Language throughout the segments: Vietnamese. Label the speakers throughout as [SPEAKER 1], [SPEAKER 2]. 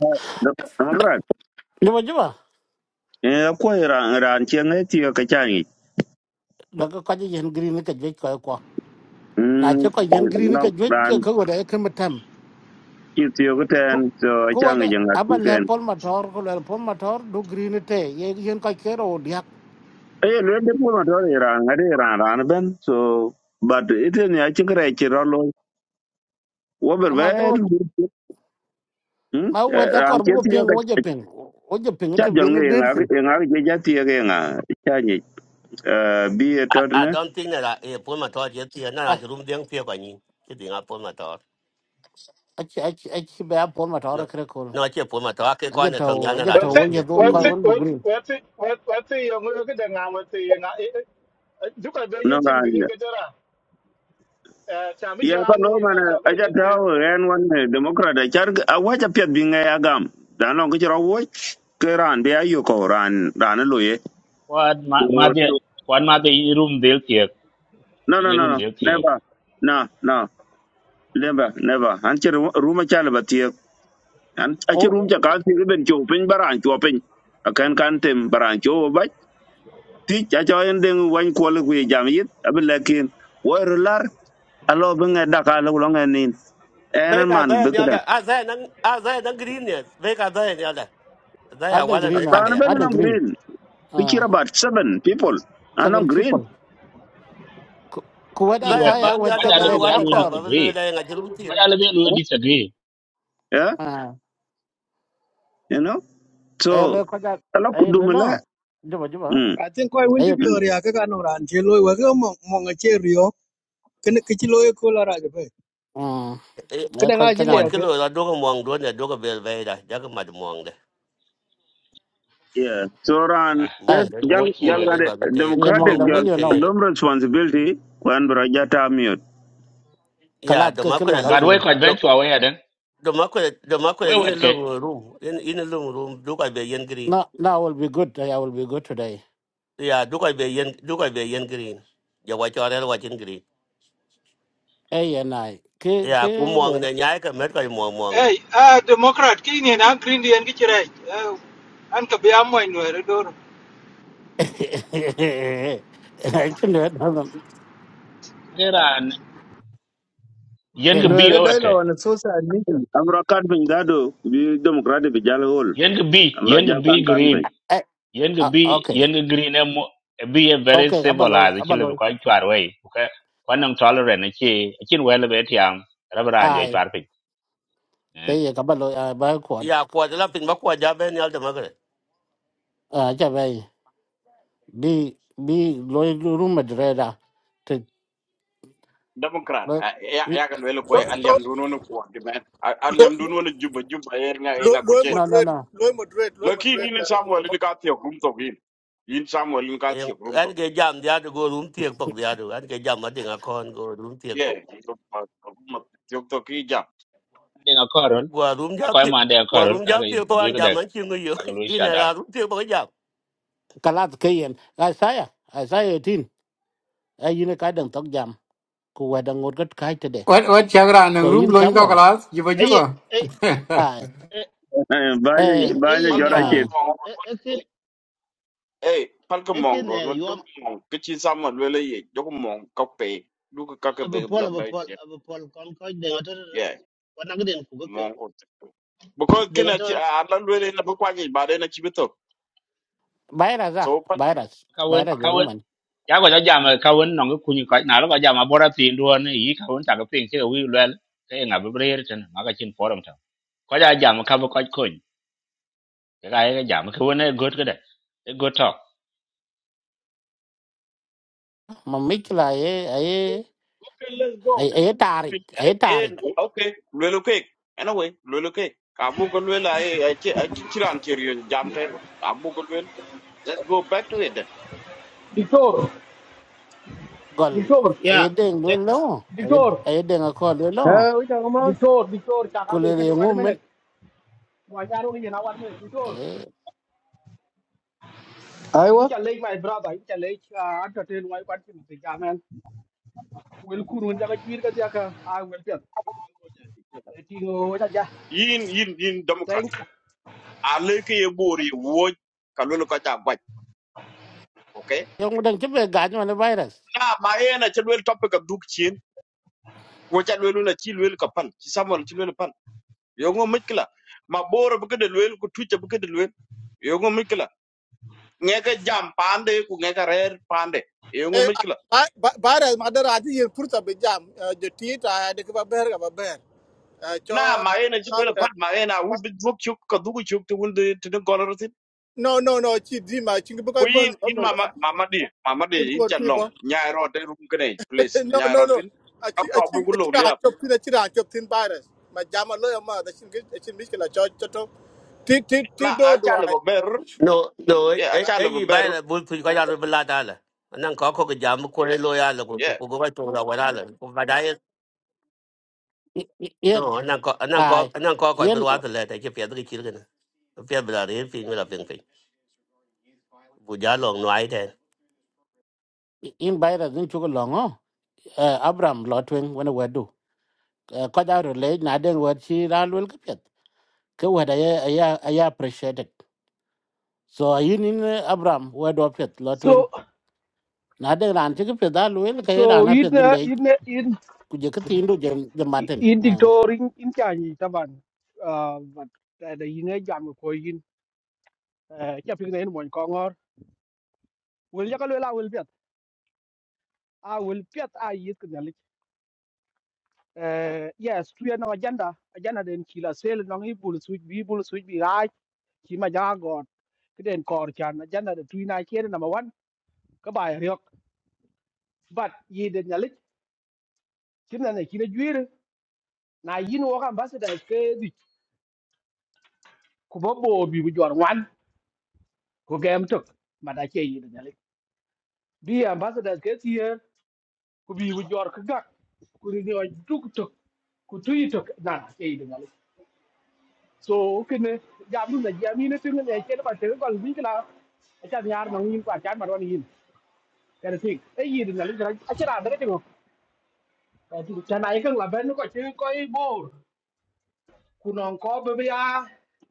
[SPEAKER 1] Dep- Democrat.
[SPEAKER 2] Juba juba,
[SPEAKER 1] Eh, akwai ran ran ceng eh tiyo ke canggih.
[SPEAKER 2] daga kwaje yen green ka jwe kwa kwa. Na
[SPEAKER 1] Hmm,
[SPEAKER 2] che kwa yen green
[SPEAKER 1] no,
[SPEAKER 2] ka jwe
[SPEAKER 1] ran
[SPEAKER 2] che ka wada ya kama tam.
[SPEAKER 1] itu tiyo ke ten, so
[SPEAKER 2] Ku
[SPEAKER 1] canggih
[SPEAKER 2] wada,
[SPEAKER 1] jangan
[SPEAKER 2] aba le
[SPEAKER 1] tiken.
[SPEAKER 2] pol mator, ku le pol mator du green te, ye yen kwa kero o diak.
[SPEAKER 1] Eh, lu ada pun ada orang ran, ada ran ran ben, so but itu ni aja kira kira lo, wabar
[SPEAKER 2] Ama ka
[SPEAKER 1] ben,
[SPEAKER 2] wada,
[SPEAKER 1] hmm,
[SPEAKER 2] ma
[SPEAKER 1] Eh,
[SPEAKER 2] wada
[SPEAKER 1] ran
[SPEAKER 2] kor
[SPEAKER 1] ceng
[SPEAKER 2] buko
[SPEAKER 1] tiyo
[SPEAKER 2] ping,
[SPEAKER 1] ka
[SPEAKER 2] oja ping. Oja ping
[SPEAKER 1] cha
[SPEAKER 2] te
[SPEAKER 1] jang
[SPEAKER 2] bina
[SPEAKER 1] e nga e nga ke cah jangan yang
[SPEAKER 2] birsin.
[SPEAKER 1] aku yang aku jadi tiyo ke yang canggih. Eh, bi
[SPEAKER 3] I,
[SPEAKER 1] itu tu
[SPEAKER 3] I
[SPEAKER 1] ne,
[SPEAKER 3] don't think that I pull my thought yet here. No, I'm
[SPEAKER 2] Ah,
[SPEAKER 3] room down here by you. Keeping up on my thought.
[SPEAKER 2] achi, achi, achi bea pol mator
[SPEAKER 3] No,
[SPEAKER 2] kre kola.
[SPEAKER 3] no, I can't pull my thought. I can't go
[SPEAKER 2] Aja
[SPEAKER 3] on the tongue.
[SPEAKER 2] tau,
[SPEAKER 3] I'm
[SPEAKER 2] aja
[SPEAKER 3] not
[SPEAKER 4] What's
[SPEAKER 2] tau,
[SPEAKER 3] room
[SPEAKER 4] it?
[SPEAKER 2] oja
[SPEAKER 3] here.
[SPEAKER 2] du
[SPEAKER 4] What's
[SPEAKER 2] kwa
[SPEAKER 4] it?
[SPEAKER 2] wan bu
[SPEAKER 4] What's
[SPEAKER 2] green.
[SPEAKER 4] what's it? What what's it? Yung mga kada nga what's it? Nga eh eh. Duka ba
[SPEAKER 1] no
[SPEAKER 4] yung chin
[SPEAKER 1] ran
[SPEAKER 4] green ka jara? Eh, chami
[SPEAKER 1] ya ka
[SPEAKER 4] jang
[SPEAKER 1] lo
[SPEAKER 4] ni nga
[SPEAKER 1] mana
[SPEAKER 4] chok kada
[SPEAKER 1] aja
[SPEAKER 4] jati.
[SPEAKER 1] tawo en wan eh, democrat a char a wacha pet bi ngai agam dan no kichiro wo ke ran be ayo ko ran ran lo ye
[SPEAKER 5] Quad
[SPEAKER 1] So-
[SPEAKER 5] madhe
[SPEAKER 1] so-
[SPEAKER 5] quad madhe in room del tiek
[SPEAKER 1] no no
[SPEAKER 5] in
[SPEAKER 1] no
[SPEAKER 5] room
[SPEAKER 1] no
[SPEAKER 5] del tiek.
[SPEAKER 1] never no no never never an chir ruma chal batie an a chir rum
[SPEAKER 2] Oh,
[SPEAKER 1] cha ka ti ben cho pin baran cho pin a kan kan tem baran cho ba ti cha cho en den wan ko le ku jam yit ab lekin wo lar alo ben da ka lo lo ngain en an
[SPEAKER 3] Vega
[SPEAKER 1] man
[SPEAKER 3] there
[SPEAKER 1] be
[SPEAKER 3] and the
[SPEAKER 1] ka
[SPEAKER 3] other. I say, I say, the greenness. Vega there and the other. They are
[SPEAKER 2] adan
[SPEAKER 3] one and
[SPEAKER 2] green
[SPEAKER 3] a tag.
[SPEAKER 2] ay,
[SPEAKER 1] ran ben no
[SPEAKER 2] adan
[SPEAKER 3] They
[SPEAKER 2] green.
[SPEAKER 1] green We care
[SPEAKER 2] Ah,
[SPEAKER 1] about seven people. I not
[SPEAKER 2] seven
[SPEAKER 1] green.
[SPEAKER 2] people. Ku ku
[SPEAKER 5] Quad di
[SPEAKER 2] wada
[SPEAKER 3] are
[SPEAKER 5] luat eh.
[SPEAKER 2] saya
[SPEAKER 3] bound the
[SPEAKER 2] wada
[SPEAKER 5] quad
[SPEAKER 3] other
[SPEAKER 5] ala be
[SPEAKER 2] pedare,
[SPEAKER 3] man one and
[SPEAKER 5] alu
[SPEAKER 3] that.
[SPEAKER 2] dakor.
[SPEAKER 3] But
[SPEAKER 5] disagree.
[SPEAKER 3] we're laying at room
[SPEAKER 5] Quad
[SPEAKER 3] here.
[SPEAKER 5] ala be alu disagree.
[SPEAKER 1] Yeah, you know.
[SPEAKER 2] ấy
[SPEAKER 1] So
[SPEAKER 2] lối coi ra
[SPEAKER 1] ala
[SPEAKER 2] ấy lối
[SPEAKER 1] kudumela.
[SPEAKER 2] lo giúp bà giúp bà
[SPEAKER 1] Mm.
[SPEAKER 6] I think koi win to
[SPEAKER 2] ấy
[SPEAKER 6] be
[SPEAKER 1] mm,
[SPEAKER 6] area ka no ran che loy wa ga mo mo nga che rio ken ke chi loy ko la ra ge pe
[SPEAKER 2] ừ
[SPEAKER 6] ke
[SPEAKER 2] ấy
[SPEAKER 6] da
[SPEAKER 2] coi
[SPEAKER 6] nga
[SPEAKER 2] cái
[SPEAKER 6] chi
[SPEAKER 3] Quạt
[SPEAKER 6] le
[SPEAKER 2] nào
[SPEAKER 3] cái
[SPEAKER 6] pe
[SPEAKER 3] lưỡi là đốt cái mòn đốt này đốt cái bèn về đây, chắc cái mặt mòn đây,
[SPEAKER 1] Yeah. So ran
[SPEAKER 5] Ah,
[SPEAKER 1] eh,
[SPEAKER 3] mòn
[SPEAKER 2] ấy
[SPEAKER 3] với vài
[SPEAKER 5] wo
[SPEAKER 1] jal jal
[SPEAKER 3] mòn
[SPEAKER 5] chile.
[SPEAKER 3] với
[SPEAKER 1] gade
[SPEAKER 3] vài cái tê,
[SPEAKER 2] em mong
[SPEAKER 1] democratic
[SPEAKER 3] mòn với
[SPEAKER 2] đồng
[SPEAKER 3] vài
[SPEAKER 1] jal
[SPEAKER 2] với
[SPEAKER 3] cái
[SPEAKER 2] you
[SPEAKER 3] tê này.
[SPEAKER 2] know
[SPEAKER 3] Yeah,
[SPEAKER 1] dom responsibility kwan braja tamiot.
[SPEAKER 2] cái
[SPEAKER 3] no. Yeah,
[SPEAKER 2] lát
[SPEAKER 3] the
[SPEAKER 2] cái cái lối
[SPEAKER 3] market
[SPEAKER 2] đó
[SPEAKER 5] But
[SPEAKER 2] kia
[SPEAKER 5] we quad ben
[SPEAKER 3] look.
[SPEAKER 5] chwa we adan.
[SPEAKER 3] the makwe the makwe
[SPEAKER 5] We
[SPEAKER 3] in a
[SPEAKER 5] wet ke.
[SPEAKER 3] little room in in a little room do I yen green
[SPEAKER 2] no no will be good I will be good today
[SPEAKER 3] yeah do I yen do I yen green ya wa chore wa chin green
[SPEAKER 2] ấy anh này cái
[SPEAKER 3] yeah ku
[SPEAKER 2] cái
[SPEAKER 3] mong
[SPEAKER 2] lối đó
[SPEAKER 3] ne nyai ka
[SPEAKER 7] Hey, ah, Democrat, kini ni na Green Day ngi chirai. An ka biya mo ino ere dor.
[SPEAKER 2] cái lối đó là
[SPEAKER 5] Geran yen
[SPEAKER 2] biết
[SPEAKER 5] ge
[SPEAKER 6] No,
[SPEAKER 5] bi
[SPEAKER 6] I
[SPEAKER 2] à
[SPEAKER 5] we
[SPEAKER 6] read
[SPEAKER 5] wet ke.
[SPEAKER 6] dialogue on a social admission.
[SPEAKER 1] Amra kan bin dado bi democratic bi jal hol.
[SPEAKER 5] Yen ge bi
[SPEAKER 1] Amra
[SPEAKER 5] yen ge
[SPEAKER 1] jal
[SPEAKER 5] bi
[SPEAKER 1] kan kan bin.
[SPEAKER 5] green.
[SPEAKER 2] ấy
[SPEAKER 5] Yen ge
[SPEAKER 2] à,
[SPEAKER 5] bi
[SPEAKER 2] ok
[SPEAKER 5] yen ge green em bi a very
[SPEAKER 2] ok cảm ơn lỗi
[SPEAKER 5] civilized
[SPEAKER 2] cảm ơn
[SPEAKER 5] chile be
[SPEAKER 2] lỗi
[SPEAKER 5] quad chwa we. Okay. Quad nam tolerant e chi e chin we le be tiang. Rabran je
[SPEAKER 2] ai
[SPEAKER 5] chwa pin. Eh.
[SPEAKER 2] cái gì cảm ơn lỗi ai bao quát
[SPEAKER 3] yeah kwa de la makwa ja ben yal de magre
[SPEAKER 2] à chả vậy đi đi lối room mà ra thì
[SPEAKER 8] democrat
[SPEAKER 2] lối
[SPEAKER 8] Ah, ya ya kan welo ko aliam duno no ko de men Ah, aliam duno no juba juba yer nga nga ko
[SPEAKER 4] loy
[SPEAKER 8] chen
[SPEAKER 2] no no
[SPEAKER 4] moderate
[SPEAKER 2] no
[SPEAKER 4] loy moderate loy
[SPEAKER 8] lakini ni
[SPEAKER 4] moderate
[SPEAKER 8] ne samuel ni
[SPEAKER 4] eh
[SPEAKER 8] ka thio kum to bin in samuel ni ka thio kum
[SPEAKER 3] en
[SPEAKER 8] to
[SPEAKER 3] jam dia de go room tiek tok dia do en ge jam ma dinga kon go room tiek tok
[SPEAKER 8] ye to ma thio to ki ja
[SPEAKER 5] Ding akoron.
[SPEAKER 3] gwa room ja
[SPEAKER 5] Akoy
[SPEAKER 3] tiek
[SPEAKER 5] mande akoron.
[SPEAKER 3] room
[SPEAKER 5] Ka
[SPEAKER 3] ja tiek
[SPEAKER 5] ge
[SPEAKER 3] jam an chin yo
[SPEAKER 5] kakaloi
[SPEAKER 3] in
[SPEAKER 5] shadak
[SPEAKER 3] a room tiek tok
[SPEAKER 2] kalat kayen asaya asaya tin ayine ka dang tok jam ku wadang ngot gat kai tede
[SPEAKER 9] What what chagra nang
[SPEAKER 2] so
[SPEAKER 9] room
[SPEAKER 2] in
[SPEAKER 9] loin ka
[SPEAKER 2] samuel
[SPEAKER 9] class jiba
[SPEAKER 10] Hey,
[SPEAKER 9] jiba.
[SPEAKER 10] hey,
[SPEAKER 2] ah
[SPEAKER 10] hey, hey,
[SPEAKER 1] Banya
[SPEAKER 2] eh
[SPEAKER 1] banya
[SPEAKER 10] hey,
[SPEAKER 8] pal
[SPEAKER 10] and
[SPEAKER 1] jora
[SPEAKER 8] pal ki
[SPEAKER 2] ah
[SPEAKER 1] chip.
[SPEAKER 10] um,
[SPEAKER 8] mong
[SPEAKER 10] akin
[SPEAKER 8] eh pal ko mong
[SPEAKER 10] akin
[SPEAKER 8] do
[SPEAKER 10] eh
[SPEAKER 8] non
[SPEAKER 10] you
[SPEAKER 8] to
[SPEAKER 10] am
[SPEAKER 8] mong ki chin samuel welo ye do ko mong ka pe du ko ka ka be
[SPEAKER 10] abapol
[SPEAKER 8] bla ba
[SPEAKER 10] abapol
[SPEAKER 8] che
[SPEAKER 10] abapol kon ko de gato na
[SPEAKER 8] ye
[SPEAKER 10] wana gden ku gopyo
[SPEAKER 8] mong ko because
[SPEAKER 10] de
[SPEAKER 8] kena chi
[SPEAKER 10] gato
[SPEAKER 8] alan welo na ba kwa ni ba de na chi bitok
[SPEAKER 2] bayra za
[SPEAKER 8] so
[SPEAKER 2] bayra
[SPEAKER 5] kawen
[SPEAKER 2] bayra jo
[SPEAKER 5] kawen
[SPEAKER 2] man
[SPEAKER 5] ya ko jam kawen nong ku ni ka na lo jam abora tin duon yi kawen ta ka pin se wi lel ke nga be brer ten ma ka chin forum ta ko ja jam ka bo ko ko ka ga ga jam ka wona got ka da e got to
[SPEAKER 2] ma mikla ye aye
[SPEAKER 8] Okay, let's go.
[SPEAKER 2] aye tarik aye
[SPEAKER 8] Eh,
[SPEAKER 2] tarik
[SPEAKER 8] okay, lwelo kek. Anyway, lwelo kek. Abu ko I ay ay chira anterior jam tay. Abu ko lwelo. Let's go back to it then.
[SPEAKER 11] Dictor,
[SPEAKER 2] gol
[SPEAKER 11] Dictor,
[SPEAKER 2] aye
[SPEAKER 10] ya
[SPEAKER 2] deng lo lo aye
[SPEAKER 11] Dictor,
[SPEAKER 2] aye deng ko lo lo
[SPEAKER 6] Eh, we talking about?
[SPEAKER 11] Dictor, Dictor,
[SPEAKER 2] ku
[SPEAKER 11] Chakal,
[SPEAKER 2] le
[SPEAKER 11] you can
[SPEAKER 2] le
[SPEAKER 11] one. a
[SPEAKER 2] ngumen
[SPEAKER 11] minute. Why are you now? One minute, Dictor.
[SPEAKER 2] eh
[SPEAKER 11] In
[SPEAKER 6] Iowa?
[SPEAKER 11] Challenge, my brother, in Challenge, I entertain my question. The Yaman will Kurun When Jirka Jaka, I will tell. Tingo,
[SPEAKER 8] Yin yin yin democrat.
[SPEAKER 11] Thank you.
[SPEAKER 8] Ale ke ye bori wo ka lwelo ka ta gwaj. Okay?
[SPEAKER 2] yong dang chibe gaj man bayra
[SPEAKER 8] Na ma ena che lwelo topic of duk chin. Wo cha lwelo na chi lwelo ka pan. Chi samal chi lwelo pan. Yo ngo mikla. Ma boro bu ke de lwelo ku tuche bu ke de lwelo. Yo ngo ngeke jam pande ku ngeke rer pande yungu mikla
[SPEAKER 4] ba ba da ma da rati yin furta be jam de tita de ba ra, madar aji ye purta bejam. The theater, the kaba ber ga ba ber cho
[SPEAKER 8] na maena chibele pat maena ubi duk chuk ka dugu chuk tu wunde tene gonoroti
[SPEAKER 4] no no no chi di ma chi bu
[SPEAKER 8] ku
[SPEAKER 4] kai bon
[SPEAKER 8] yin
[SPEAKER 4] ba
[SPEAKER 8] yin
[SPEAKER 4] ber
[SPEAKER 8] mama mama di mama di
[SPEAKER 4] ibu
[SPEAKER 8] yin
[SPEAKER 4] gor
[SPEAKER 8] chalong
[SPEAKER 4] ki
[SPEAKER 8] nyai rote rum kene please
[SPEAKER 4] no,
[SPEAKER 8] nyai
[SPEAKER 4] no, no.
[SPEAKER 8] rotin
[SPEAKER 4] I think I
[SPEAKER 8] akwa
[SPEAKER 4] think
[SPEAKER 8] bugu
[SPEAKER 4] I
[SPEAKER 8] lo
[SPEAKER 4] think I
[SPEAKER 8] liap
[SPEAKER 4] chop thin I think I chop thin virus. My jama lawyer ma the chin I chin miss kala chop chop. Ti ti
[SPEAKER 8] na
[SPEAKER 4] ti do do
[SPEAKER 8] achane
[SPEAKER 4] I.
[SPEAKER 8] bo ber
[SPEAKER 3] No, no, eh,
[SPEAKER 8] ye
[SPEAKER 3] eh, eh,
[SPEAKER 8] achane bo
[SPEAKER 3] you buy
[SPEAKER 8] ber
[SPEAKER 3] a bull pig, I got a belladala. And then cock a jam, corner loyal,
[SPEAKER 8] yeah
[SPEAKER 3] go back to the water. But I,
[SPEAKER 2] ye
[SPEAKER 3] no, and then cock, and then cock,
[SPEAKER 2] ai
[SPEAKER 3] and then cock, I
[SPEAKER 2] yen
[SPEAKER 3] put
[SPEAKER 8] no
[SPEAKER 3] water letter, if you have three children. If you have a real thing, you'll have been Would you long no idea?
[SPEAKER 2] in bayra din chugo longo abram lotwing wana wedu ko da ro le na den wer chi ra lul ka pet ke wer ya ya ya appreciated so yin in abram wer do pet lo twin
[SPEAKER 11] So,
[SPEAKER 2] na den ran chi ka pet da lul ka ra
[SPEAKER 11] so
[SPEAKER 2] na
[SPEAKER 11] in
[SPEAKER 2] pet bi
[SPEAKER 11] the
[SPEAKER 2] le
[SPEAKER 11] in in
[SPEAKER 2] ku je ka tin du je je maten
[SPEAKER 11] in
[SPEAKER 2] ah
[SPEAKER 11] Dictor in in Changi, Taban, uh, but the in jam of Koyin, Chapping the one Kongor, will Jaka will I will bet. I will bet I eat the knowledge. uh, yes clear no agenda agenda den kila sel no ngi bul switch bi bul switch bi right ki ma ja god kiden kor chan agenda de tuina kere number 1 ka ba yok but ye de nyalit kin na ne kila juire na yin wo kan ambassador ke di ku bo bo bi bu jor wan ko gem tok ma da ke ye de nyalit bi ambassador ke ti ye ku bi bu jor ka gak ku ni o duk tok ku tuy tok na ke ye de so kene jamu na jami ne tinga ne chen pa tinga kon bi kala acha nyar nong yin kwa chan marwan yin kana tik e yin na le jara acha ra da tinga ka ti chan ai kang la ben ko chi ko i bor kunong ko be ya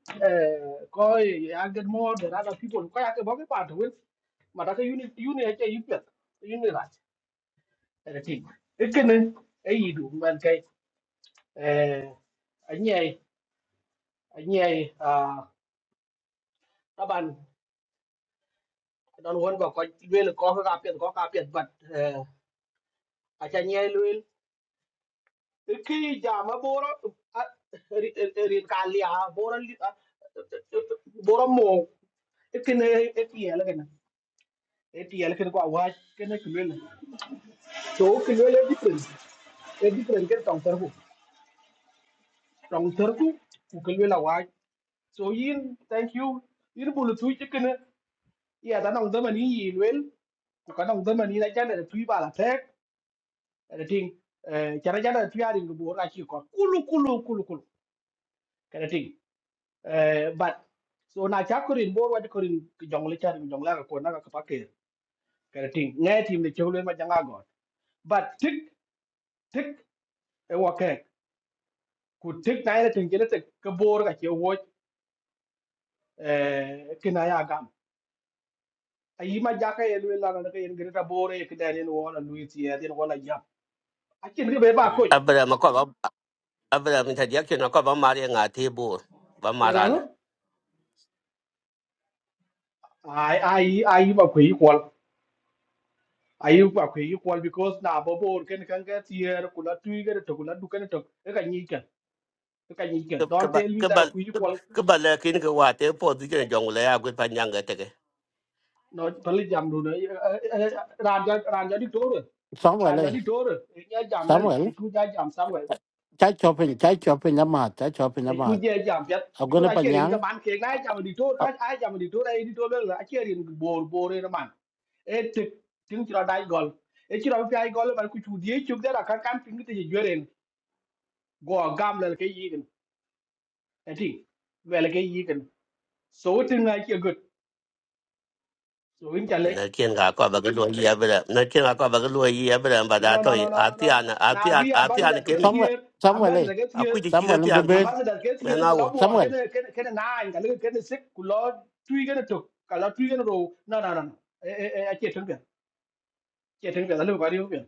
[SPEAKER 11] eh ko ya get more than other people ko ya ke bo ke pa to unit ma da ka uni uni acha yu pet uni ra kana tik e kene e anh man anh eh à, các bạn don won ba ko luel ko ko ka pet ko ka pet bat a cha nye luel ki ja ma boro rin ka lia boro li- ah, boro mo kene etiel kene etiel kene ko wa kene kulel so kulel e different e different ke tong terku tong terku ku là wa so yin thank you yin bulu tu kene ya da nong da mani yin luôn ku ka nong da mani na cha da tu ba la kada ting cara jada tiyarin go bor achi ko kulu kulu kulu kulu kada ting but so na cha korin bor wadi korin jongle char jongla ko na ka pake kada ting ngay tim ne chewle ma janga go but tik tik e wake ku tik na ina tin gele tik ka bor ka che wo kina ya gam ayi ma jaka ye lwe la na ka yen gele ta bor e kida ne wona luiti ye den wona ya akin ge be ba ko ye
[SPEAKER 3] Abraham, a cock, Abraham, interjection, a cock, I'm marrying a table, but
[SPEAKER 11] ngano
[SPEAKER 3] Marala.
[SPEAKER 11] ai ai ai ba ko yi ayu kwa kwe yu kwal because na bobo ken kan ga tier kula tui ga to kula du kan to e ka nyi ken e ka nyi ken don't
[SPEAKER 3] Kebal,
[SPEAKER 11] tell me that
[SPEAKER 3] kebal,
[SPEAKER 11] kwe yu kwal
[SPEAKER 3] kebal, kini kewat, eh, pot, ikan jong le, aku
[SPEAKER 11] no pali jam do na ranja ranja di tore
[SPEAKER 2] samuel
[SPEAKER 11] ranja
[SPEAKER 2] eh,
[SPEAKER 11] di tore e nya jam nyali
[SPEAKER 2] samuel
[SPEAKER 11] e ku ja jam somewhere
[SPEAKER 2] cha chopin cha chopin na ma cha chopin na
[SPEAKER 11] e
[SPEAKER 2] ma
[SPEAKER 11] ku je jam pet because
[SPEAKER 2] agone
[SPEAKER 11] i
[SPEAKER 2] pa
[SPEAKER 11] share in
[SPEAKER 2] nyang
[SPEAKER 11] ka man ke na jam di tore ka
[SPEAKER 2] ah,
[SPEAKER 11] a jam di tore e di tore la i share in bor bor e na man e tik ting chira dai gol e chira pi ai gol ba ku chu die chu da ka kan ting te jeren go gam la ke yi ken e ting về là cái gì cần So what thing like you good? So in Jalek.
[SPEAKER 3] na chen ga ko ba ga lo yi abra na chen ga ko ba ga lo yi abra ba
[SPEAKER 11] No,
[SPEAKER 3] da
[SPEAKER 11] no,
[SPEAKER 3] to
[SPEAKER 11] no, no, no,
[SPEAKER 3] a
[SPEAKER 11] no,
[SPEAKER 3] ti
[SPEAKER 11] no, no.
[SPEAKER 3] an
[SPEAKER 11] no.
[SPEAKER 3] a ti
[SPEAKER 11] Now
[SPEAKER 3] an
[SPEAKER 11] be
[SPEAKER 3] a ti
[SPEAKER 2] Sa-
[SPEAKER 3] an
[SPEAKER 11] ambassador
[SPEAKER 3] ke
[SPEAKER 11] gets
[SPEAKER 3] mi
[SPEAKER 2] samuel
[SPEAKER 11] here,
[SPEAKER 2] samuel eh,
[SPEAKER 11] ambassador gets
[SPEAKER 3] a
[SPEAKER 11] here,
[SPEAKER 3] ku ji ki ga
[SPEAKER 2] samuel
[SPEAKER 3] ti
[SPEAKER 2] be
[SPEAKER 3] an ti
[SPEAKER 2] be
[SPEAKER 11] ambassador gets
[SPEAKER 3] me
[SPEAKER 11] here,
[SPEAKER 3] na wo
[SPEAKER 11] Kulabu or
[SPEAKER 2] samuel
[SPEAKER 11] get a get a nine, a little get a sick, Kulod, three get a took, Kala three get a row. No, no, no, no. I can't think of it. I look at you.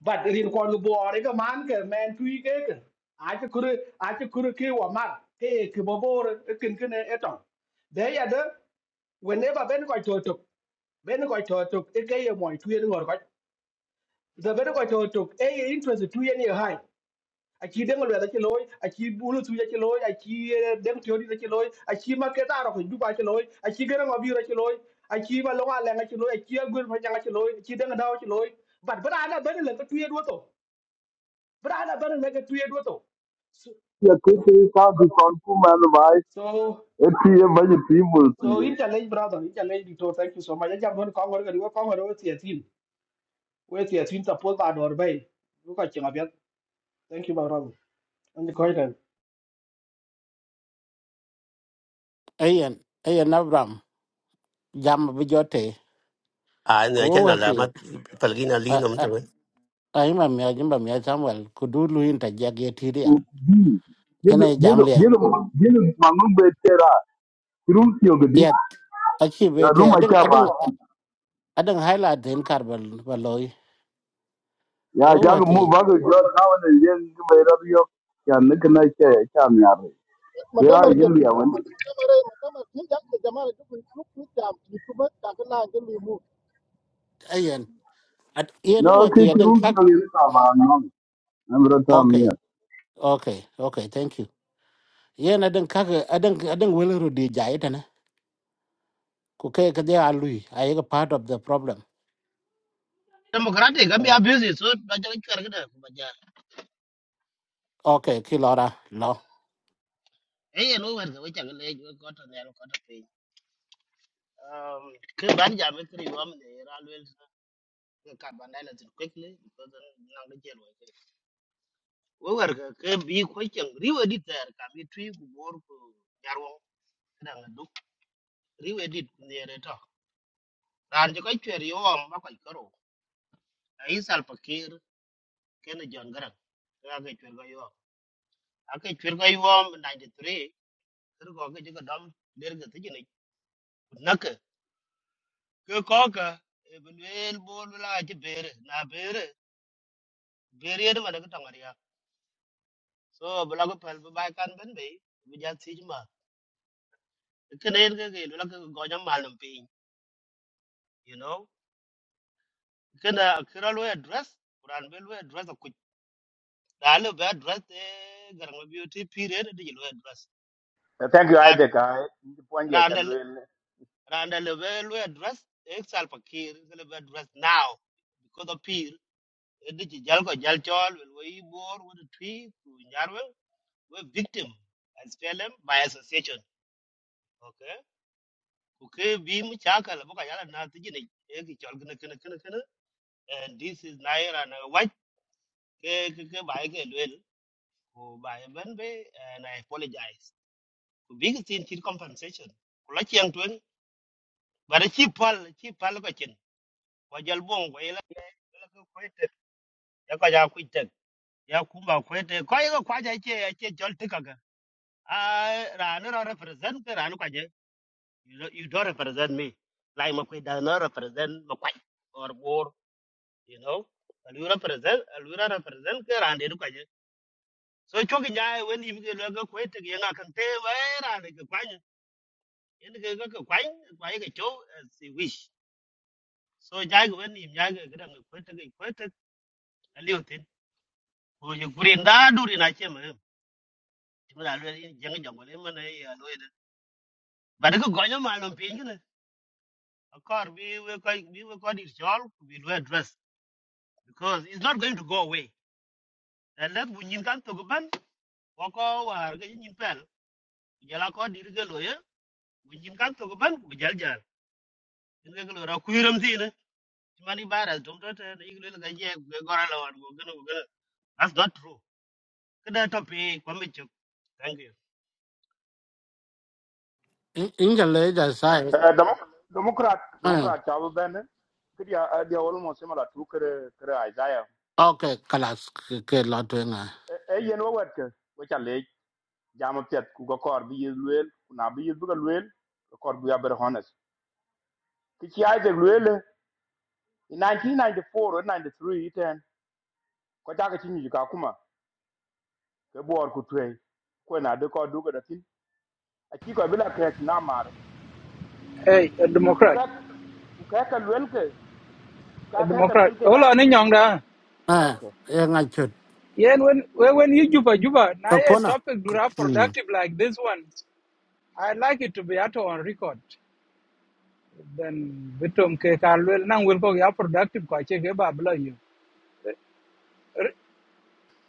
[SPEAKER 11] But in Kolubu or a man, man, three get. I could, I could kill a man. Hey, Kibobor, a kinkin at all. They are the whenever Ben got to a took, Ben got to a took, a gay a moit, the very ko to to e interest tu yen ye hai a chi deng le da chỉ loy ai chi bulu tu ye chi loy a chi eh, deng tio di da chi loy a chi ma ke ta ro ko du ba chi loy a chi gero ma bi ro chi loy a chi ba lo wa le nga chi loy a chi a gur fa nga chi loy a chi deng da chi loy but bra na ben le ko tu ye do to bra na ben le ko tu ye do to so
[SPEAKER 12] यह किसी साधु संकुल में भाई
[SPEAKER 11] so
[SPEAKER 12] एक भी भाई भी बोलते
[SPEAKER 11] so
[SPEAKER 12] हैं
[SPEAKER 11] in challenge brother in challenge dito thank you so much jam don ko ngor ga ko ngor we tie tin we tie tin ta pol ba dor bay ko ka chi ngabiat thank you my brother and ko
[SPEAKER 2] ayen ayen abram jam bi jote
[SPEAKER 3] a
[SPEAKER 2] ko
[SPEAKER 3] ne chen na la ma
[SPEAKER 2] wer
[SPEAKER 3] pal gi na li no to
[SPEAKER 2] ai mà mẹ nhưng mà mẹ Samuel cứ đu lui in tại giác ghét thì đi à
[SPEAKER 12] कि जिन जिन
[SPEAKER 2] yên ai giảm liền
[SPEAKER 12] जिन जिन मंगल बेचे रहा क्यों सिंह के दिन
[SPEAKER 2] yết ở khi về
[SPEAKER 12] यह
[SPEAKER 2] thế
[SPEAKER 12] room
[SPEAKER 2] ở đằng
[SPEAKER 12] अच्छा
[SPEAKER 2] ở đằng
[SPEAKER 12] बात
[SPEAKER 2] ở đằng hai là đến cả và và lối
[SPEAKER 12] यह
[SPEAKER 2] vô hoa
[SPEAKER 12] जाग
[SPEAKER 2] thì
[SPEAKER 12] मुंबई के जो नवनिर्मित महिला भी हो क्या निकलना है क्या निर्माण है वे
[SPEAKER 4] madam ar
[SPEAKER 12] लोग इंदिरा वंदे
[SPEAKER 4] madam ar madam ar just jak te jamaa ju ku ja, ju jam You ku ba ta la ge mi move.
[SPEAKER 2] ai yên yên
[SPEAKER 12] ना
[SPEAKER 2] vô
[SPEAKER 12] उसके
[SPEAKER 2] thì ở okay,
[SPEAKER 12] क्यों सिंह
[SPEAKER 2] khác
[SPEAKER 12] के दिन आप नाम नम्रता
[SPEAKER 2] ok
[SPEAKER 12] मिया
[SPEAKER 2] ok ok thank you yên ở đằng khác ở đằng ở đằng will rồi đi giải thế này cô cái gì à lui ai cái part of the problem
[SPEAKER 10] democratic am ya
[SPEAKER 2] Ờ,
[SPEAKER 10] busy so ba ja kar gda ba ja
[SPEAKER 2] ok khi lo lo
[SPEAKER 10] hey no war ga wacha le ko to ne ko to pe um ke ban ja me kri wam ne always ka ban dala tin quickly because na ga jelo wo war ga ke bi ko chen riwe dit ter There can be ku bor ku jarwo da ga duk riwe dit ne ran ji ko chwer yo ba ko karo ai sal pakir ken jon garan ra ke chwer go yo a ke chwer go yo 93 kir go ke ga dam der ga ti ni nak ke ko ka e bel bol la ji bere na bere bere yer ma ga tangariya so bla go pel ba kan ben be bi ja ti ma ke ne ke ke la go jam mal dum you know ke na kira lo address kuran be lo address ku da be address e garan beauty period de lo address
[SPEAKER 13] Uh, Thank you, Isaac. I the point here,
[SPEAKER 10] Randall
[SPEAKER 13] Chalwell.
[SPEAKER 10] Randall will address itself Kir will address now because of Pir Edith Jalko Jalchol will we bore with a tree to Yarwell were victim and spell them by association. Okay. Okay, beam chakal boka yala na tijini eki chol kena kena kena kena and this is naira na white. ke by ke duel by ben be and I apologize. Ko big thing compensation. Kula chiang tuen but a cheap pal cheap pal kwa jalbon kwa ila ila ku kwete ya kwa ja kwete ya kuma kwete kwa ila kwa ja che che jol tika ga a ra no represent ra no kwa je you don't you don't represent me like ma kwete does not represent ma kwa or bor you know and you represent and you represent ka ra de no kwa je so cho ki ja when you get ga kwete ga na kan te wa ra de ka kwa ni in ga ga ka kwa ni kwa ga cho as you wish so ja ga when you ja ga ga kwete ga kwete Uji kurin da duri na ce mu. Mu da lura yin jang jang ne mu ne ya Ba da ku gonyo ma lon pin gina. Of course we we ko we we ko dir chol we do address because it's not going to go away. And let bu nyin kan to go ban ko ko war ga nyin pel. Ya la ko dir ga loye bu nyin kan to go ban bu jal jal. Ni ga lura ku yiram ti ne. Mani bara dom to ta ni ga ga je ga gora la wan go gana go gana. That's not true. Kada to pe ko mi chuk. Thank you.
[SPEAKER 2] in in cái lấy ra sai
[SPEAKER 13] Uh, Demo- Democrat,
[SPEAKER 2] Ừ,
[SPEAKER 13] Democrat, Chabu Ben, they are they are almost similar to Kere Kere Isaiah.
[SPEAKER 2] okay, class cái lo chuyện à
[SPEAKER 13] Eh, you know what? Which are late, Jam of Kuga Kor, be is Luel, Kunabi is Buga Kor be honest. Kichi Isaac Luel, in 1994 or 93, it and Kotaka Chini Kakuma, the board could train. Kwena, the Kor Duga, the thing, a chico Villa Krex Namar,
[SPEAKER 7] Hey, a
[SPEAKER 13] who
[SPEAKER 7] Democrat,
[SPEAKER 13] got who Kaka Lwelke, who
[SPEAKER 7] a
[SPEAKER 13] Kaka
[SPEAKER 7] Democrat.
[SPEAKER 13] Lwelke.
[SPEAKER 7] Hola, ni nyong da.
[SPEAKER 2] à yên ngay
[SPEAKER 7] Yeah, and when when when you juba juba, na a
[SPEAKER 2] Akona.
[SPEAKER 7] topic dura
[SPEAKER 2] Mm.
[SPEAKER 7] productive like this one. I like it to be out on record. Then bitum ke kalwel nang will go ya productive kwa che ke babla you.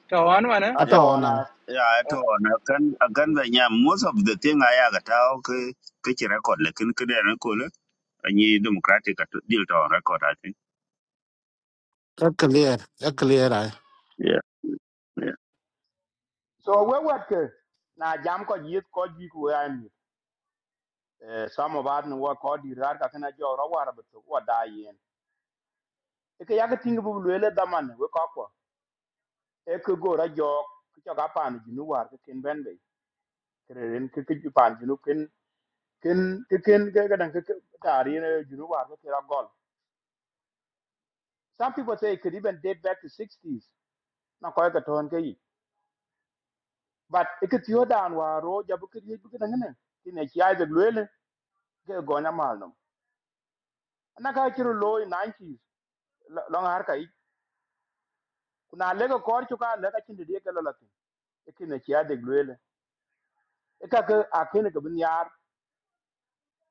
[SPEAKER 7] Ta wan wana.
[SPEAKER 2] Ata
[SPEAKER 1] Yeah,
[SPEAKER 13] ato
[SPEAKER 2] ona.
[SPEAKER 13] wana
[SPEAKER 1] yeah, to on akan akan banya most of the thing I agata okay. Kichi record lekin kide na kule. Anyi democratic at deal to record I
[SPEAKER 2] A clear. A clear eye.
[SPEAKER 1] yeah yeah
[SPEAKER 13] so we wet ke na jam ko yit ko ji ku an eh samo bad no wa ko di rar ka kana jo ro war but wa da yen e ke yaga ting bu le da man we ko ko e ke go ra jo ku cho ga pan ji nu war ke ken ben be kreren ke ke ji pan ji nu ken ken ke ken ke ga dan ke ta ri ne ji nu war ke ra gol some people say it could even date back to 60s na ko ga ton ke yi but e ke tio dan wa ro ja bu ke ji bu ke dan ne ti ne chi ai de le ke go na mal no na ka chiro loy 90s lo- long har kai kuna le ko kor chuka le ka chinde die kala latin ikine chia de glwele e ka ka akene ka bin yar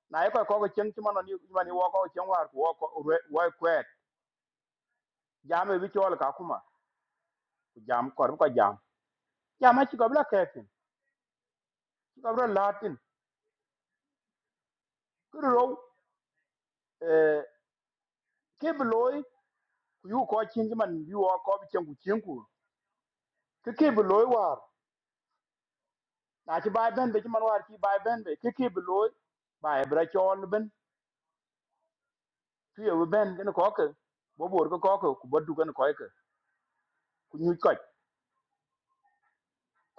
[SPEAKER 13] na e ko ko chen chuma no ni man ni wo ko chen war ko ko wo kwet jam e bi chol ka kuma ku jam kor ko jam jam a chi ko bla kefin chi ko bla latin ku ro eh ke bi loy ku yu ko chen man bi wo ko bi chen ku chen ku ke ke bi loy war na chi bai ben be chi man war chi bai ben be ke ke bi loy bai bra chol ben tu ye ben ken ko ke bo bor ko ko ke ku bodu ken ko ke ku nyu ko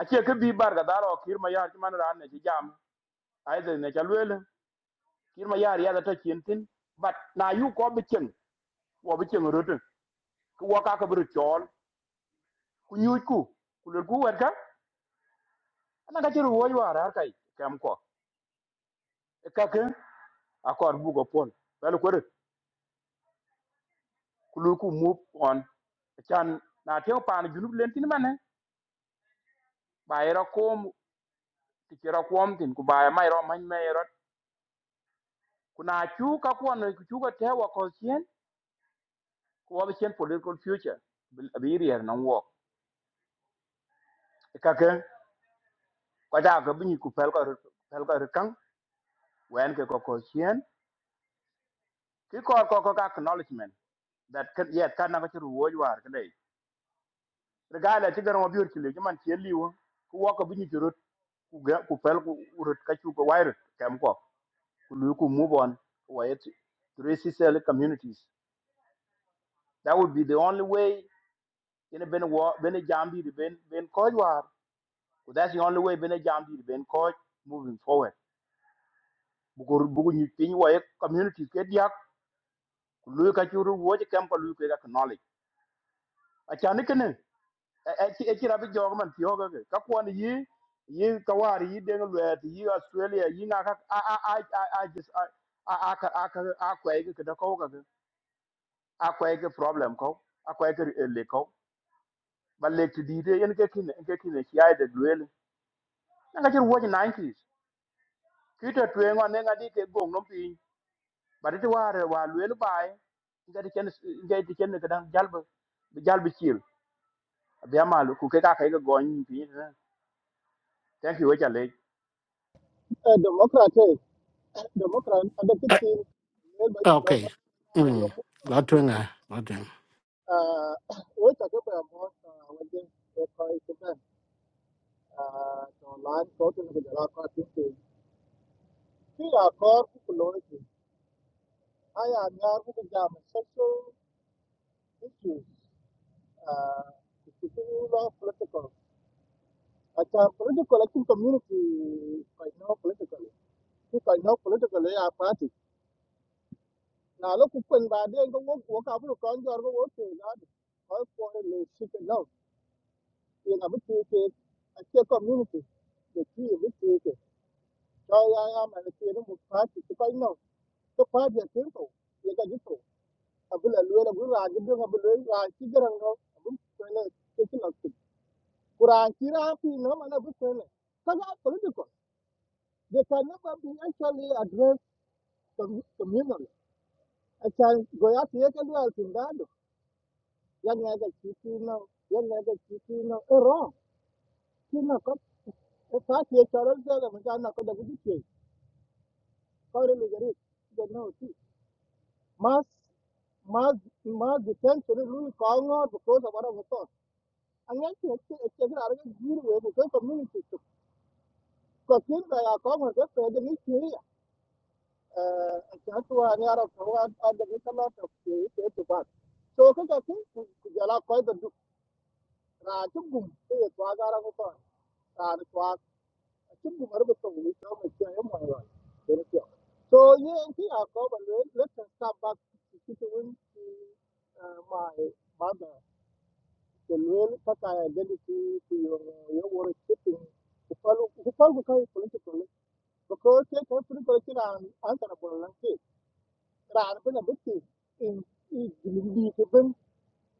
[SPEAKER 13] a che ke bi bar ga daro kir ma yar man ran ne chi jam ai de ne chalwel kir ma yar ya da ta chin tin bat na yu ko bi chen wo bi chen ru tu ku wo ka ka bru chol ku nyu ku ku le ku wer ka ana ka chiru wo yar har kai kam ko E ka ke a kor bu go pon bel ko ku lu ku mu on chan na te pa ni junub len tin mane ba era kom ti kira kom tin ku ba mai ro man mai kuna chu ka kuon chu ka te wa ko chien ko wa chien political future Bil- bi rier nan wo E ka ke ko da ga bi ku pel ko pel ko kan wen ke ko ko chien ki ko ko ko acknowledgement that can yet kan na ka ru wo war ka dai regala ti garan wa bi urkile ki man chien liwo ku wa ko bi ni rut ku ga ku pel ku rut ka chu ko wai rut kam ko ku lu ku move on wa yet three C L communities that would be the only way in a ben wa ben jambi ben ben ko So that's the only way bene jam di ben coach moving forward. Bugu bugu ni pin wa ye community ke dia lu ka churu wo je kam ko lu ke ka knowledge. A chan ke ne e e e kira bi jog man tiyo ga ke. ka ko ni yi yi ka wari yi de lu et yi Australia yi na ka a a a a a just a a a ka a ka a ko e ke ka da ko ga ke. A ko e ke problem ko a ko e ke le ko. Ba le ti di de en ke kin en ke kin ki ai de duel. Na ka churu wo je 90s. Kita tuengo nenga di ke gong nompi ba de war wa lwel bai ga de ken ga de ken ga dan jalb jalb chil be amal ku ke ka ka ga gon pi thank you ja le
[SPEAKER 4] Eh, democrat eh, eh, democrat ada ti
[SPEAKER 2] Eh,
[SPEAKER 4] tin ne ba ba ba
[SPEAKER 2] Okay.
[SPEAKER 4] jo
[SPEAKER 2] Mm.
[SPEAKER 4] mu
[SPEAKER 2] Lotwing eye. Lotwing.
[SPEAKER 4] ah o ta ke ba mo ah, wa de eh, ko i ke ba ah to lan ko te ne ja la ko ti ti ti ya I am now going to sexual issues, uh, particularly political. At a political, I think community, I know politically. If I know politically, I party. Now look, when by then go work, work out, look on your work, not all for the shit and love. You know, it's a it's a community. The key is it. So I am and it's a party. If I know, the party is simple. You can just go. I will a little bit, I will a little bit, I will a little bit, Quran, Quran, no man ever saying it. Because that's political. They can never be actually addressed com- communally. I can go out here and do it in that. Young nigga, chicken, no. Young nigga, chicken, no. Eh, wrong. Chicken, no. Come. If I see a child, I'm going to go to the kitchen. How do you get it? You know, see. Mass, mass, mass detention is really calling out because of what I was taught. And yet, it's a good argument because community. Because things like our common, just for the history. uh, Chatua and Arab Tawad and the Nicola of the to Bat. So Kakaki, Jala Koi the Rajugum, the Twagara Mutan, and Twag, Chugum Arbito, we come and say, Oh my God, there is your. So, yeah, and here I come and let's start back to to uh, my mother, the real Kaka identity to your, your worshiping. Who follow who follow the Palu political because they can put the question and answer about ran bena bitti in in gindi ke ben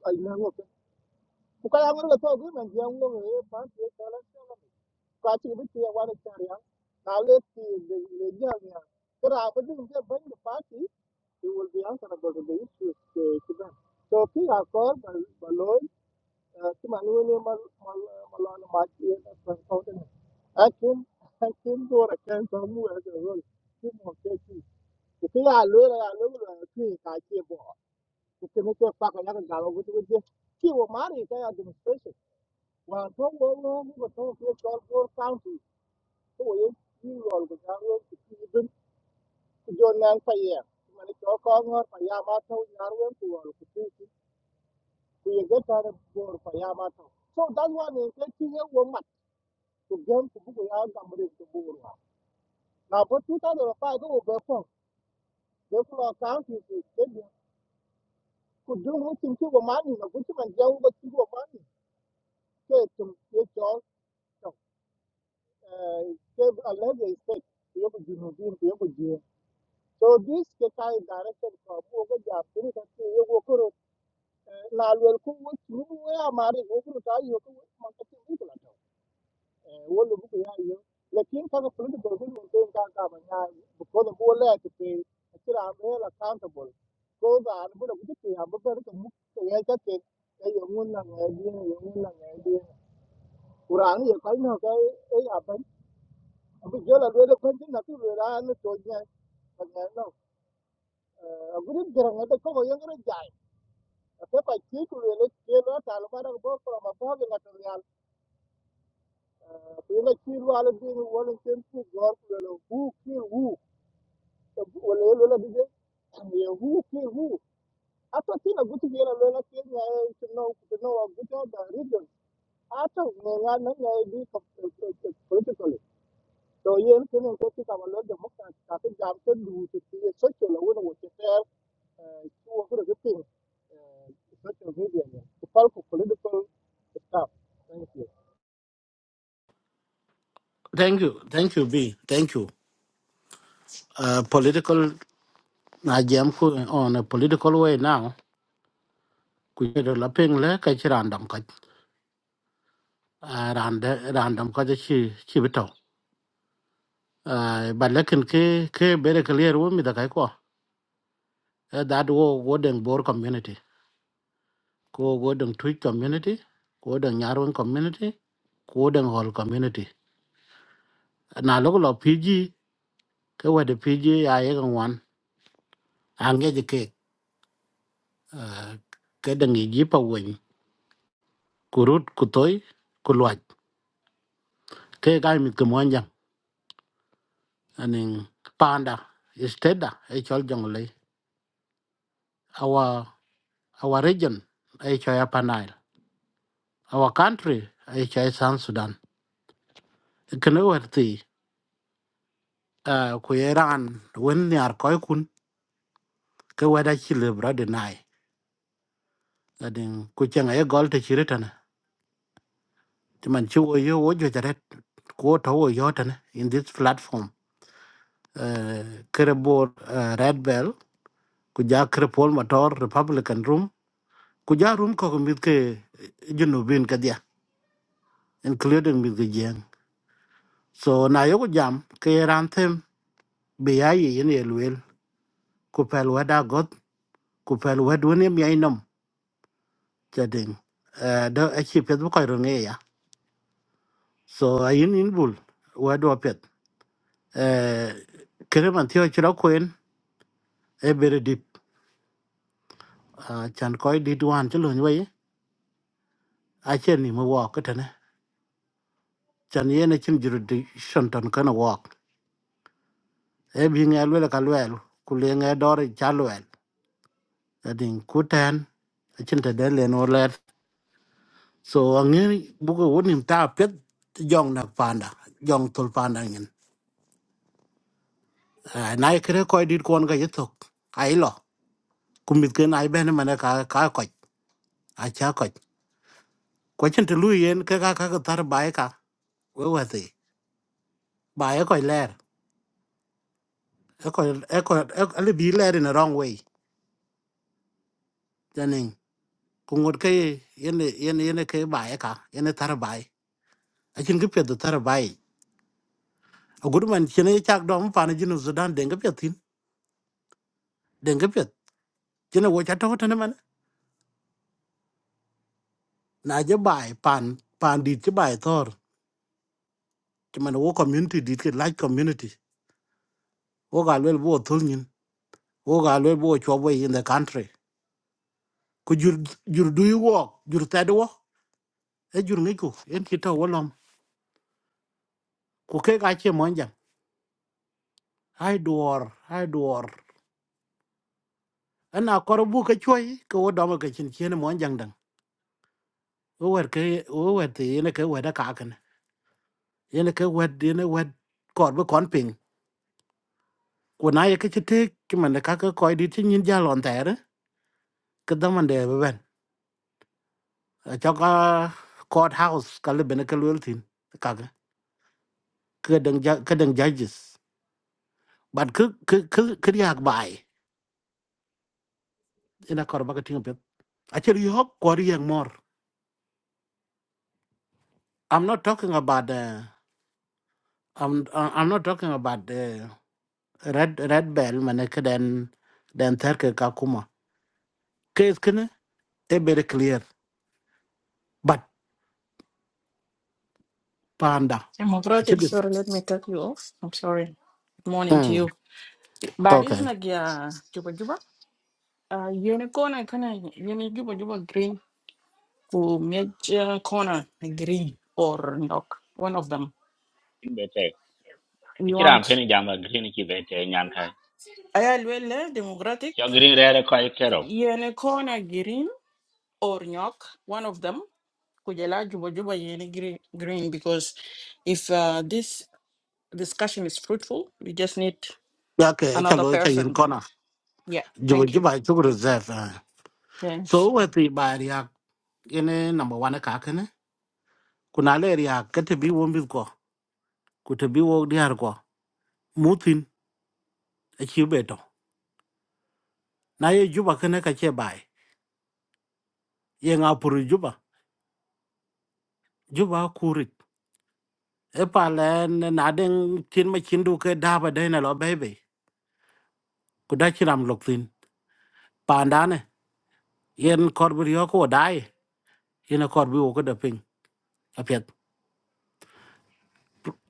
[SPEAKER 4] ay I ngo ko kala ngor la togu man je ngo ngi pan ti kala ngor ka ti bitti ya wan ta ya na le ti le le ja ya kra ba du ke ben pa ti it will be answer about the issues ke ti ben so ki a kor ba lo ti man ni mal mal mal to ma ti ya ta ko ta akin akin do ra kan ta I ya ta ro ti mo ke ti ki ya lo ya lo la ti ka ti the committee back on that gala with with the key of money they are demonstration while to go home but to to all county so we you all the gala to even to join nan pa ye man to ko ngor pa ya ma to all to see to get out of door pa so that's why they say key woman to game to go ya gamre to go now but 2005 go be therefore county could do nothing to money no good man jaw but to money ke to gave said yogo junubin yogo so this ke kai direction from wo ga ja puri ka ke yogo koro na lwel ku wo churu wo ya mari wo kuru ta yo ku man ka ti mutla to wo lu ku ya yo lekin ka ko puli ko ko accountable ko da an bu da ku ti ya bu ba ka to ka ya ka ke e yo ngun na ngai di yo ngun na ngai di kurang ye kai no ka e to no agudin garang I ko yang gara jai apa ko ti ku le ke lo ta lo ba ko ko ma ko ga ta real ko ina ti ru ala bi ni wala ken ku gor ku le hu ki hu wala lo la bi je ye hu ki hu ata ti na gutu ge la lo la ke na to no to no gutu da region ata ne ga na na bi ko politically to ye ne ken ko ti ka ma lo de mo ka ta jam ke du ti ye so ke lo wo no wo te uh, such a media, yeah, to talk of political stuff. Thank you.
[SPEAKER 2] Thank you. Thank you, B. Thank you. Uh, political na jam ku on a political way now. Ku yedo la ping le ka chi random ka. Uh, random random ka chi chi bito. Uh, but lekin ke ke bere clear wo mi da kai ko. Eh, That wo wo deng bor community. Ko wo deng tweet community. Ko deng nyarweng community. Ko deng hall community. na lo lo pg ke wa de pg ya ye gan wan an ge de ke eh, gì de ngi ji pa wen kurut ku toy cái lwat ke ga anh ke mon jang anen panda isteda e chol jong le our our region e cho ya panail our country e cho ya san sudan cái nơi wer ti eh, ku iran wen ni ar kun cái wa da chi le bra de nai anen ku chen e gol te chi Chứ mình chưa có vô cho chả rét cố thấu ở gió thân in this platform Kerebor Red Bell kuja Kerepol Motor Republican Room kuja room ko ko mit ke junubin ka dia including mit ke jeng so na yo ko jam ke ran them be ya yi yin elwel ku pel wada got ku pel wadu ne mi ainom chading da a chi pet bu ko ro ne ya so ayin in bul wadu pet eh kereman thio chira koen e bere à, chan koy dit wan ci luñ way a chen ni mo wok tane chan yene chin juru di shonton kana wok e bi nge lwel ka lwel ku le nge dor cha lwel adin ku ten a chin te den len olet so angi bu ko wonim ta pet jong na panda jong tul panda à nay kre koy dit kon ga yetok ai lo cũng biết kumit ken ai mà nó cá ka koch a cha koch ko chin te lu yen cái ka ka tar bai ka we wa ti bai ko ler eko eko ale bi led in the wrong way janin ku ngot ke yene yene yene ke bae ka yene tar bae a chin ke pet tar bae a gudu man chene chak dom pan jinu sudan denga petin denga pet chene wo cha to tane man na je bae pan pan dit ke bae tor chman wo community dit ke like community wo ga lel bo thul nyin wo ga lel bo chwa boy in the country ku jur jur du yu wo jur ta do e jur ngi ku en ki to wo lom ku ke ga che mon jang hai duor hai ana korbu ka choi ko domo ka chin c h e n m o jang dang o wer ke o wer te n e ke wer da ka kan yene ke wer yene wer kor bu kon ping ko na ye ke chite ki man ka ka ko di tin yin ja lon ter ke da man de be ben a cha ka court house ka le ben ke l u tin ka ga ke dang ja ke dang judges but ke ke ke ke ya bai ina kor ba ka tin pe a che ri hop kor yang mor i'm not talking about uh, i'm uh, i'm not talking about uh, red red bell mane ke den den terke ka kuma case kene e very clear but panda
[SPEAKER 14] Democratic,
[SPEAKER 2] actually
[SPEAKER 14] sorry, let me cut you off. I'm sorry. Good morning to
[SPEAKER 2] mm
[SPEAKER 14] you. But it's
[SPEAKER 2] okay
[SPEAKER 14] not yeah, Juba Juba. Uh, unicorn, I kind of uni Juba Juba green to major corner like green or knock one of them.
[SPEAKER 5] in be te e
[SPEAKER 14] We
[SPEAKER 5] kira
[SPEAKER 14] want
[SPEAKER 5] pen jam green ki be te nyan ka
[SPEAKER 14] I will democratic
[SPEAKER 5] yo green re re ko e kero
[SPEAKER 14] unicorn green or knock one of them. Kujala Juba Juba yeni green green because if uh, this discussion is fruitful, we just need
[SPEAKER 2] okay
[SPEAKER 14] another
[SPEAKER 2] chalo cha yin
[SPEAKER 14] person.
[SPEAKER 2] kona
[SPEAKER 14] Yeah,
[SPEAKER 2] juba
[SPEAKER 14] thank you.
[SPEAKER 2] juba chu reserve ah.
[SPEAKER 14] Yes.
[SPEAKER 2] so we ti bari ya ene number 1 ka kene kuna le ya kete bi won bi ko ku te bi wo di har ko mutin e chi beto na ye juba kene ka che bai ye nga puru juba juba kurit e pa le na den tin ma chindu ke daba dena lo bebe ku da chiram lok tin pandane yen kor bi yo ko dai yen kor bi wo ko da ping apet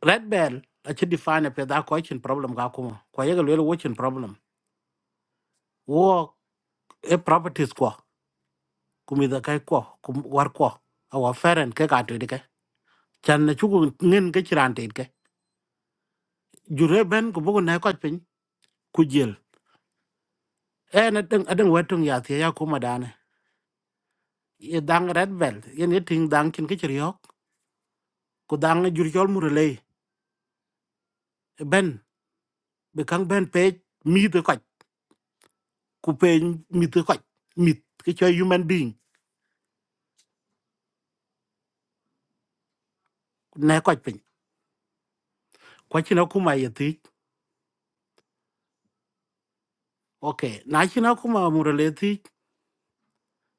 [SPEAKER 2] red bell a chi define apet da ko chin problem ga kuma ko yega lo wo chin problem wo e properties ko kumi da kai ko kum war ko awa feren ke ka to de ke chan na chu ngin ke chiran te ke jure ben ko bu na ko pin ku jel e na deng adeng wetung ya ti ya kuma dane ye dang red bell yen ye ting dang chin ke chriok ku dang jur chol murelei ben bị căng bên page mi tới quạch cụ page mi tới quạch mi cái chơi human being nè quạch pin quá chi nó cũng mày vậy thì ok nãy chi nó cũng mà mua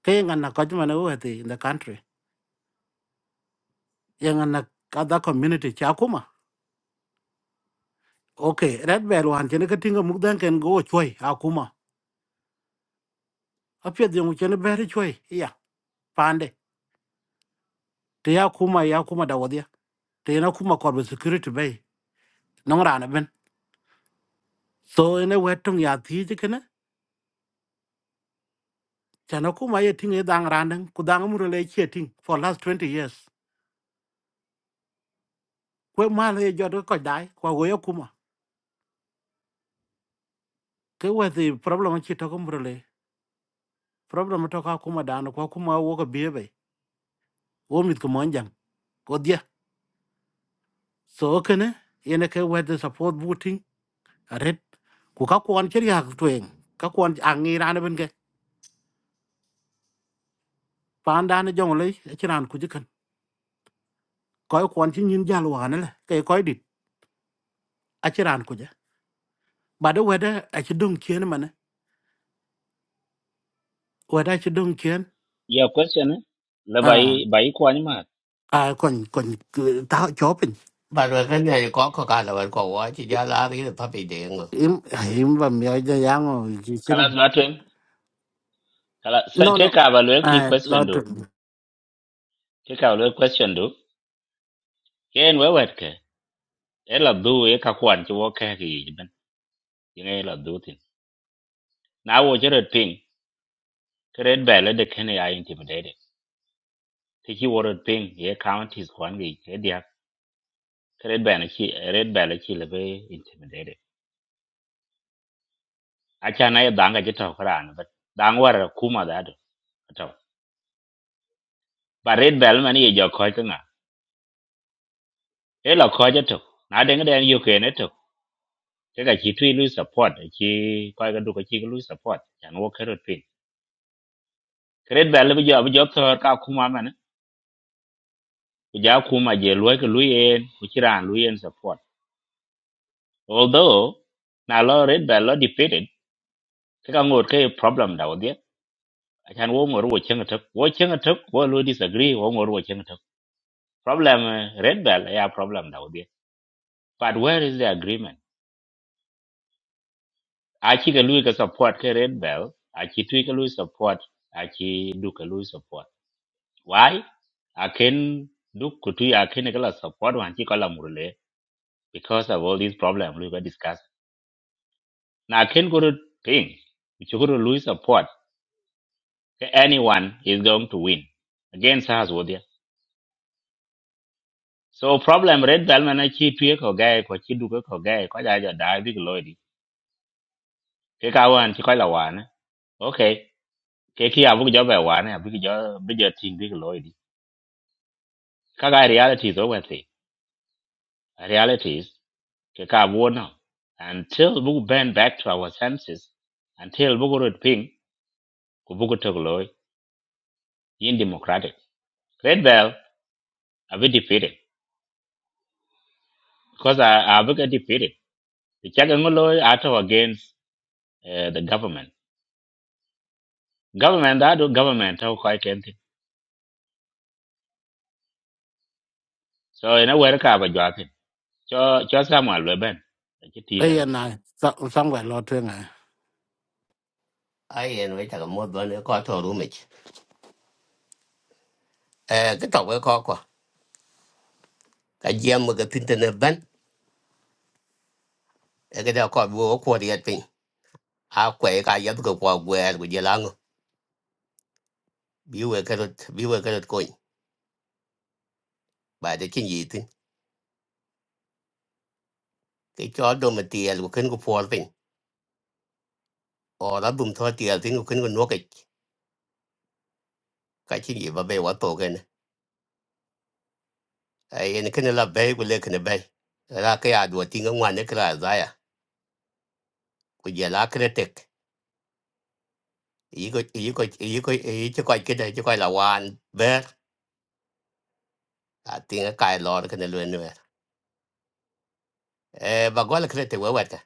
[SPEAKER 2] cái ngành nào có mà nó vậy thì in the country yang ngành nào cada community cha cũng mà ok red bell hoàn chỉ nó cái tiếng mục đang cần go chơi à cũng mà à phía dưới mục chỉ nó bé chơi iya pande thì à cũng mà à cũng mà đâu đi thì nó cũng mà có security bay nó ra nè bên so in a way trong ya thì chứ cái nè chana kuma ye ting ye dang randang ku dang mu le che ting for last twenty years kwe ma le jo do ko koj dai kwa go ye kuma ke we the problem chi to ko mu le problem to ka kuma dan ko kuma wo ko be be wo mit ko mon jang ko dia so ke ne ye ne ke we the support booting red ku ka kon che ya to en ka kon ang ni ran ben ke pan dan jong le chi ran ku ji kan ko kon chi nyin jal wa ne le ke ko dit a chi ran ku ja ba do we da a chi dung chien ma ne we da chi dung
[SPEAKER 5] ya question la
[SPEAKER 2] chien
[SPEAKER 5] bai bai ko ni ma
[SPEAKER 2] à còn còn cứ- tao chó bình
[SPEAKER 3] ba ro ga ne ko ko ka la wa ko wa chi ja la ri pa pi de ngo
[SPEAKER 2] im im và mẹ cho giang rồi chỉ chứ
[SPEAKER 5] kala
[SPEAKER 2] đâu
[SPEAKER 5] na ten kala se-
[SPEAKER 2] no
[SPEAKER 5] ke
[SPEAKER 2] no
[SPEAKER 5] ka ba lo ki
[SPEAKER 2] à lo
[SPEAKER 5] question do
[SPEAKER 2] chuyện
[SPEAKER 5] ke ka lo question do ken we wet ke e la du e ka kwan chu wo ke ki ben yin e la du tin na wo je red ping ke red ba le de ken ya intimidated ti ki wo red ping ye counties kwan gi ke dia ke red ba na chi red ba le chi le be intimidated a cha na ye danga je to kra an bet dang war kuma da do to ba red ba le man ye jo ko ka nga e la ko je to na de ngi den yu ke ne to ke ka chi tui lu support chi ko ga du ka chi lu support chan wo ke red ping ke red ba le bi jo bi jo to ka kuma Kuja kuma je luwe ke luyen, kuchira luyen support. Although, na lo red by lo defeated, kaka ngot ke problem da wadiya. Achan wo ngor wo chenga tuk, wo chenga tuk, wo lo disagree, wo ngor wo chenga tuk. Problem eh, red bell ya problem da wadiya. But where is the agreement? Achi ke luwe ke support ke red bell, achi tui ke luwe support, achi du ke luwe support. Why? Akin du kutui akin ke la support wan chi ko la murule because of all these problems we were discussing. na ken go thing which go lose support ke anyone is going to win against us so problem red bell man chi tue ko gae ko chi du ko ko gae ko ja ja dai big lodi ke ka chi ko la wan okay ke ki abu jo ba wan abu jo bi jo ting big lodi Kaga reality is wen thi reality is ke ka bu no until we bend back to our senses until we go to ping we go to glory. in democratic red bell are we defeated because I, I will get defeated. The Chagangolo out of against uh, the government. Government that do government how quite anything. So in a way ka ba jwatin. Cho cho Samuel we ben. Ki ti ta
[SPEAKER 2] đây là
[SPEAKER 5] det.
[SPEAKER 2] này sao xong phải lo chuyện à
[SPEAKER 3] ai en we ta ga mo do ne ko to ru mi e ga to we ko ko ka ji am ga tin te ne ban e ga da ko bo ko ri at pin a ko e ka ya ga ko ko gwe gu je la ngo bi we ka rot bi we ka rot ko ba de chin yi tin cái chó đồ mà tiệt của khinh của phò pin ở đó bùm thọ tiệt thì của khinh của nuốt cái cái chuyện gì mà bé quá tổ cái này ai nên khinh là bé của lên khinh bé ra cái à đùa tiếng ở ngoài nữa cái là ra à của giờ lá cái tết ý có ý có ý có ý cho coi cái này cho coi là hoàn bé à tiếng ở cái lò cái này luôn nữa ê bà gọi là cái tết quá vậy cả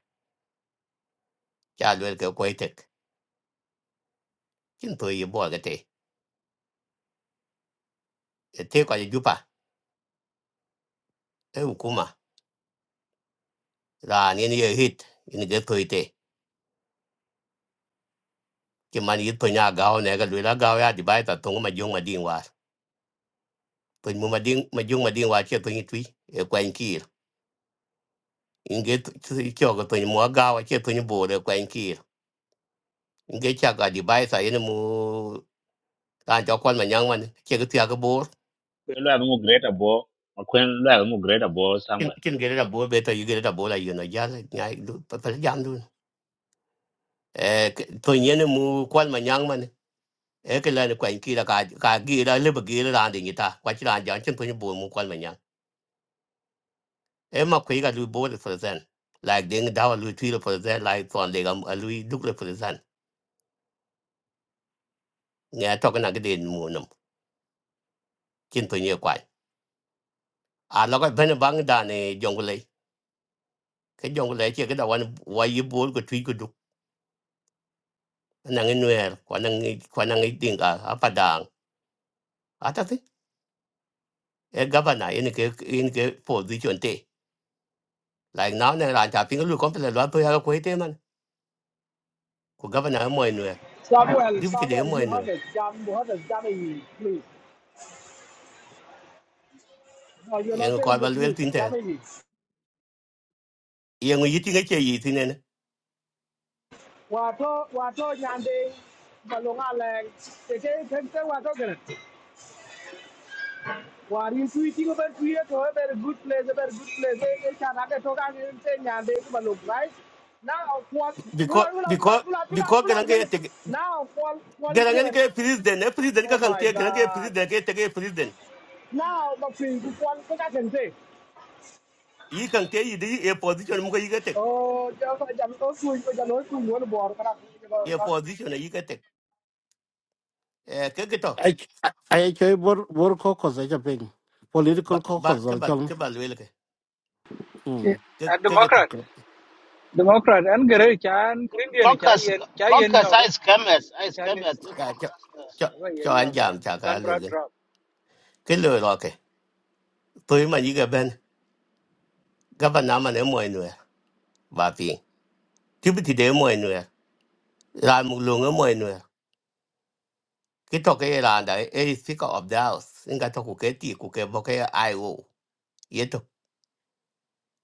[SPEAKER 3] cha luôn cái quay tết chính tôi ý bỏ cái tết thế coi như pa ê hukuma ra nên ý hit nên cái tôi tết chỉ mà ý tôi nhà gạo này cái lối là gạo ya đi bay ta tung mà dùng mà đi to mu mading ma jung mading wa che to ni twi e kwen kir inge cho ko to ni mo ga wa che to ni bo de kwen kir inge cha ga di bai sa yin mu kan cho kwan ma nyang man che ga tia ga bo
[SPEAKER 5] Ko lo abu great abo. Ma ko lo abu great abo
[SPEAKER 3] kin
[SPEAKER 5] Samuel.
[SPEAKER 3] kin ge da bo be to yi ge bo la yi no ja nyai du pa pa jam du e to ni ne mu kwan ma nyang man e ke la ni kwen kir ka ka gi da le ba gi da ta kwa chi da ja chen to ni bo mu kwan ma nyang e ma kwe ga lu bo de for like ding da wa lu twi for like ton de ga lu du for zen nghe to cái nào cái đền mù nằm trên tôi nhiều quái à nó cái bên bang đàn này dòng cái cái dòng cái chỉ cái đầu anh quay yếu bố của truy của đục anh đang nuôi quan đang quan đang tiếng cả à phát đàng à chắc thế cái governor này cái in cái cái position thế lại nó này là chả phim cái lúc con phải là loại tôi hay quay thế mà của governor mới nuôi
[SPEAKER 11] Samuel,
[SPEAKER 3] đi bây giờ
[SPEAKER 11] Samuel, be
[SPEAKER 3] mới nuôi
[SPEAKER 11] honest. Jam, be honest. Jamini, please. No, you're
[SPEAKER 3] em
[SPEAKER 11] not
[SPEAKER 3] coi
[SPEAKER 11] telling the
[SPEAKER 3] vào luyện
[SPEAKER 11] truth.
[SPEAKER 3] tin thế
[SPEAKER 11] Jamini.
[SPEAKER 3] em người tin cái chơi gì thế này
[SPEAKER 11] Wato, wato, nyande, malunga lang. Tete, tete, wato kere. Wari tweeting about tweet to a very good place, a very good place. Eh, eh, chanake toka ni nte nyande malung, right? Now, what?
[SPEAKER 3] because
[SPEAKER 11] Ula, ula, ula,
[SPEAKER 3] because
[SPEAKER 11] ula, ula,
[SPEAKER 3] because cái này
[SPEAKER 11] ula, ula.
[SPEAKER 3] cái
[SPEAKER 11] Now, one, one
[SPEAKER 3] cái này
[SPEAKER 11] kere.
[SPEAKER 3] cái president cái president
[SPEAKER 11] Oh
[SPEAKER 3] cái thằng
[SPEAKER 11] my
[SPEAKER 3] kia cái này cái
[SPEAKER 11] God.
[SPEAKER 3] president cái cái president
[SPEAKER 11] Now, but please, one, what I can say.
[SPEAKER 3] yi kan ke yi di a position mu ko yi gete
[SPEAKER 11] Oh, jangan kau jangan kau kui kau jangan kau kui mana buat kau nak kau
[SPEAKER 3] a position yi gete eh ke geto
[SPEAKER 2] ai ai chơi bor bor khó khó dễ cho bình political
[SPEAKER 3] ba
[SPEAKER 2] khó khó
[SPEAKER 3] ba
[SPEAKER 2] dễ
[SPEAKER 3] ke ba
[SPEAKER 2] cho
[SPEAKER 3] ke ba le ke
[SPEAKER 2] ừ
[SPEAKER 3] ke
[SPEAKER 7] A
[SPEAKER 3] ke geto
[SPEAKER 7] Democrat,
[SPEAKER 2] okay
[SPEAKER 7] Democrat an gere cha an Green Day ni cha
[SPEAKER 10] Caucus,
[SPEAKER 7] yen cha yen
[SPEAKER 10] caucus, I
[SPEAKER 7] nyoga.
[SPEAKER 10] scammers, I
[SPEAKER 7] Cha ni. eh,
[SPEAKER 10] scammers, the
[SPEAKER 3] ya cho
[SPEAKER 10] caucus.
[SPEAKER 3] cho
[SPEAKER 7] Ba
[SPEAKER 3] cho
[SPEAKER 7] yen
[SPEAKER 3] an
[SPEAKER 7] nyoga.
[SPEAKER 3] jam cha ka
[SPEAKER 7] Kan
[SPEAKER 3] le
[SPEAKER 7] bra
[SPEAKER 3] le
[SPEAKER 7] drop.
[SPEAKER 3] ke le ro ke to yi ma yi ga ben ga ba na ma ne mo nu ba pi ti bi ti de mo nu ra mu lu ngo mo nu ke to ke ra da e is speaker of the house in to ku ke ti ku ke bo ke ai wo ye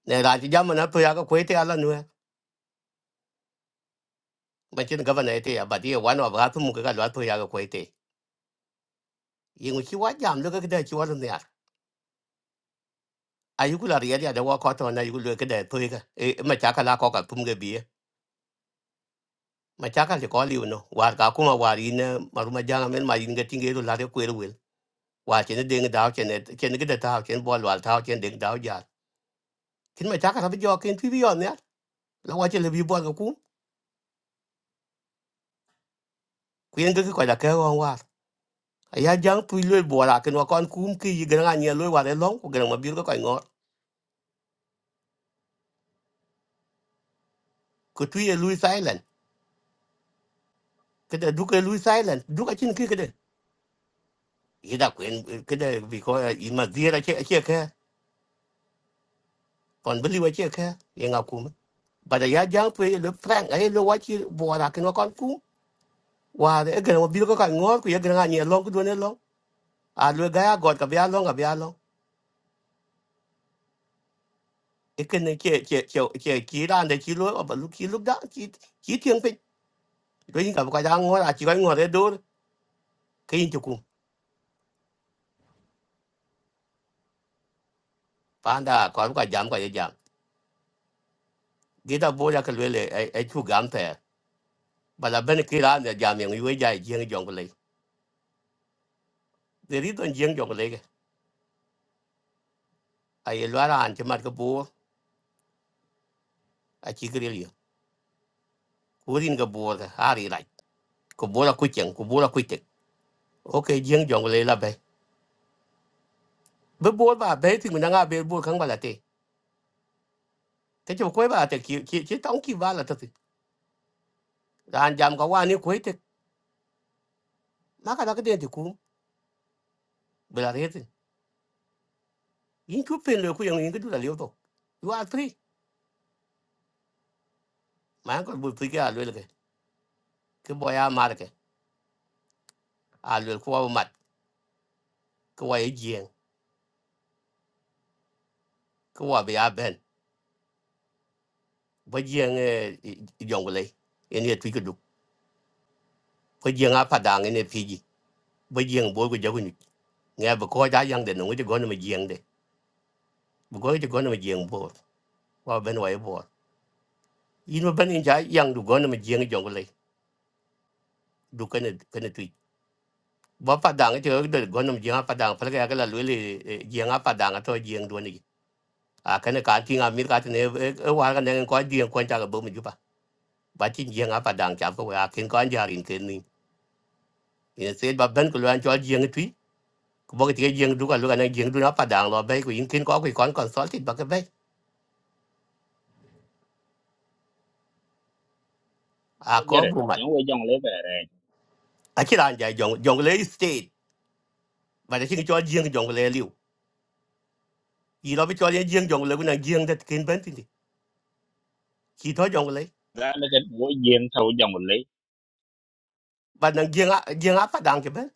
[SPEAKER 3] ne ra ji jam na to ya ga ko ala nu ma chin ga na te ya ba ti e one of ga tu mu ga lo to ya ga yin ki wa jam lo ka de chi wa ne ya ayu ku la ri ya de wa ko to na yu lo ka de pe ka e ma cha ka la ko ka pum ge bi ma cha ka ko li no wa ka ku ma wa ri ne ma ru ma ja men ma yin ge tin ge ru la de ku e ru wel wa che ne de ge da che ne che ne ge de ta che bo wa ta che de da ja kin ma cha ka bi jo kin pi bi yo ne la wa che le bi bo ka ku ku yin ge ko da ka wa wa ya jang tu lo bo la ken wa kon ku ki ge nga ne lo wa de long ku ge ma bi ko ko ngor ku tu ye lu silent ke de du ke lu silent du ka chin ki ke yi da kwen kada because i ma dira che che ka kon bili wa che ka ye nga kum ba ya jang pe le frank ai lo wa chi bo ra ken kon ku wa de ga mo bil ko ka ngor ku ye ga ni long ku do ne long a lo ga ya god ka bia long ka bia long e ken ne che che che che ki ran de chi lo ba lu ki lu da chi chi tieng pe do yin ka ka da ngor a chi ka ngor de do ke yin chu ku pa da ko ka jam ka ye jam gi da bo ya ka le le ai chu gam te ba la ben ki ran de jam ye we ja jing jong le de don jing jong ai lo ran che mat ko bo a chi gri li ku rin ga bo ga ari rai ko bo la ku chen ku bo la ku te o ke jing jong le la be be bo ba be ti na nga be bo khang ba la te te cho ko ba te ki ki tong ki ba la te ran jam ka wa ni ku te ma ka la ke de ti ku be la re te in ku pen le ku yang in ku la le to you are three ma ko bu ti ga lo le ke ke bo ya ma ke a lo ku wa mat ku wa ye jing ku wa be a ben ba jing e jong le en ye ti ku du ko jing a pa dang en ye pi ji ba jieng bo ko jago ni nga ba ko ja yang de no ngi go na ma jieng de bu go go na ma jieng bo wa ben wa bo yin ma ben ja yang du go na ma jieng jong le du ka ne ka ne tui ba pa dang te de go na ma jieng pa dang pa ga ga la lu le jieng pa dang to jieng do ni a ka ne ka ti nga mi ka te ne e wa ga ne ko jieng ko ja ga bo mi ju pa ba ti jieng pa dang ja ko wa ken ko an ja rin ken ni ni se ba ben ko lu an cho jieng tui ko ba ti jieng du ka lu ka ne jieng du na pa dang lo ba ko yin ken ko ko kon kon sol ti ba ka ba a
[SPEAKER 5] Wo jere.
[SPEAKER 3] ko
[SPEAKER 5] Yon we jong le bere.
[SPEAKER 3] I aciran ja jong jongle state ba de chingi chol jing jongle liu yi no bi chol ye jing jongle ku nang jing det kin ben tindi ki to jongle
[SPEAKER 5] Da le ket wo yen ta wo jong le.
[SPEAKER 3] ba nang jing a jing a pa dang ke ben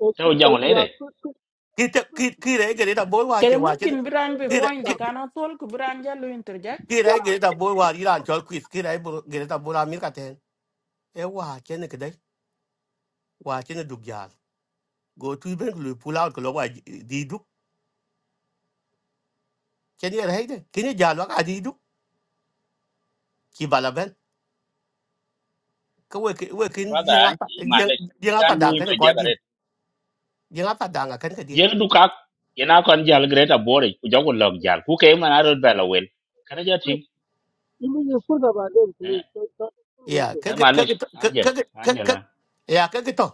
[SPEAKER 4] Uh,
[SPEAKER 5] Ta
[SPEAKER 4] to,
[SPEAKER 5] wo
[SPEAKER 4] uh,
[SPEAKER 5] jong le
[SPEAKER 4] yeah,
[SPEAKER 5] re.
[SPEAKER 4] quick, quick
[SPEAKER 3] ki te ki ki re ge da boy wa che
[SPEAKER 14] Kere
[SPEAKER 3] wa chen
[SPEAKER 14] mungkin Biran be
[SPEAKER 3] ki re
[SPEAKER 14] point
[SPEAKER 3] ki
[SPEAKER 14] de
[SPEAKER 4] stuff.
[SPEAKER 14] kana tol ku Biran jalu interject.
[SPEAKER 3] ki re
[SPEAKER 4] Yeah,
[SPEAKER 3] ge da boy wa iran chol quiz ki re ge da boy la mi ka ten e wa chen ke dai wa chen du gyal go tu ben lu pull out ko lo wa di du chen ye re de kin ye jal wa ka di du ki bala ben ko we ki we kin
[SPEAKER 5] Brother
[SPEAKER 3] jing a
[SPEAKER 5] an ki ma
[SPEAKER 3] jing
[SPEAKER 5] le. Ti
[SPEAKER 3] jing a pa
[SPEAKER 5] kan lu
[SPEAKER 3] dang
[SPEAKER 5] into
[SPEAKER 3] ke ko di
[SPEAKER 5] jagaret.
[SPEAKER 3] jing a pa dang a ken ke
[SPEAKER 5] Yen du ka ina kon jal great abo re. Ku jogo log jal. Ku ke man arot bela wel. Kana jatin.
[SPEAKER 4] quick. You mean you put about them, please. So, so, so, when
[SPEAKER 3] Yeah,
[SPEAKER 4] they-
[SPEAKER 3] ka
[SPEAKER 5] e
[SPEAKER 3] ka ka
[SPEAKER 5] manish
[SPEAKER 3] ka
[SPEAKER 5] angel
[SPEAKER 3] ka ka ka
[SPEAKER 5] angela
[SPEAKER 3] yeah ka ka to.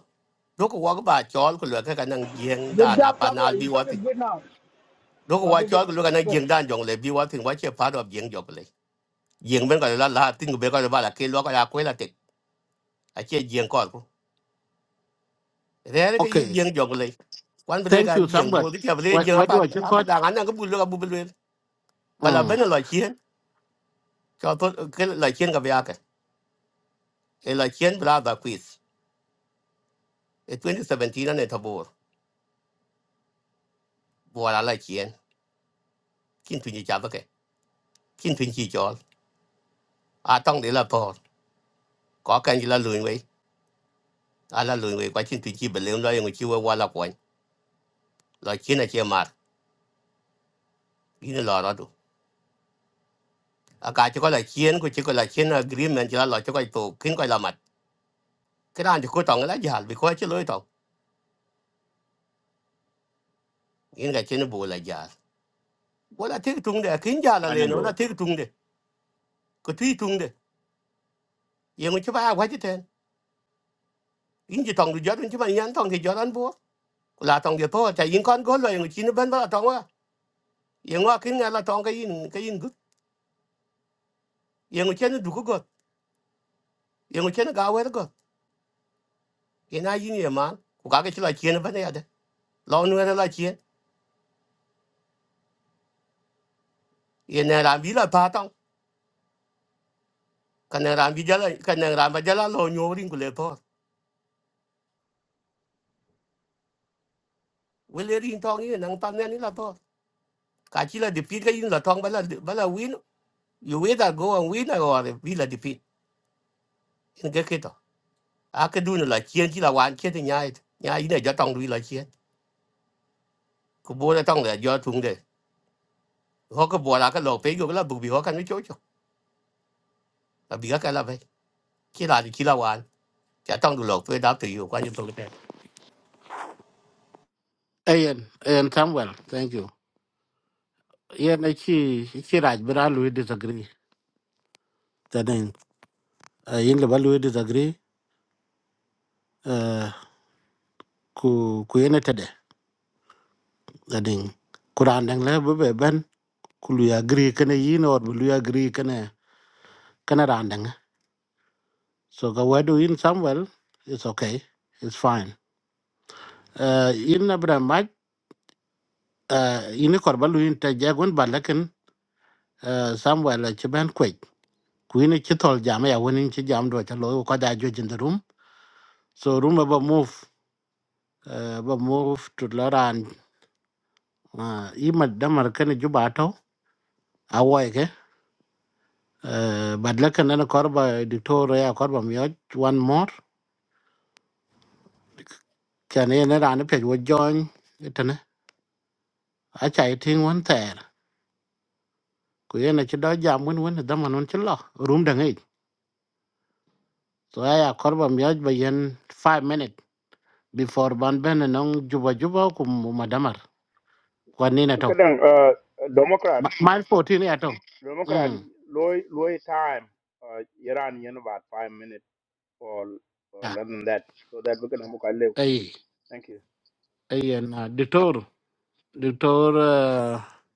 [SPEAKER 3] Doko wa ba chol ko lwa ka ka nang gieng
[SPEAKER 11] kau
[SPEAKER 3] da
[SPEAKER 11] jam
[SPEAKER 3] na pa
[SPEAKER 11] sama
[SPEAKER 3] na
[SPEAKER 11] ya.
[SPEAKER 3] bi
[SPEAKER 11] Itu
[SPEAKER 3] wa ti.
[SPEAKER 11] kan gue nak.
[SPEAKER 3] Doko wa
[SPEAKER 11] Lalu dia
[SPEAKER 3] chol ko lwa ka nang
[SPEAKER 11] kata,
[SPEAKER 3] gieng da jong le bi wa ti wa che pa do gieng jo le. Gieng ben ka la la tin ko be ka ba la ke lwa ka ya ko la te. A che gieng ko ko. Re re ka
[SPEAKER 2] Ok,
[SPEAKER 3] ye gieng jong le. Kwan bre
[SPEAKER 2] thank
[SPEAKER 3] ka
[SPEAKER 2] you
[SPEAKER 3] gieng
[SPEAKER 2] Samuel
[SPEAKER 3] bo ti ka bre
[SPEAKER 2] where
[SPEAKER 3] gieng
[SPEAKER 2] where do
[SPEAKER 3] apa
[SPEAKER 2] I check
[SPEAKER 3] apa
[SPEAKER 2] out
[SPEAKER 3] da ngan ka bu lwa ka bu lwa. Ba la
[SPEAKER 2] ừ
[SPEAKER 3] ben la chien. Ka to ke la chien ka ba ka. E la chien bra da quiz. E 2017 na ne tabor. Bo la la chien. Kin tu ni cha chin twin chi cho, a tong de la pho, ko kan ji la luin wei a la luin wei qua chin twin chi be le lo yong chi we wa la kwen lo chin a che mar yin lo ra du a ca chi co la chien ku chi co la chien agreement ji la lo chi coi to kin coi la mat kran ji coi tong la jal vi coi chi lo tong la ga no bu la jal bo la tik tung de kin ja la le
[SPEAKER 5] kwanya
[SPEAKER 3] no la
[SPEAKER 5] go
[SPEAKER 3] tik tung de ko twi tung de yong chi ba wa chi ten yin ji tong du jor chi ba yan tong ki gio an bu la tong de pho, cha yin kon go lo yong chi no ben ba la tong wa yong wa kin ga la tong ka yin ka yin gu yong no du ko yung chen ga wer go ye na yin ye man ku ga chi la chen ba ne ya de lo nu la chen ye na bi la pa tong ka na bi ja la ka na ba ja la lo nyu rin ku le po we le rin tong ye nang pa ne ni la po ka chi la de pi ga yin la tong ba la ba la win you we go and win or bi la de pi in ge ke to a ke du la chen chi la wan che de nya nya yin ja tong ri la chen ku bo la tong la ja tung de ho ko bo la ka lo pe yo la bu bi ho ka ni cho cho la bi ga ka la ve chi la di chi la wan ja tong du lo pe da tu yu kwa ni to ke.
[SPEAKER 2] Ian Ian Samuel thank you Ian ấy chỉ chỉ là bây giờ lui disagree cho nên Ian là bây lui disagree ờ, ku ku yên thế gading kuran dang le be ben ku lu agree kana yin or bu lu agree kana kana ran dang so ga wadu in somewhere it's okay it's fine uh in abra mach uh in kor ba in ta jagon balakin uh somewhere la chban kwet ku in chi tol jam ya wonin chi jam do ta lo ko da jo jin room so room ba move uh ba move to loran uh i madamar kana jubato awoy ke uh badlakan na korba dictor ya korba miyo one more cho nên nó ra nó phải vô join cái thế này à chạy thiên vẫn thế cứ yên là chỉ đó giảm vẫn vẫn đó mà nó chỉ lo room đằng ấy so ai à có bao nhiêu bây giờ five minute before ban bên nó juba juba cũng mà đamar quan nên là thôi
[SPEAKER 13] kadang uh, democrat
[SPEAKER 2] mile fourteen này à thôi
[SPEAKER 13] democrat
[SPEAKER 2] ừ
[SPEAKER 13] loy loy time uh, iran yen about 5 minutes or, or
[SPEAKER 2] à
[SPEAKER 13] less than that so that we can have a live
[SPEAKER 2] ấy
[SPEAKER 13] thank you
[SPEAKER 2] ấy là dictator dictator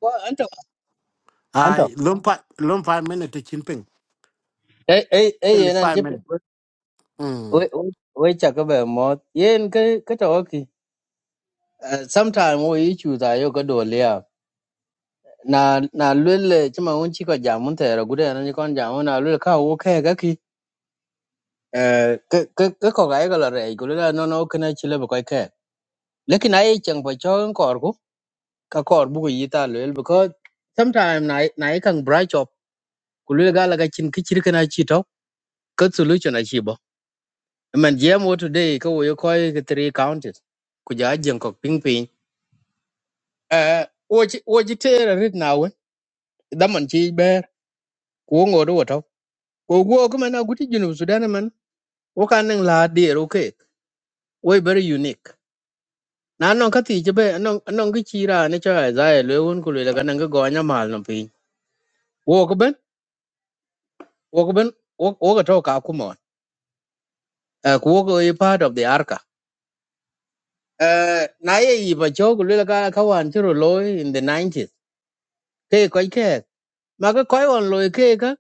[SPEAKER 6] wa anta
[SPEAKER 2] à
[SPEAKER 6] Anto.
[SPEAKER 2] lum five lum five minute chín ping
[SPEAKER 6] ấy ấy ấy
[SPEAKER 2] only
[SPEAKER 6] yên anh
[SPEAKER 2] five
[SPEAKER 6] chụp
[SPEAKER 2] minute
[SPEAKER 6] với
[SPEAKER 2] ừ
[SPEAKER 6] với với chắc cái bề mót yên cái cái chỗ kì sometimes với chủ tài yêu cái đồ lia na na luôn lệ chứ mà muốn chỉ có giảm muốn thế rồi cũng anh con giảm muốn nào luôn khao ok cái kì cái cái cái có cái cái là rẻ cũng nó nó cái này chỉ là một lekin ai chẳng phải cho kor ku ka kor bu yi ta lel because sometimes nai nai kang bright up ku le ga la ga chin ki chir kana chi to ka solution a chi bo I mean jam wo today ka wo yo koi ki three counties ku ja jeng ko ping ping eh wo chi wo chi te ra rit na wen da man chi ber ku ngo do to ko go ko man a guti junu sudan man wo kan nang la de ro ke wo very unique na non ka ti je be non non ki chi ra ne cha za le won ku le ga nang go nya mal no pi wo ko ben Wokben woka toka akuma. Woko a part of the Arca. Uh, na ye iba chok lula ka kawan churu loy in the 90s. Ke koi ke. Maka koi wan loy ke ka.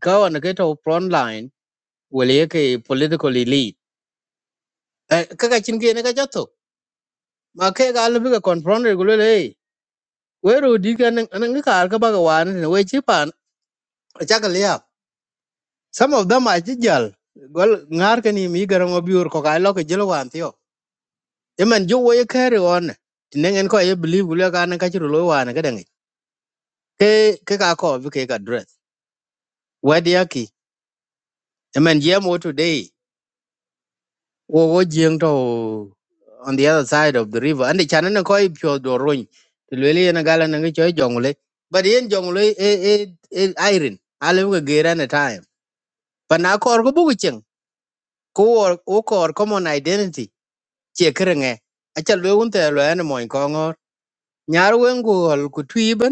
[SPEAKER 6] Kawan ke to front line. Wale ye ke political elite. Uh, kaka chin ke ne ka jato. Ma ke ga lu ka alu bika confront re gulule hey. Weru di ka nang nang ka arka baga wan. ne We chipan. Chaka liap. Some of them are jijal. Gol ngar ka ni mi garang obiur ko ka ilo ke jelo wan tiyo. yemen jo wo carry on tinen en ko ye believe gule ka nan ka chiro lo wa na gadan ke ke ka ko bi ke ka dress wadi yaki yemen je mo today wo wo jeng to on the other side of the river and chana na ko i pyo do roin to le le na gala na cho jongle but yen jongle e e e iron ale wo gera na time but na ko ko bu chen ko wo wo ko common identity che krenge acha lo un te lo en mo ko ngor nyar wen ko ku twi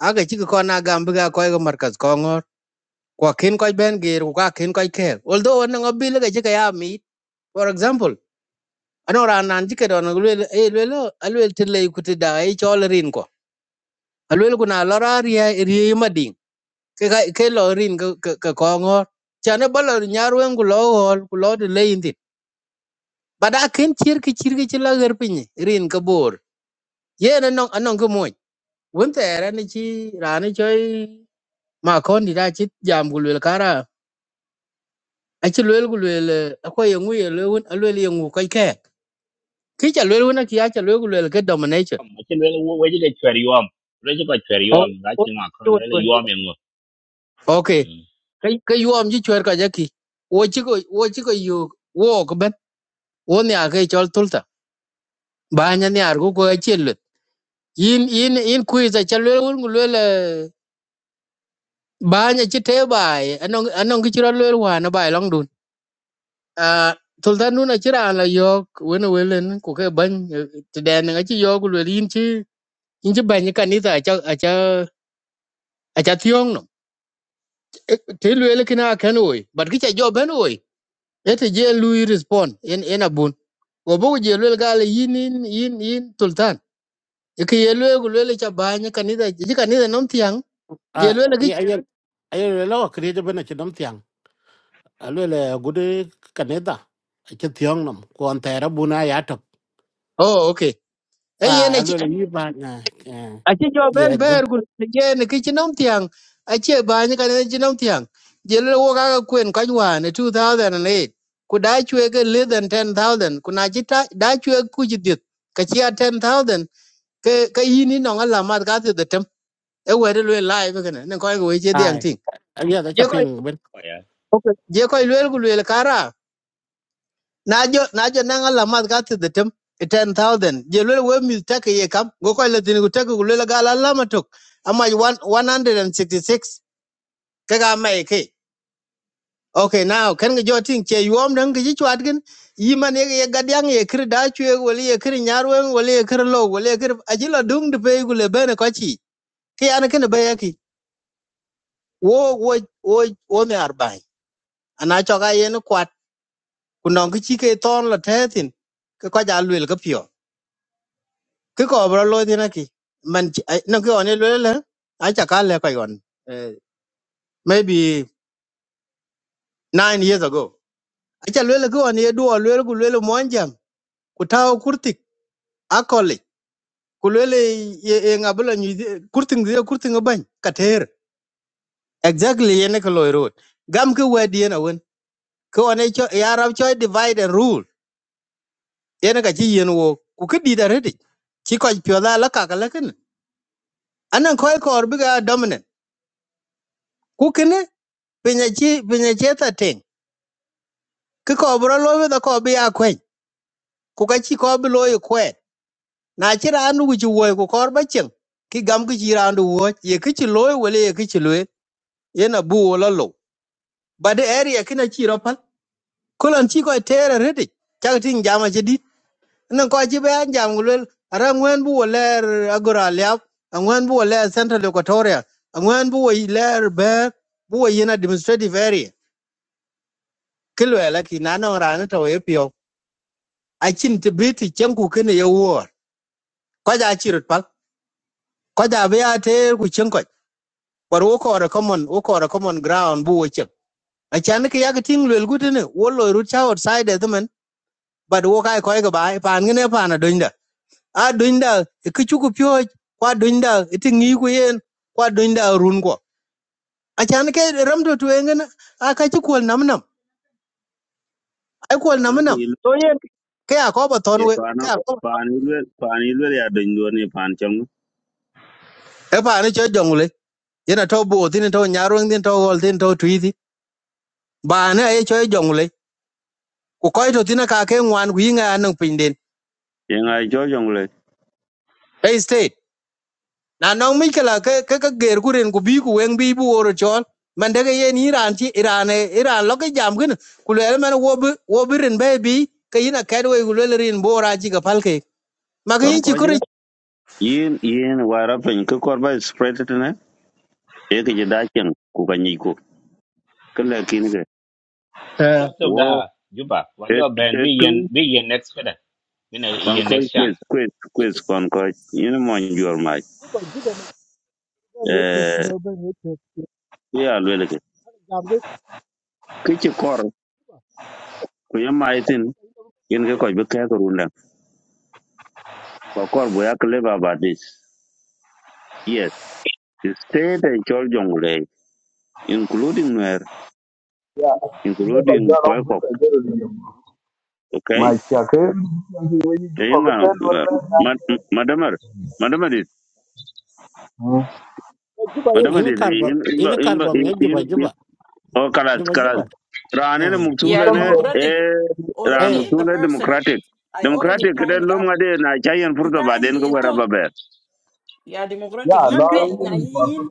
[SPEAKER 6] aga chiki ko na gambi ga ko ga markaz ko ngor ko kin ko ben gir ko kin ko ke although on ngo bil ga chiki ya mi for example ano ra nan chiki don lwel e lwel alwel tile ku ti da e chol rin ko alwel ku na lora ria ri mading ke ka ke lo rin ga ka ko ngor chane balo nyarwen ku lo hol ku lo de le indi bada kin chir ki chir ki chila ger pinyi rin ka bor ye na non anon ko moy won te ra ni chi ra ni choi ma kon di da chit jam ku lwel kara aci luel ku luel ako ye ŋu ye luel wun a luel ye ŋu kɔc kɛɛk ki ca na wun aki aca luel ku luel ke domination
[SPEAKER 5] ma ci le wo we ji de chwer yom le ji ko chwer
[SPEAKER 6] o
[SPEAKER 5] yom ga
[SPEAKER 6] o
[SPEAKER 5] ci ma kon
[SPEAKER 6] to
[SPEAKER 5] le le
[SPEAKER 6] to
[SPEAKER 5] yom en go
[SPEAKER 6] ok
[SPEAKER 5] mm
[SPEAKER 6] ke yuɔm ci cuɛɛr kɔc aki wo ci ko wo ci ko yook wook bɛn wo niaar ke cɔl tulta baany niaar ku koi acien luet yin yin yin kuic aca luel wun ku luel baany aci tee baai anɔŋ ki ci rɔ luel waan abaai lɔŋ dun Ah, tulta nun aci raan la yɔɔk wen awelen ku ke bɛny tidɛɛniŋ aci yo ku luel in ci inji banyi kanitha acha acha acha thiong no ti lwele kina ken oy but kicha jo ben oy ete je lui respond en en abun go bo je lwele gale yin yin yin yin sultan ke ye lwele go lwele cha banyi kanitha ji kanitha nom thiang je
[SPEAKER 2] à
[SPEAKER 6] lwele ki
[SPEAKER 2] ấy ấy ấy là lo cái gì đó bên nó chỉ đóng tiếng alwele gude kaneda ke tiong nam ko antera buna ya top
[SPEAKER 6] oh okay e
[SPEAKER 2] a
[SPEAKER 6] yen
[SPEAKER 2] alwele yi ba na
[SPEAKER 6] aci jo
[SPEAKER 2] ye
[SPEAKER 6] ben
[SPEAKER 2] do
[SPEAKER 6] ber gu gen ki chinom tiang aci ba ni kan chinom tiang jel wo ga kwen kan wa ne 2008 ku da chwe ke le than 10000 ku na chi ta da chwe ku ji dit ka chi a 10000 ke ke yi ni no ala mat ga ti de tem e we de le live ke ne ne ko ga we che diang
[SPEAKER 2] ai
[SPEAKER 6] ting
[SPEAKER 2] ya da
[SPEAKER 6] je ko
[SPEAKER 2] chaping ben
[SPEAKER 5] o ya
[SPEAKER 6] je ko le gu le kara na jo na jo na ngala mat ka te tem 10000 je lele we mi take ye kam go ko le tin go take go lele gala la matok ama 166 kaga mai ke okay now kan ga jo tin che yom dan ga ji chwat gen yi man ye ye gadyang ye kir da chwe wala ye kir nyarwen wala ye kir lo wala ye kir ajila dung de pe go le bene ko chi ke an ken be yaki wo wo wo wo me arbai ana cho ga ye no kwat kunong ki chi ke ton la te tin ka ko ja lwel ka pio ki ko bro lo dina ki man chi- ai- no ki on e lwele a cha ka le ko yon eh, maybe nine years ago a cha lwele ki on e duo lwele ku lwele monjam ku taw kurtik a koli ku lwele ye ye e ngabla ni kurtin ye kurtin ban ka ter exactly ye ne ko lo ro gam ki wedi na won ki on e cho ya rab cho divide and rule ye ne ka chi yen wo ku ki di da redi chi ko pyo da la ka ka la kin anan ko ko bi ga dominant ku kine pinya chi pinya che ta ting ki ko bro lo da ko bi akwen ku ka chi ko bi lo yi kwen na chi ran wu chi wo ku kor ba chen ki gam ki chi ran du wo ye ki chi lo wele ye ki chi lo ye na bu wo lo lo ba de area ki na chi ro pal ko lan chi ko tere redi chak tin jama chi di nan ko chi ba jam gulel ara ngwen bu wo ler agora lya ngwen bu wo ler central equatoria ngwen bu wo yi ler ber bu wo yi na administrative area ki lo la ki na no ran to ye pio a chin ti bi ti chen ku ki ne ye wo ko ja chirut pal ko ja be ya te ku chen ko par wo ko ra common wo ko ra common ground bu wo chen a chan ke ya ke ting lel gut ne wo lo ru cha outside the man but wo kai ko ga bai pan ne pan a dunda a dunda ke chu ku pyo kwa dunda ti ngi ku yen kwa dunda run ko a chan ke ram do tu ngen a ka chi ko nam nam ai ko nam
[SPEAKER 1] ano ki
[SPEAKER 6] nam
[SPEAKER 1] ilu
[SPEAKER 6] to yen ke a ko ba ton
[SPEAKER 1] e
[SPEAKER 6] we
[SPEAKER 1] pano
[SPEAKER 6] ke a ko
[SPEAKER 1] pan ilu pan ilu ya dun do ni pan chong
[SPEAKER 6] e pa ne cho jong le yena to bo tin to nyarung tin to gol tin to twi ti ba ne e cho jong ku koy to tina ka ke ngwan ku yinga anang piny den
[SPEAKER 1] ye ngai jo jong le
[SPEAKER 6] hey state na nong mi kala ke ke ke ger ku ren ku bi ku weng bi bu woro chon man de ye ni ran ti iran e iran lo ke jam gin ku le man wo bi wo bi ren be bi ke yina ka do ku le ren bo ra ji ga pal ke ma ke
[SPEAKER 1] kon
[SPEAKER 6] yin chi
[SPEAKER 1] ko
[SPEAKER 6] ku
[SPEAKER 1] je yin yin wara pen ko kor ba spread it na e ki je da chen ku ka ni ku ke le kin ge
[SPEAKER 6] uh,
[SPEAKER 5] ya to
[SPEAKER 1] wo
[SPEAKER 5] da juba wa
[SPEAKER 1] et
[SPEAKER 5] jo ben
[SPEAKER 1] et
[SPEAKER 5] bi
[SPEAKER 1] tu
[SPEAKER 5] yen bi yen next kada mina
[SPEAKER 1] kon
[SPEAKER 5] yen
[SPEAKER 1] ko
[SPEAKER 5] next
[SPEAKER 1] quiz
[SPEAKER 5] chance
[SPEAKER 1] quiz quiz kon ko yin mo njor ma
[SPEAKER 4] Juba, Juba, my children, you took, you
[SPEAKER 1] eh
[SPEAKER 4] know, when you took, you
[SPEAKER 1] ya le le ke
[SPEAKER 4] know, I'm just-
[SPEAKER 1] ki che kor
[SPEAKER 4] Juba,
[SPEAKER 1] ku ye mai tin
[SPEAKER 4] you know,
[SPEAKER 1] yin ge ko be ka ko runda ko kor bu ya ke le ba ba dis yes state and chol jong including Nuer,
[SPEAKER 12] यह
[SPEAKER 1] including
[SPEAKER 12] जाग
[SPEAKER 1] Koikok,
[SPEAKER 12] बुत
[SPEAKER 1] okay?
[SPEAKER 12] जाग
[SPEAKER 1] Inga, madamar, madamar dit,
[SPEAKER 4] uh, Juba, yeah.
[SPEAKER 1] madamar
[SPEAKER 2] ina
[SPEAKER 1] dit,
[SPEAKER 2] karbo
[SPEAKER 1] imba,
[SPEAKER 2] ina
[SPEAKER 1] imba,
[SPEAKER 2] karbo me juba
[SPEAKER 1] imba,
[SPEAKER 2] juba
[SPEAKER 1] oh, kalas,
[SPEAKER 2] juba
[SPEAKER 1] kalas.
[SPEAKER 2] juba
[SPEAKER 1] Rane na
[SPEAKER 14] Yeah,
[SPEAKER 1] muktule ne,
[SPEAKER 12] लें
[SPEAKER 14] democratic.
[SPEAKER 1] eh, rane
[SPEAKER 2] eh
[SPEAKER 14] Already the
[SPEAKER 1] muktule
[SPEAKER 14] person
[SPEAKER 1] democratic.
[SPEAKER 14] I already
[SPEAKER 1] Democratic, kada
[SPEAKER 14] time it
[SPEAKER 1] lom
[SPEAKER 14] up.
[SPEAKER 1] ngade na chayan
[SPEAKER 14] Ku
[SPEAKER 1] furta
[SPEAKER 14] time
[SPEAKER 1] baden ko
[SPEAKER 14] de
[SPEAKER 1] wara
[SPEAKER 14] eto
[SPEAKER 1] baber.
[SPEAKER 14] yeah democratic
[SPEAKER 12] Yeah,
[SPEAKER 14] yin
[SPEAKER 12] law
[SPEAKER 14] ke na
[SPEAKER 12] even for
[SPEAKER 14] yin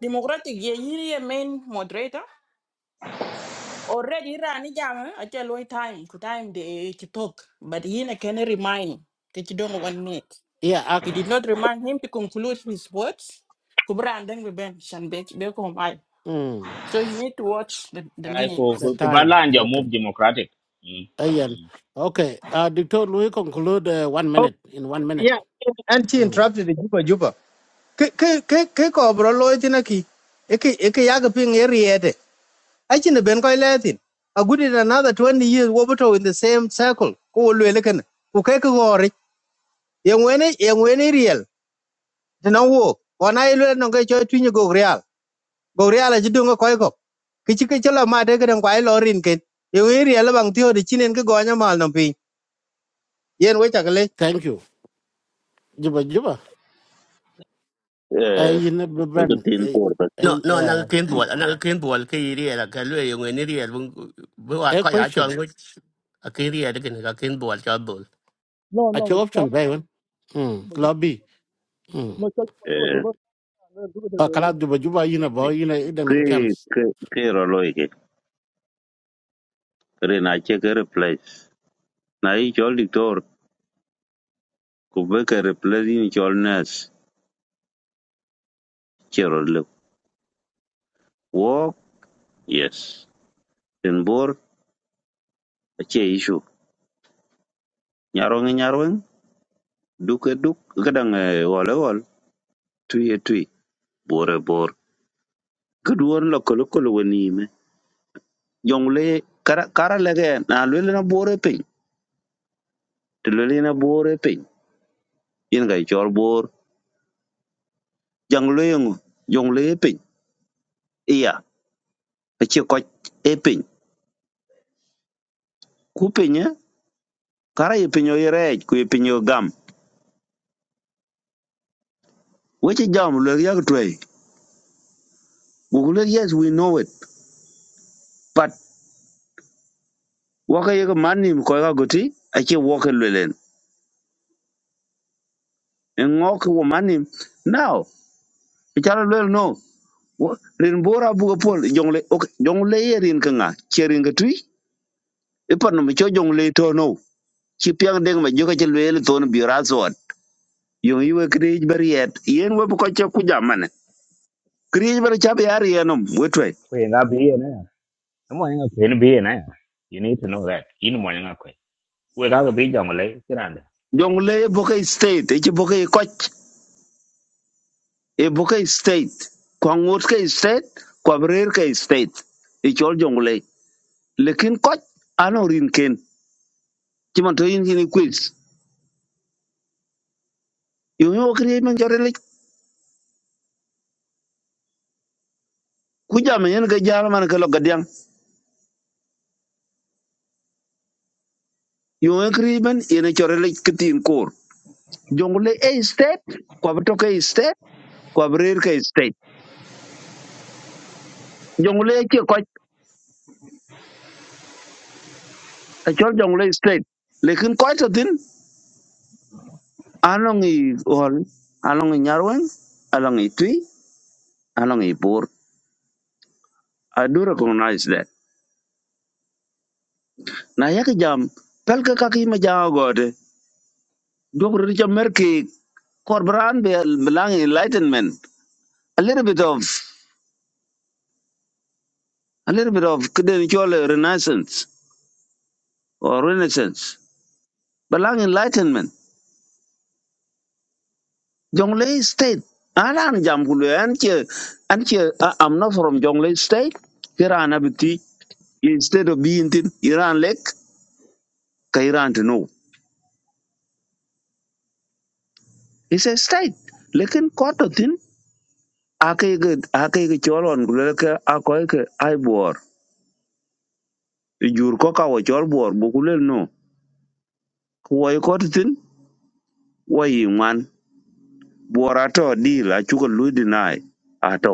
[SPEAKER 14] democratic ye yin ye main moderator. Already rani jam a jalu time ku time de ki talk but yin I can remind that you don't want it.
[SPEAKER 2] yeah
[SPEAKER 14] We
[SPEAKER 2] ak
[SPEAKER 14] did not remind him to conclude his words. Ku Biran then we ben shan be be ko mai.
[SPEAKER 2] mm
[SPEAKER 14] So you need to watch the, the
[SPEAKER 5] ai ko
[SPEAKER 2] the
[SPEAKER 14] minutes.
[SPEAKER 5] ku ba
[SPEAKER 2] time
[SPEAKER 5] la anja
[SPEAKER 2] okay
[SPEAKER 5] move democratic mm
[SPEAKER 2] ayen
[SPEAKER 5] mm
[SPEAKER 2] okay uh dictor louis conclude uh, one
[SPEAKER 6] oh
[SPEAKER 2] minute in one minute
[SPEAKER 6] yeah anti
[SPEAKER 2] mm.
[SPEAKER 6] interrupted the juba juba ke ke ke ke ko bro lo tina ki e ke e ke ya ga pin e riede Achi ben koy letin. A good in another twenty years wobato in the same circle. Ko wo lwe lekan. Ku ke ko ngori. Yang wene yang wene real. Tena wo. Wana ilwe no ke choy twinyo go real. Go real as you do a jidunga koy ko. Kichi ke chola ma de kan kwai lorin ken. Yang wene real bang tiyo de chinen ke gonya mal no pi. Yen we chakle.
[SPEAKER 2] thank you juba juba
[SPEAKER 1] Eh,
[SPEAKER 2] ay in
[SPEAKER 1] ko
[SPEAKER 2] ben
[SPEAKER 1] tin
[SPEAKER 2] ay
[SPEAKER 1] por ba.
[SPEAKER 2] ay
[SPEAKER 3] No, no, na kin bol, na kin bol ke iri la ka lue yung ni ri bu bu wa
[SPEAKER 2] eh, a
[SPEAKER 3] ka ya
[SPEAKER 2] question
[SPEAKER 3] chol ngu a kin ri de kin ka kin bol buy bol.
[SPEAKER 4] No,
[SPEAKER 2] achi
[SPEAKER 4] no, it's
[SPEAKER 2] option
[SPEAKER 4] not
[SPEAKER 2] bai wan mm
[SPEAKER 4] Juba. you-
[SPEAKER 2] lobby mm
[SPEAKER 4] No, so Juba, Juba,
[SPEAKER 1] Eh,
[SPEAKER 4] Juba, uh, Juba, the
[SPEAKER 2] a
[SPEAKER 4] very, you
[SPEAKER 2] kala
[SPEAKER 4] know,
[SPEAKER 2] juba juba yina
[SPEAKER 5] ai
[SPEAKER 2] bo
[SPEAKER 5] kare
[SPEAKER 2] yina ida nam
[SPEAKER 1] ke
[SPEAKER 2] chance
[SPEAKER 1] ke ke roloi ke, na che ke replace. Na i chol diktor, ko be ke replace ni chol nas, che roloi. Yes. In bor che issue. Nyarong nyarong duk e duk gadang wol e wol tui e tui bor e bor. Gudwon lo kolo kolo wani me. Jong le kara kara lege na lwele na bor e piny. Te lwele na bor e piny. In ga chor bor. Jang le yung jong pin, e piny. Iya. E che koch e piny. Ku piny e. Kara e piny o i rej ku e piny o gam. Weche jam lwele yak twey. Gugule yes we know it. But waka yek manim koy ka goti. Ache woke lwelen ngoki wo manim now ichara lwel no wo- rin bora buga pol jongle ok jongle ye rin kanga cherin ga tui ipan no cho jongle to no chi piang deng ma joka che lwel ton biura sot yong yiwe krij bariet yen we ko che ku jamane krij bar cha be ari enom wetwe
[SPEAKER 5] ko nga bi yen na mo nga ko bi yen na you need to know that in mo nga ko we ga ga bi jam le kiran
[SPEAKER 1] jongle boka state e chi boka koch e boka state kwa ngot ka state kwa brer ka state e chol jongle lekin koch ano rin ken chiman to yin kin quiz yo yo kri men chore le ku jam yen ga jam man ka lo ga dyang yo yo kri yen chore kitin kor jongle e state kwa to ka state kwa brer ka state jongle e ke ko ta chor jongle state lekin ko to tin anong i hol anong i nyarwen anong i tui anong i bor i do recognize that na yak jam pel ka ma jaw gode dogro ri cha merke be lang enlightenment a little bit of a little bit of kiden chole renaissance or renaissance balang enlightenment jonglei state anan jam kulu an che an che I- i'm not from jonglei state iran abiti instead of being tin iran lek ka iran to know it's a state lekin koto tin ake ge ake ge cholon kulu ke akoy ke ai bor jur ko ka wo chol bor bu kulu no ko koto tin wo yi man bor ato dil achuko lui deny ato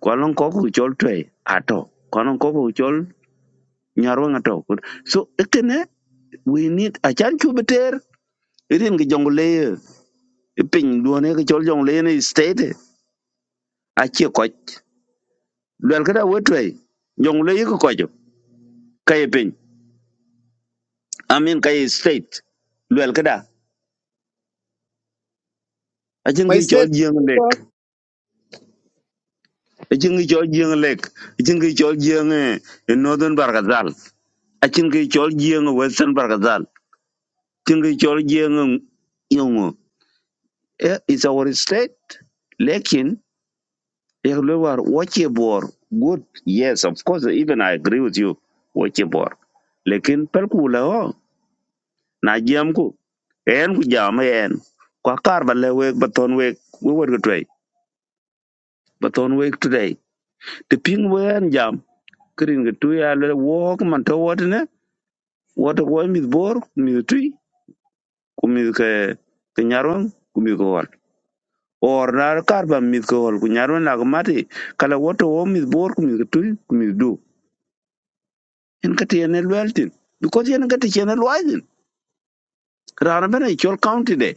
[SPEAKER 1] kolon ko ko chol twe ato kolon ko ko chol nyarwa ngato so etene we need a chan chu beter rin ge jong le pin duone ge chol jong le ne state a che ko lwel kada we twe jong le ko ko jo kay pin i mean kay state lwel kada a chen
[SPEAKER 6] My
[SPEAKER 1] ge chol
[SPEAKER 6] set.
[SPEAKER 1] jeng lek a chen ge chol jeng lek a chen ge chol jeng eh, northern barkazal a chen ge chol jeng western barkazal chen ge chol jeng yongo Eh, It's our state. Lekin, Yaglewar, Wachibor, good. Yes, of course, even I agree with you. Wachibor. Lekin, Perkula, oh, Najiamku, En Kujama, En, Kwakar, Balewek, Batonwek, we were good way. Batonwek today. The ping wen jam, Kirin Gatuya, let walk, Manto, what in it? What a boy, Miss Bor, Miss Tree, Kumis Kenyarong, or na kar ba mit ko hol ku nyarwen la ko mati kala woto wo mit bor ku mit tu ku mit du en kati en weltin because en kati chen elwaiden rana bena i chol county de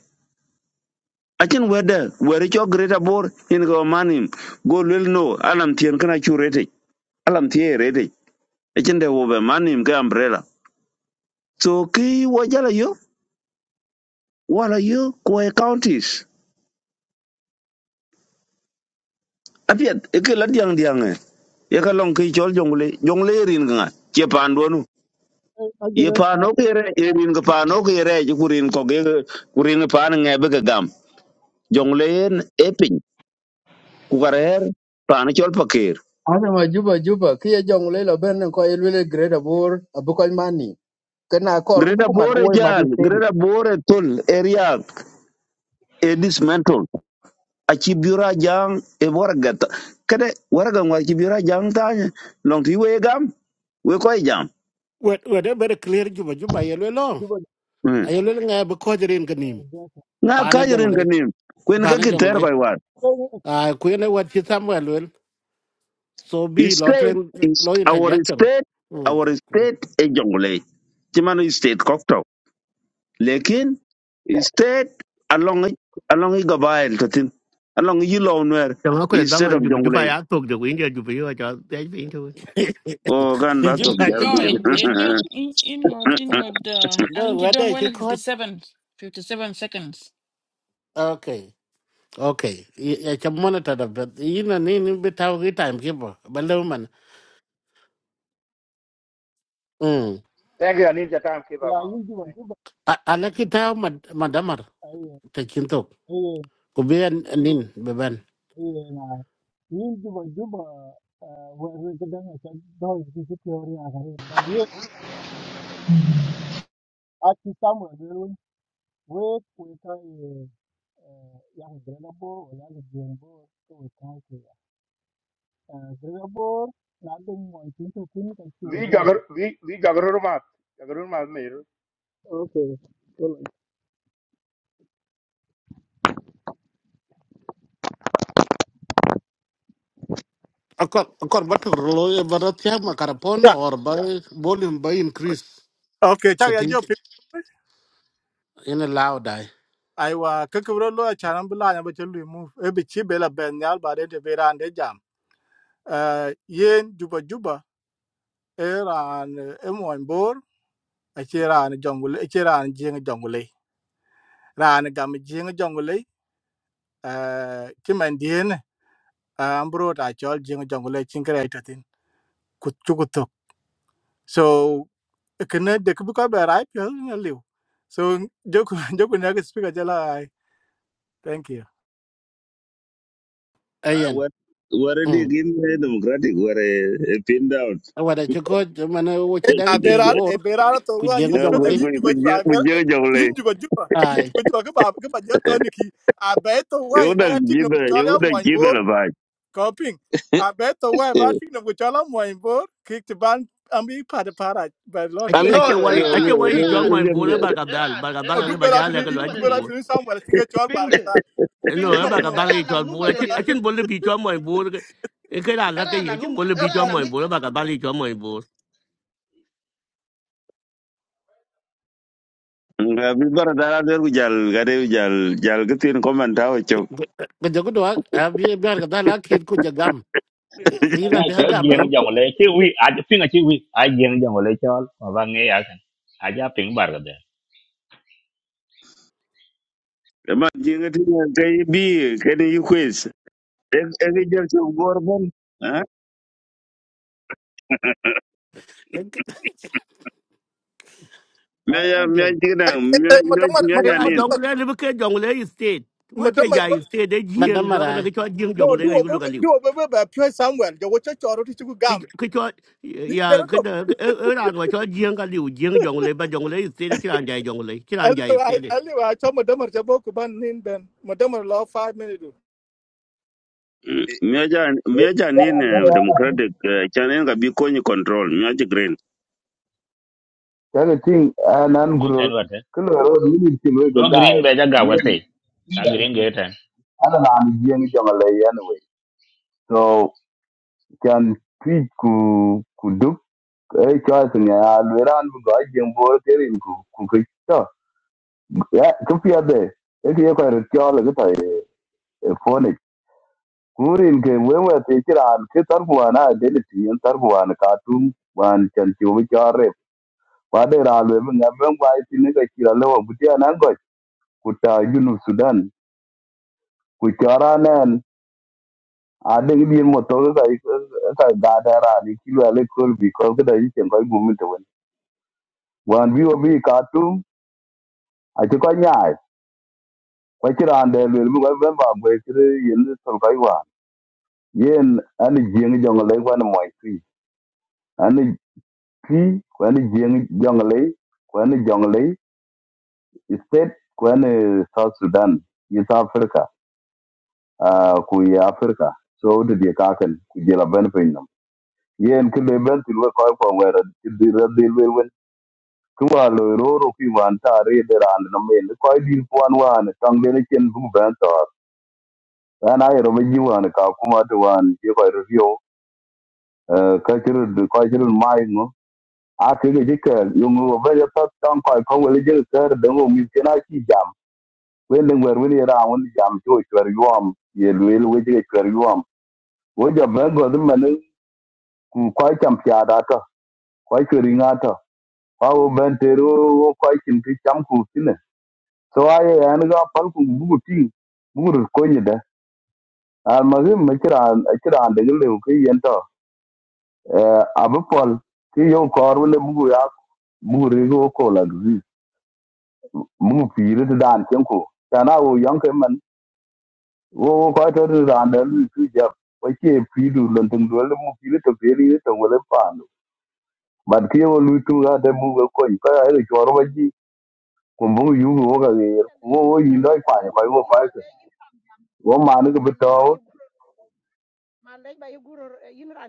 [SPEAKER 1] achen wede were cho greater bor en go manim go lel no alam tien kana chu rete alam tie rete achen de wo be manim ke umbrella so ki wo jala yo wala yo ko e counties apiet e ke la diang diang e ye ka long ki chol jongle jongle rin nga che pandonu
[SPEAKER 4] eh, I get
[SPEAKER 1] ye
[SPEAKER 4] it, uh,
[SPEAKER 1] paano ke re ye rin ke paano ke re ju kurin ko ge kurin paan nge be ke gam jong leen epin ku karer pan chol pakir
[SPEAKER 6] Ana ma juba juba kiya jong le lo ben ko ilwe grade abur abu koy mani. Kana kor ku bu
[SPEAKER 1] greta
[SPEAKER 6] ku mat ko
[SPEAKER 1] bore
[SPEAKER 6] wo madi
[SPEAKER 1] jal greta
[SPEAKER 6] steady.
[SPEAKER 1] bore tul area e dismantle a ci biura jang e bora gata kade wara gam ci biura jang ta long ti we gam we ko e jam
[SPEAKER 2] wet wet e bere clear juba juba yelo lo
[SPEAKER 4] Juba, uh,
[SPEAKER 1] Mm.
[SPEAKER 2] ayelo nga be ko jere ganim
[SPEAKER 4] yes.
[SPEAKER 1] na ka
[SPEAKER 2] pane
[SPEAKER 1] rin
[SPEAKER 2] jongle
[SPEAKER 1] ke nim kwen ke
[SPEAKER 2] pane
[SPEAKER 1] ki ter
[SPEAKER 2] jongle
[SPEAKER 1] ko e war
[SPEAKER 4] Eh, eh, eh,
[SPEAKER 2] a ku ne wat chi samuel wel so bi
[SPEAKER 1] E
[SPEAKER 2] lo
[SPEAKER 1] state
[SPEAKER 2] tren
[SPEAKER 1] is
[SPEAKER 2] lo
[SPEAKER 1] our
[SPEAKER 2] interjection
[SPEAKER 1] state
[SPEAKER 2] mm
[SPEAKER 1] our state e jongle ci manu state ko lekin state along along i gabail katin along i law nwer
[SPEAKER 3] Chong ko da
[SPEAKER 1] instead
[SPEAKER 3] man
[SPEAKER 1] of
[SPEAKER 3] ju ju
[SPEAKER 1] jongle
[SPEAKER 3] ba ya tok de win de ju bi wa chol de bi tu.
[SPEAKER 1] o gan ba to
[SPEAKER 2] juba
[SPEAKER 1] gal
[SPEAKER 14] No,
[SPEAKER 1] bi
[SPEAKER 2] chito
[SPEAKER 14] it, it don't in in got
[SPEAKER 2] chito
[SPEAKER 14] in got uh
[SPEAKER 2] no
[SPEAKER 14] and you
[SPEAKER 2] wet
[SPEAKER 14] don't
[SPEAKER 2] e
[SPEAKER 14] win
[SPEAKER 2] chi ko
[SPEAKER 14] 57 fifty-seven seconds.
[SPEAKER 2] okay okay ya cha monitor da bet yina ni ni bitaw ki time kibo balew man Hmm.
[SPEAKER 13] thank you i need your time keep up
[SPEAKER 4] Yeah,
[SPEAKER 13] mama
[SPEAKER 4] you Juba,
[SPEAKER 13] thank you
[SPEAKER 4] Juba,
[SPEAKER 2] ala ki taw mad madamar
[SPEAKER 4] eh,
[SPEAKER 2] te kinto
[SPEAKER 4] eh,
[SPEAKER 2] ko bien nin beben
[SPEAKER 4] eh, eh, yin juba juba uh, we we ga dan ta do ji ji teori a ga ba die a ti samu a ga won we ku ta eh, eh, ya ga grela bo wala ga jen bo ko we ta ke ya Eh, grela bo na den mo tin to tin ka ti wo
[SPEAKER 13] vi
[SPEAKER 4] dire
[SPEAKER 13] jagar
[SPEAKER 4] ta
[SPEAKER 13] vi vi jagar ma jagar ma me
[SPEAKER 4] okay well
[SPEAKER 2] akor akor batur lo e barat ya makarapon
[SPEAKER 4] Yeah.
[SPEAKER 2] or ba volume ba increase
[SPEAKER 4] Okay,
[SPEAKER 2] te
[SPEAKER 4] chak ya
[SPEAKER 2] ting
[SPEAKER 4] jo pin
[SPEAKER 2] ina law dai
[SPEAKER 4] ai wa ke ke ro lo cha ran bla nya ba che lu mu e bi chi be la ben ya ba de te be ran de jam. Eh yen juba juba e ran e mo bor e che ran jongul e che ran jing raan gam jiŋ joŋgule ti man dien ambro ta chol jiŋ joŋgule chin kre ta so kene de ku ko be rai pyo na liu so joku joku na speaker jala ai thank you
[SPEAKER 1] i
[SPEAKER 2] ayen
[SPEAKER 1] what what are the
[SPEAKER 2] mm
[SPEAKER 1] in the democratic what a pin down
[SPEAKER 2] awada ci ko man wo ci
[SPEAKER 4] a
[SPEAKER 2] dang jeng
[SPEAKER 4] bera
[SPEAKER 2] bor
[SPEAKER 4] e bera ra to
[SPEAKER 2] ku
[SPEAKER 4] wa
[SPEAKER 2] jeng jong
[SPEAKER 1] we
[SPEAKER 2] lay
[SPEAKER 4] especially
[SPEAKER 1] we
[SPEAKER 4] in juba juba
[SPEAKER 1] we
[SPEAKER 4] bera
[SPEAKER 1] je jongle
[SPEAKER 4] in juba juba in
[SPEAKER 2] ay
[SPEAKER 4] juba juba ke ba ke ba ja to ni ki a
[SPEAKER 1] yo
[SPEAKER 4] ba
[SPEAKER 1] da
[SPEAKER 4] ya tik no
[SPEAKER 1] jibe yo
[SPEAKER 4] chole
[SPEAKER 1] da
[SPEAKER 4] mo in
[SPEAKER 1] jibe
[SPEAKER 4] bo
[SPEAKER 1] la ba
[SPEAKER 4] coping a be to wa e ba tik no chole mo in bo ki ti ban am bi pa de para ba
[SPEAKER 1] ale
[SPEAKER 10] No,
[SPEAKER 3] A che
[SPEAKER 1] ale ale
[SPEAKER 3] wai a
[SPEAKER 1] ale
[SPEAKER 3] che
[SPEAKER 10] Iran,
[SPEAKER 1] ale
[SPEAKER 3] wai chol mo
[SPEAKER 10] Iran,
[SPEAKER 3] bu le
[SPEAKER 1] ale
[SPEAKER 3] ba ka
[SPEAKER 10] Ir-
[SPEAKER 3] dal
[SPEAKER 10] Iran,
[SPEAKER 3] ba
[SPEAKER 4] No, do
[SPEAKER 10] Iran,
[SPEAKER 4] better
[SPEAKER 3] ja
[SPEAKER 4] to
[SPEAKER 10] Iran,
[SPEAKER 4] me.
[SPEAKER 10] nang nungwa
[SPEAKER 4] Do better
[SPEAKER 10] delil.
[SPEAKER 4] to me. Somewhere, sing a chore
[SPEAKER 10] Ping de,
[SPEAKER 4] bargata.
[SPEAKER 10] ping de,
[SPEAKER 3] No
[SPEAKER 4] No,
[SPEAKER 3] ba ka
[SPEAKER 4] no.
[SPEAKER 3] dal
[SPEAKER 10] Iran
[SPEAKER 3] ri
[SPEAKER 10] nang
[SPEAKER 3] chol bu
[SPEAKER 10] nungwa
[SPEAKER 3] la chit a
[SPEAKER 10] delil.
[SPEAKER 3] chin bol le bi chol mo bu le ke la la ke
[SPEAKER 10] Iran
[SPEAKER 3] ye
[SPEAKER 10] nang
[SPEAKER 3] chin
[SPEAKER 10] nung,
[SPEAKER 3] bol le bi chol
[SPEAKER 10] Iran
[SPEAKER 3] mo
[SPEAKER 10] nang.
[SPEAKER 3] bu le ba ka dal ri chol mo bu.
[SPEAKER 1] abi bara dara der gu jal gade gu jal jal gatin komanta o
[SPEAKER 2] ko jogo do ak abi bar ga dala ki ku jagam
[SPEAKER 5] ka
[SPEAKER 2] ina
[SPEAKER 5] ja
[SPEAKER 2] bi ha
[SPEAKER 5] cho
[SPEAKER 2] gam lo
[SPEAKER 5] jeng jong le chi wi a ji pinga chi wi a jeng jong le chol ma ba nge ya kan a ja ping bar ga de
[SPEAKER 1] ma jinga ti na kai bi kai ni quiz e e ni jer so gorbon ha me ya me jinga me me
[SPEAKER 4] Madam,
[SPEAKER 1] me
[SPEAKER 3] E
[SPEAKER 4] madam,
[SPEAKER 1] ya
[SPEAKER 3] a
[SPEAKER 1] nin
[SPEAKER 3] jong le le ke jong le state. Wa
[SPEAKER 4] madam,
[SPEAKER 3] che
[SPEAKER 4] madam.
[SPEAKER 3] ja state de jieng lo ka na
[SPEAKER 2] madamara
[SPEAKER 3] ke chol jieng jong
[SPEAKER 4] No,
[SPEAKER 3] le ka
[SPEAKER 4] do a do a baby by pure somewhere. The watcher or to chiku
[SPEAKER 3] cái
[SPEAKER 4] gum.
[SPEAKER 3] cái cho ya
[SPEAKER 4] There are
[SPEAKER 3] cái
[SPEAKER 4] two.
[SPEAKER 3] đờ- cái ở ở đàn của cho giếng cái liu giếng dòng lấy bên dòng lấy xí này cái đàn dài dòng lấy cái
[SPEAKER 4] Hello,
[SPEAKER 3] đàn dài xí
[SPEAKER 4] hello.
[SPEAKER 3] này
[SPEAKER 4] I live. I saw madam or jabo kuban ben. Madam or lady.
[SPEAKER 1] me ya me ya
[SPEAKER 12] Tell
[SPEAKER 1] nin eh, democratic eh, channel ga bi ko ni control me ji green
[SPEAKER 12] the thing and
[SPEAKER 5] e ten
[SPEAKER 12] ungro.
[SPEAKER 5] wa te
[SPEAKER 12] Killer military with
[SPEAKER 5] no
[SPEAKER 12] the guy.
[SPEAKER 5] green be ja ga wa
[SPEAKER 12] Yeah,
[SPEAKER 5] te ta green
[SPEAKER 12] I
[SPEAKER 5] ge ten
[SPEAKER 12] don't know any jamale anyway. So can tweet ku ku duk eh choice ni a lweran bu ga jeng bo kerin ku ku ku to ya ku pia de e ki ko ro cho le ta e phone kurin ke wewe te kiran ke tar buana de ti en tar buana ka tum wan chan chu bi kwadera lwe mi ngam ben kwa iti ni ka kira lewa butia na ngoj kuta junub sudan kuchara nen adeng din mo to ka ka gadara ni kilo ale kol bi ko ka da yichen ko gumi to wen wan biwo bi obi ka tu a ti ko nyaai ko kira ande lwe mi ko ben ba gwe kire yen ni sol kai wa yen ani jeng jong le wan mo ti ani ti ko ani jeng jong le ko ani jong le state ko ani south sudan east africa uh, ku ye Africa so de die kaken ku je la ben pin nam yen ke le ben ti we ko ko wera ti di ra di we wen ku wa lo ro ro ki wan ta re de ran nam men ko di ku an wan tang de ne chen bu ben to an ai ro me ji wan ka ku ma de wan je ko review uh, ka ti ru ko ti ru mai no a ke ge ke yo mu ba ya ta tang ko ko we je ke de mo mi ke na ki jam wen de wer wen ra wan jam to chwer yom ye lwel we je chwer yom wo ja ben go de man ku kwai cham pya da to kwai ku ri nga to pa wo ben te ro wo kwai chin ti cham ku ti ne so a ye an ga pal ku bu ku ti bu ru ko ni da al ma ge ma kira kira de ge le ku yen to a bu pol ti yo kor wo le bu ku ya bu ri go ko la gi mu pi ri đàn chen ku ta na wo yang ke man wo wo kwai to ri dan de lu ti ja wai ke pi du lon tung do le mu pi ri to pe ri to wo le pa no bad ke wo lu tu ga de mu ga ko ni ka ai ri ko ro ba kumbu yugi wo ka yer
[SPEAKER 15] ta le
[SPEAKER 12] wo wo
[SPEAKER 15] yin
[SPEAKER 12] yi
[SPEAKER 15] ta le
[SPEAKER 12] loy kwa ni ko wo
[SPEAKER 15] yin
[SPEAKER 12] kwa
[SPEAKER 15] ta
[SPEAKER 12] ke
[SPEAKER 15] le yin
[SPEAKER 12] wo ma ni ko
[SPEAKER 15] ma le
[SPEAKER 12] beto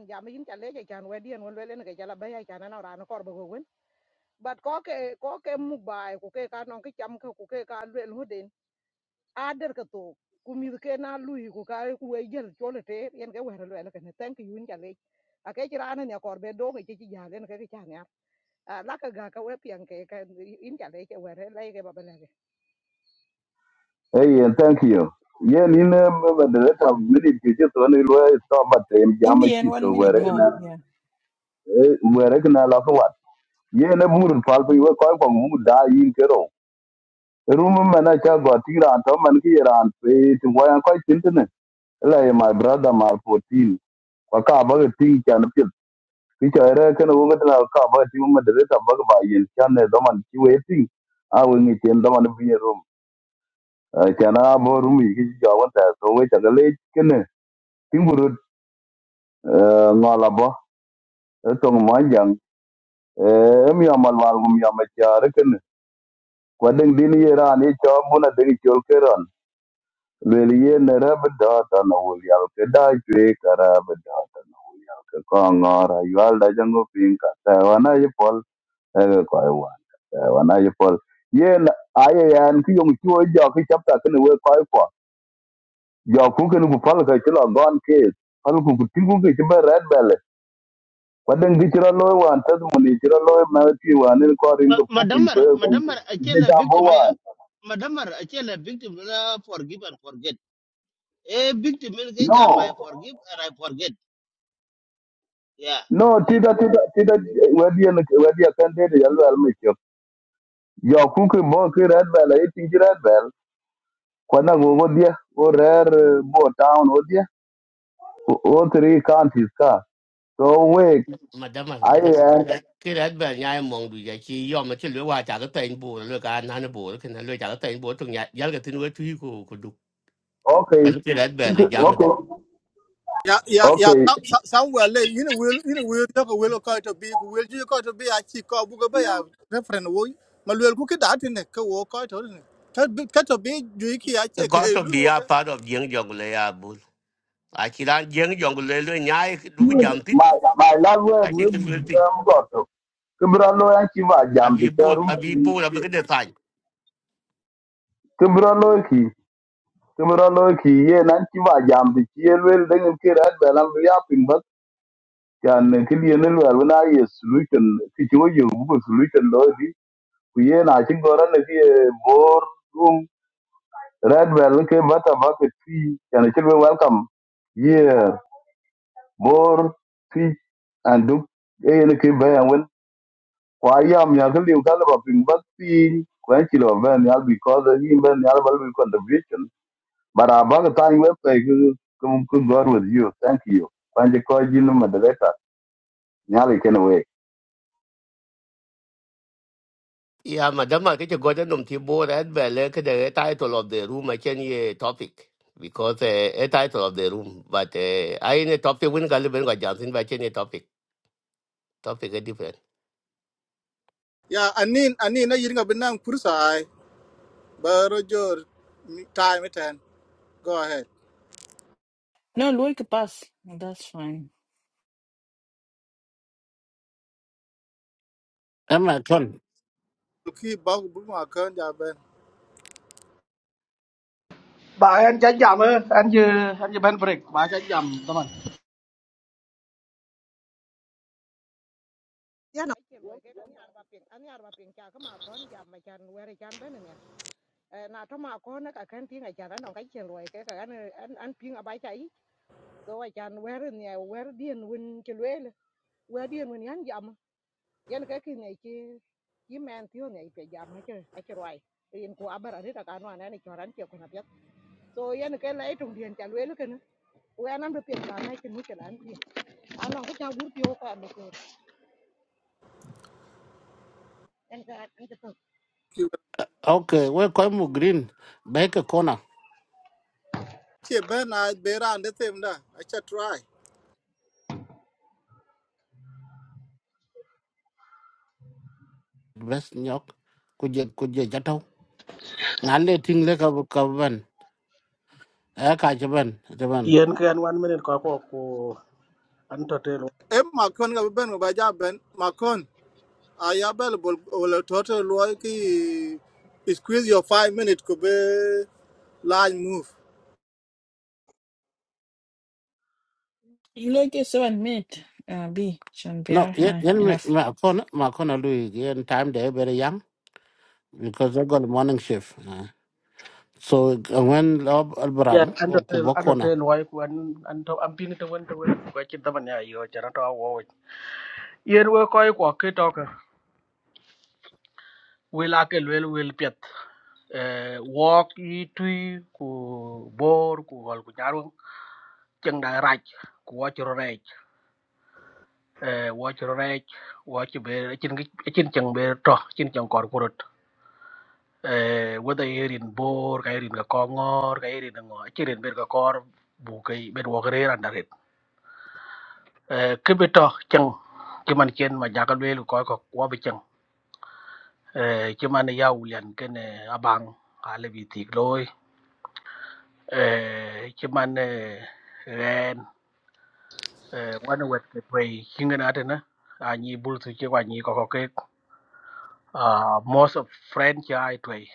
[SPEAKER 15] jam yin ta le ja kan we dien won le ne ga jala ba ya kan na ran kor ba go wen bat ko ke ko ke mu bai ku ke ka non ke cham ke ku ke ka le lu den a der ka to ku mi ke na lu ku ka ku we jel cho le te yen ke we le le ke ne thank you yin ta le a ke ji ran ne kor be do ke ji ja le ne ke ke cha ne a la ka ga ka we pian ke ka yin ta le ke we le ke ba ba le
[SPEAKER 12] e yen thank you ye ni ne me de ta mini ti ti to ni lo e to ba te ya
[SPEAKER 14] In
[SPEAKER 12] ma
[SPEAKER 14] the end
[SPEAKER 12] chi to
[SPEAKER 14] one minute
[SPEAKER 12] were na
[SPEAKER 14] more, yeah.
[SPEAKER 12] e were ke na la to wat ye ne mur pal pe wo ko ko mu da yin ke ro rum me na cha go ti ran to man ki ran pe ti wo yan ko tin ne la my brother my fourteen, kwa ka ba ke ti chan kichare kana wo ngata ka ba ti mo de ka ba ba yin chan ne do man ti we ti a we ngi chen do man bi ne rum chan a bo rum yi ki ja wa ta so we ta le kene ti bu ru nga la ba to ma jang e mi amal wal gum ya ma chare kene kwa ding din ye ra ni cho bu na de chol ke ran le li ye ne ra ba da ta na wo ya ke da chwe ka ra ba da ka ka nga ra yu al da jang go pin ka ta wa na ye pol e ko ai wa wana ye pol yen aye yan ki yong chuo jo ki chapta kene we koi ko jo ku kene ku pal ka chilo gon ke pal ku ku tingu ke chiba red bell kwa den gi chiro loy wan tad mu ni chiro loy ma ti wan en ko ring ku ku ko
[SPEAKER 10] Madamar,
[SPEAKER 12] yo ku
[SPEAKER 10] madamar,
[SPEAKER 12] je
[SPEAKER 10] achela
[SPEAKER 12] ja bo
[SPEAKER 10] victim aya.
[SPEAKER 12] wan
[SPEAKER 10] Madamar, achela victim na forgive and forget. Eh, victim is
[SPEAKER 12] no
[SPEAKER 10] jam I forgive and I forget. Yeah.
[SPEAKER 12] no
[SPEAKER 10] It-
[SPEAKER 12] tida tida tida wadi en wadi kan de de yalo al me chop jo ku ke bo ke red bell e ti red bell kwa na go go dia o rare bo town o dia o o three counties ka so we
[SPEAKER 3] mà đâm mà mà đâm cái
[SPEAKER 12] aye
[SPEAKER 3] đàn cái đàn bên nhà em mong đuổi chỉ do mà chỉ lừa qua trả cái tiền bù lừa cả anh anh bù cái này lừa trả cái tiền bù trong nhà giá cái tiền nuôi chui của của đục
[SPEAKER 12] Okay.
[SPEAKER 3] bên cái đàn bên là giá mà đấy
[SPEAKER 12] Okay. Okay.
[SPEAKER 4] Will you will call to be? Will you call to be? I see call book by a reference. Woy. Maluel kuki dati ne ka wo call to ne. Kato be juiki ache
[SPEAKER 3] có
[SPEAKER 4] ke
[SPEAKER 3] tôi bị
[SPEAKER 4] lu
[SPEAKER 3] à
[SPEAKER 4] woka.
[SPEAKER 3] phá được giếng dòng lấy à bù à chỉ là giếng dòng lấy lừa nhà đúng cái giảm tin
[SPEAKER 12] My my love word
[SPEAKER 3] cái
[SPEAKER 12] we
[SPEAKER 3] tiền lừa
[SPEAKER 12] would
[SPEAKER 3] tin
[SPEAKER 12] um got. Kimra lo yan kiva
[SPEAKER 3] à
[SPEAKER 12] jam
[SPEAKER 3] vì
[SPEAKER 12] the
[SPEAKER 3] bù
[SPEAKER 12] charum
[SPEAKER 3] à vì
[SPEAKER 12] ki.
[SPEAKER 3] bù là cái đề tài
[SPEAKER 12] Kimra lo ki. Kimra lo ki ye nan kiva jam the kiel wel den ki rad balam ya pin bak. Kan ki ye ne lo wala ye solution ki jo ye bu solution lo di. Ku ye na chi gora ne ki more room red bell ke bata bak ti. Kan ki welcome. yeah. bor ti anduk e ne ke ba ya wen kwa ya mi ya ke liu ka ba pin ba ti kwa chi lo ba ya because he ben ya ba lu contribution but I ba ta ni we pe ku ku ku god with you thank you when the call you moderator ya le ken we
[SPEAKER 3] Yeah, madam, I think you got them to board at Belle, the title of the room, I can hear topic because uh, a title of the room, but uh, I in a topic when Galiban got Johnson, but any topic, topic is different.
[SPEAKER 4] Baro jor time ten. Go ahead.
[SPEAKER 14] No, look pass. That's fine.
[SPEAKER 2] ama ton
[SPEAKER 4] ki bag bu ma kan ja ben
[SPEAKER 11] Ba anh cha jam eh, en je en je ben break. Ba cha jam teman.
[SPEAKER 15] ya na ai ke ba ke kan yar ba pin an yar ba pin ka ma kon jam ma chan were chan ben ne na to ma kon ka kan tin ga chan no ka chen loy ke ka an an an pin a ba chai so wa chan were ne were dien win ke le were dien win yan jam yan ka ki ne ki ki men ti ne pe jam ha ke a ke roi in ku abara ri ta kan wa ne ko ran ke ko na pet so yan ke lai tung dien chan le ke ne wa nan do pin ka na ke ni ke lan pi an no ka gur pi o ka me ko en ka an ke
[SPEAKER 4] ki
[SPEAKER 2] okay we ko mu green ba ke kona
[SPEAKER 4] ki ben na be ran de tem da a cha try
[SPEAKER 2] bes nyok ku je ku je jatau na le ting le ka ka ban a ka je ban je ban
[SPEAKER 11] Yen ke en one minute ko ko ko an to tel.
[SPEAKER 4] e ma kon ga ben ba ja ben ma kon a ya bel bol bol toto lo ki squeeze your 5 minute ko be line move
[SPEAKER 14] You look at seven minute uh B should be
[SPEAKER 2] no
[SPEAKER 14] uh,
[SPEAKER 2] yen
[SPEAKER 14] nah,
[SPEAKER 2] yen mi-
[SPEAKER 14] enough.
[SPEAKER 2] ma kon ma kon lu yen time de very young because i got morning shift uh. so uh, when lob albram
[SPEAKER 11] Ya an to
[SPEAKER 2] o ku
[SPEAKER 11] anh an to
[SPEAKER 2] bokona
[SPEAKER 11] tel wai anh an an to am pin to wen to wen ko chi teman ya yo cha to wo. Yen we ko ko ke to ka. We la ke le we pet. Eh walk i tui ku bor ku gol ku chân đại rạch của chữ rạch eh wo chữ rạch wo chữ bề chân cái trên chân bề trò trên chân cỏ của đất eh đây điền bor cái điền cái con ngor cái rin ngor chỉ điền bề cái con bu cái bề wo cái rin ăn đấy eh cái bề trò chân cái mình chân mà giá cái bề coi có quá bề chân cái chứ mình ya ulian cái này abang ale bị thiệt lôi eh mình ren eh one wet cái pre kinh cái nào đấy nè anh bul suy chứ anh có có cái uh, most of friend chai tui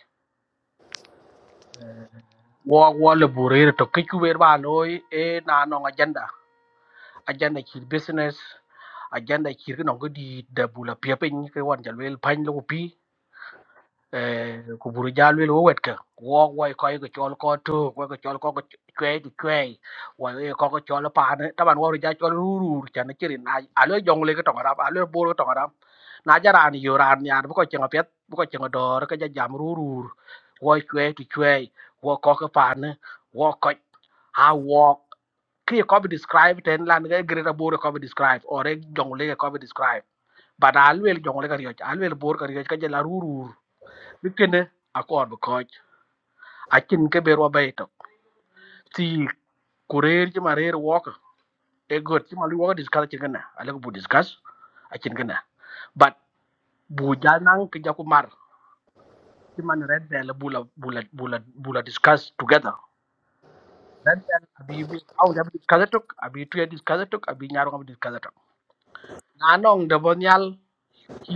[SPEAKER 11] wo wo le burir to kiku ber ba loy e na no agenda agenda chi business agenda chi no go di da bula pia pin ke wan ja wel pan lo pi eh ku buru jalu lo wet ka wo wo ko ko chol ko tu wo ko chol ko ko chwe ti chwe wo e ko ko chol pa ne ta ban wo ja chol ru ru cha ne chirin na a lo jong le ko tong ra a lo bo ro tong ra na ja ran yo ran ya bu ko chenga pet bu ko chenga do ka ja jam ru ru wo chwe ti chwe wo ko ko pa ne wo ko a wo ki ko bi describe ten lan ga gre ra bo ko bi describe or e jong le ko bi describe but a lo jong le ka ri a lo bo ka ri ka ja la ru bi kene akor bi koj akin ke be ro bay to ti kurer ci ma rer wo ko e got ci ma lu discuss ci gëna ale ko bu discuss akin kena. but bu jal nang ke jaku mar ci man red bell bu la bu la bu la bu la discuss together red bell abi bu aw da discuss tok abi tu ya discuss tok abi ñaar ko discuss tok na nong de bon yal ci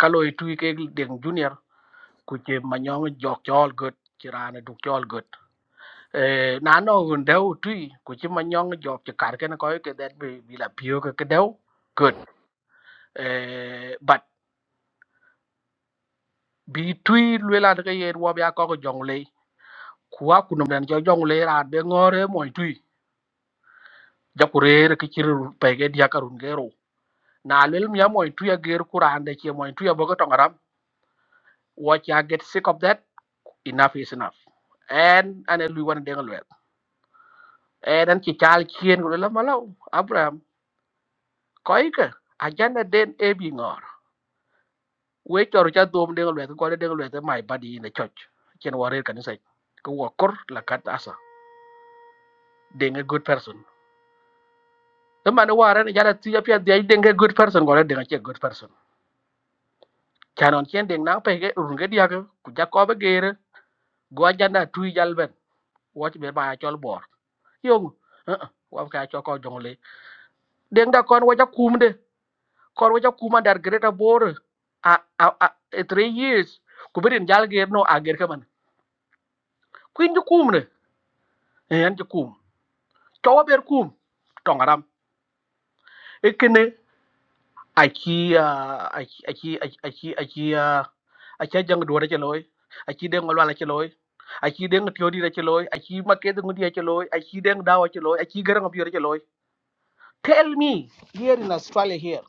[SPEAKER 11] kaloy ke deng junior ku ci ma ñong jok ciol got ci raana du ciol eh na no gun deu tui ku chi ma nyong job chi kar ken ko ke det bi bi la pio ke ke deu good eh but bi tui lwe la de ye wo bia ko ko jong le ku a ku nom den jo jong le ra be ngore mo tui ja ku re re ki chi ru pe ge dia karun ge ro na lel mi mo tui ge ru ku ran de chi mo tui bo ko tong ram wo cha get sick of that enough is enough and en ane lui wan denga lwe en an chi chal chien ko le la malo abraham ko ike ajana den e bi ngor we chor cha dom de lwet ko de lwet mai badi ne choch chen ware kan sai ko wa kor la kat asa deng a good person the man ware ne jara ti pia de deng a good person ko de che good person chanon chen deng na pe ke run ge dia ke ku ja ko be gere go ja na tu jal ben wo be ba chol bor yong uh-uh, wa ka cho ko jong le deng da kon wa ja kum de kon wa ja kuma dar greta bor a a a 3 years ku berin jal ge no a ger ke man kuin ju kum ne en ju kum Chawa ber kum tongaram. Ekene achi achi achi achi achi achi jang duwa che loy. Achi deng walwala che loy. Achi deng tiodi che loy. Achi maket ngudi che loy. Achi deng dawa che loy. Achi garang biyor che loy. Tell me here in Australia here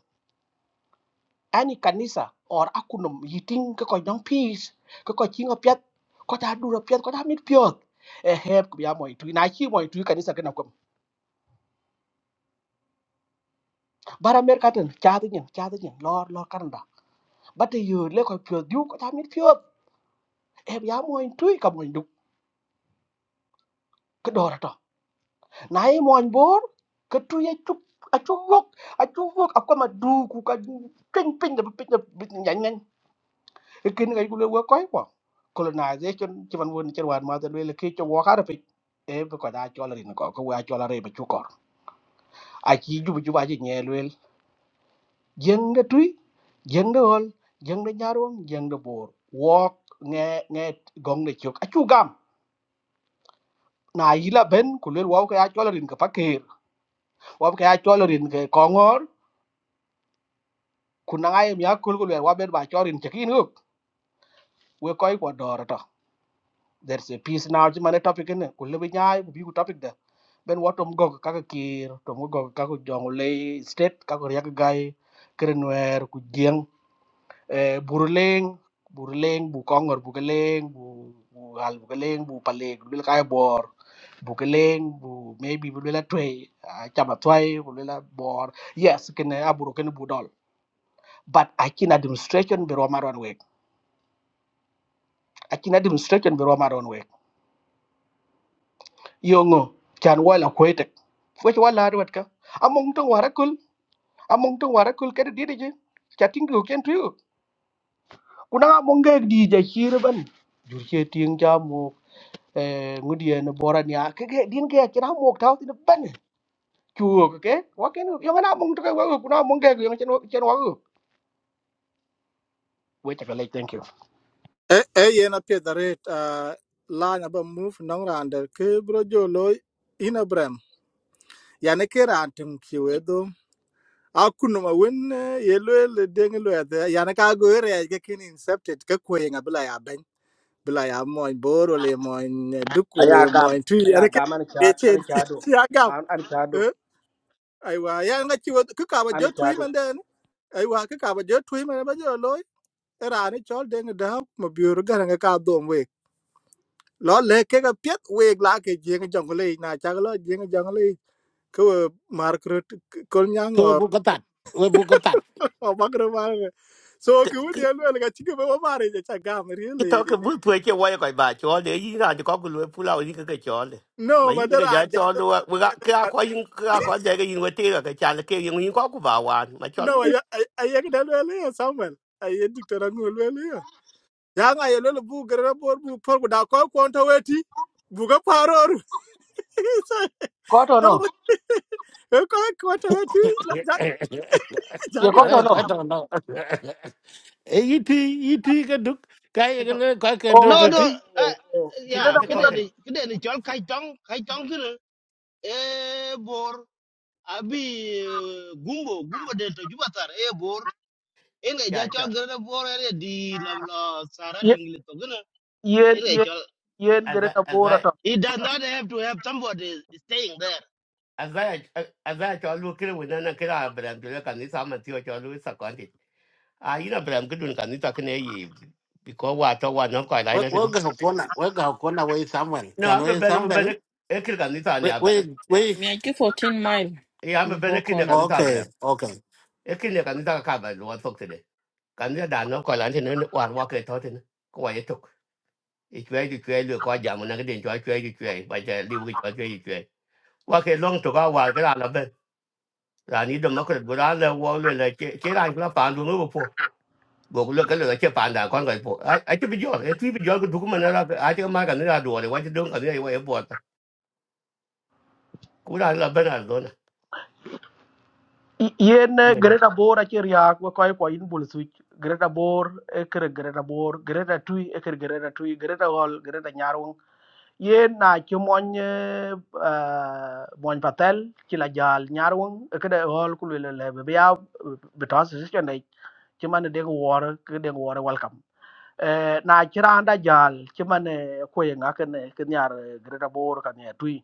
[SPEAKER 11] any kanisa or akunum yiting ka ko dong peace ka ko chinga pyat ko ta dura pyat ko ta mit pyot e heb ku ya moy tu na chi moy tu kanisa kana ko bara mer ka ten cha ti nyen cha ti nyen lor lor kan bati yu le ko pyo du ko ta mit pyo e ya mo en tu ka mo ndu cái do ra to na e mo en bor ko tu ye tu a tu wok a tu wok a ko ma du ku ka pin pin da pin da nyan nyan e kin ga ku le wo ko ko colonization ci van won ci wan ma da le ki ci wo ka da pe e ko da ci wala rin ko ko wa ci wala re ba ci ko a ci jubu juba ci ñe lwel jeng da tuy jeng da hol jeng da ñaarom jeng da bor wok nge nge gong da ciok a chú gam na yila ben kulel waw ka ya cholorin ka pakir waw ka cholorin ka kongor kunanga y m ya kul kulel waben ba chorin chekin up we koy ko dorata there's a piece now ji mane topic ne kulel bi nyaay bi ku topic da ben watom gog ka ka kir tom gog ka ko jongule state ka ko yak gay krenwer ku jeng eh, Buruleng, Buruleng, Bukongor, Bukeleng, Bu Bu Hal Bukeleng, Bu Paleg, Bil Kai Bor, Bukeleng, Bu maybe Bulela Tway, Chama Tway, Bulela Bor. Yes, can Aburo can Budol. But I can administration be Roma on way. I can administration be Roma on way. Yongo, can well acquainted. Which one lad wetka? Among tung warakul, among tung warakul get a diddy. Chatting to you can too. Kuna mongek di jahir ban. Jurche ting Jam ngudi en boran ya ke ke din ke kira mo ta tin ban chu ke wa ke yo na mong to ke wa ku na mong ke yo chen chen wa ku we ta le thank you
[SPEAKER 4] e e ye na pie da re a line ba move nong ran de ke bro jo lo ina brem ya ne ke ran tum ki we do a kunu ma wen eh, ye lo le de ngi lo ya ne ka go re ga kin incepted ka ko ye ngabla ya ben bila ya moin boor wala ya moñ duk wala
[SPEAKER 11] aya
[SPEAKER 4] ya moñ
[SPEAKER 11] gam
[SPEAKER 4] tuy ana
[SPEAKER 11] aya
[SPEAKER 4] ke
[SPEAKER 11] gam an
[SPEAKER 4] e
[SPEAKER 11] cha
[SPEAKER 4] chen
[SPEAKER 11] an cha do
[SPEAKER 4] ci agam
[SPEAKER 11] an an cha do
[SPEAKER 4] ay wa ya nga ci wad ku ka ba
[SPEAKER 11] an
[SPEAKER 4] jot
[SPEAKER 11] cha
[SPEAKER 4] tuy
[SPEAKER 11] do
[SPEAKER 4] man den ay wa ka ba jot tuy man ba jot loy era ni chol de nga daw ma biur gar nga ka dom we lo le ke ga pet we la ke je nga jong le na cha lo je nga jong le ko mar krut kol nyang
[SPEAKER 2] to we
[SPEAKER 4] o
[SPEAKER 2] bu ka tat we bu ka tat
[SPEAKER 4] o bagro mar so ku ni lo ga ci ke ba mare ja cha gam
[SPEAKER 3] You
[SPEAKER 4] really
[SPEAKER 3] talk about which you want to buy all the year and the cockle will pull out you get all.
[SPEAKER 4] no
[SPEAKER 3] My
[SPEAKER 4] ma
[SPEAKER 3] you get
[SPEAKER 4] dara
[SPEAKER 3] that all the work. We got car calling car call there in with the other child came in cockle bar one, my child.
[SPEAKER 4] No, I I ay yagdal wele ya Samuel. Ay dictor angol wele ya. Ya nga yelo bu gara bor bu por da ko ko to weti. Bu ga paror.
[SPEAKER 11] ko to
[SPEAKER 4] No,
[SPEAKER 11] no
[SPEAKER 4] ko ko to weti. Ja ja
[SPEAKER 11] ye ko
[SPEAKER 4] ga
[SPEAKER 11] to
[SPEAKER 4] na.
[SPEAKER 2] ale
[SPEAKER 11] no
[SPEAKER 2] ko to no e yiti yiti ka duk ka ye ka le ka ken to
[SPEAKER 10] No,
[SPEAKER 11] oh
[SPEAKER 10] no,
[SPEAKER 2] ti
[SPEAKER 10] uh,
[SPEAKER 11] oh oh gre
[SPEAKER 10] yeah,
[SPEAKER 11] da
[SPEAKER 3] Get
[SPEAKER 10] kede
[SPEAKER 11] bora
[SPEAKER 3] talking.
[SPEAKER 10] ni, kede ni chol kai tong, kai tong kire. Eh, bor. abi eh, gumbo gumbo de to juba tar e bor en ga ja
[SPEAKER 3] Yeah,
[SPEAKER 10] chol gre bor e di la la sara
[SPEAKER 11] ye
[SPEAKER 10] tingli to gna
[SPEAKER 11] ye
[SPEAKER 10] en ga
[SPEAKER 11] ye
[SPEAKER 10] chol
[SPEAKER 11] ye
[SPEAKER 3] as
[SPEAKER 11] gre
[SPEAKER 3] I
[SPEAKER 11] ta
[SPEAKER 3] as
[SPEAKER 11] bora
[SPEAKER 3] I
[SPEAKER 11] to
[SPEAKER 10] it does not have to have somebody staying there
[SPEAKER 3] Avea avea chalul kile wina na kila abram tu le kanisa amatio chalul sakwandi. Ah, ina abram kudun kanisa kene yi biko wa to wa no kwa ila
[SPEAKER 2] wo
[SPEAKER 3] ina
[SPEAKER 2] wo
[SPEAKER 3] kene.
[SPEAKER 2] ga ko na wo ga ko na wo samuel
[SPEAKER 3] No,
[SPEAKER 2] chan wo
[SPEAKER 3] ambe bene ambe
[SPEAKER 2] samuel
[SPEAKER 3] bene ekile kanisa ni
[SPEAKER 2] we we
[SPEAKER 3] abram.
[SPEAKER 2] we
[SPEAKER 14] Me, I it fourteen mile
[SPEAKER 3] E ambe bene
[SPEAKER 14] before
[SPEAKER 3] kine
[SPEAKER 14] corner.
[SPEAKER 3] kanisa
[SPEAKER 2] okay
[SPEAKER 3] abram.
[SPEAKER 2] okay
[SPEAKER 3] Ekile kanisa kaba luwa sok tele. Kanisa dano kwa wa wa ke to tote na kwa yetok. Ichwe di chwe lu kwa jamu na kede chwa chwe di chwe. Bacha liwi chwa chwe chwe di chwe. Wake long toka wa kila la la ben. Rani domakre gura le wa le che che rani kula pandu ngupo. go look at the chip and I can't go. for. I I could be your a trip your good woman. I think my can do it. What you doing? I think I bought. Could I love Bernardo?
[SPEAKER 11] ye ne
[SPEAKER 3] No,
[SPEAKER 11] gre ta bora ke ria ko ko ko in bul su gre ta bor e kre gre ta bor gre ta tui e kre gre ta tui gre ta gol gre ta yen na ci moñ euh patel ci la jaal ñaar won ke de hol ku le le be ya be tas ci ne ci man de wor ke de wor welcome eh na ci randa jaal ci man ko ye ngak ne ke ñaar greta bor ka ne tuy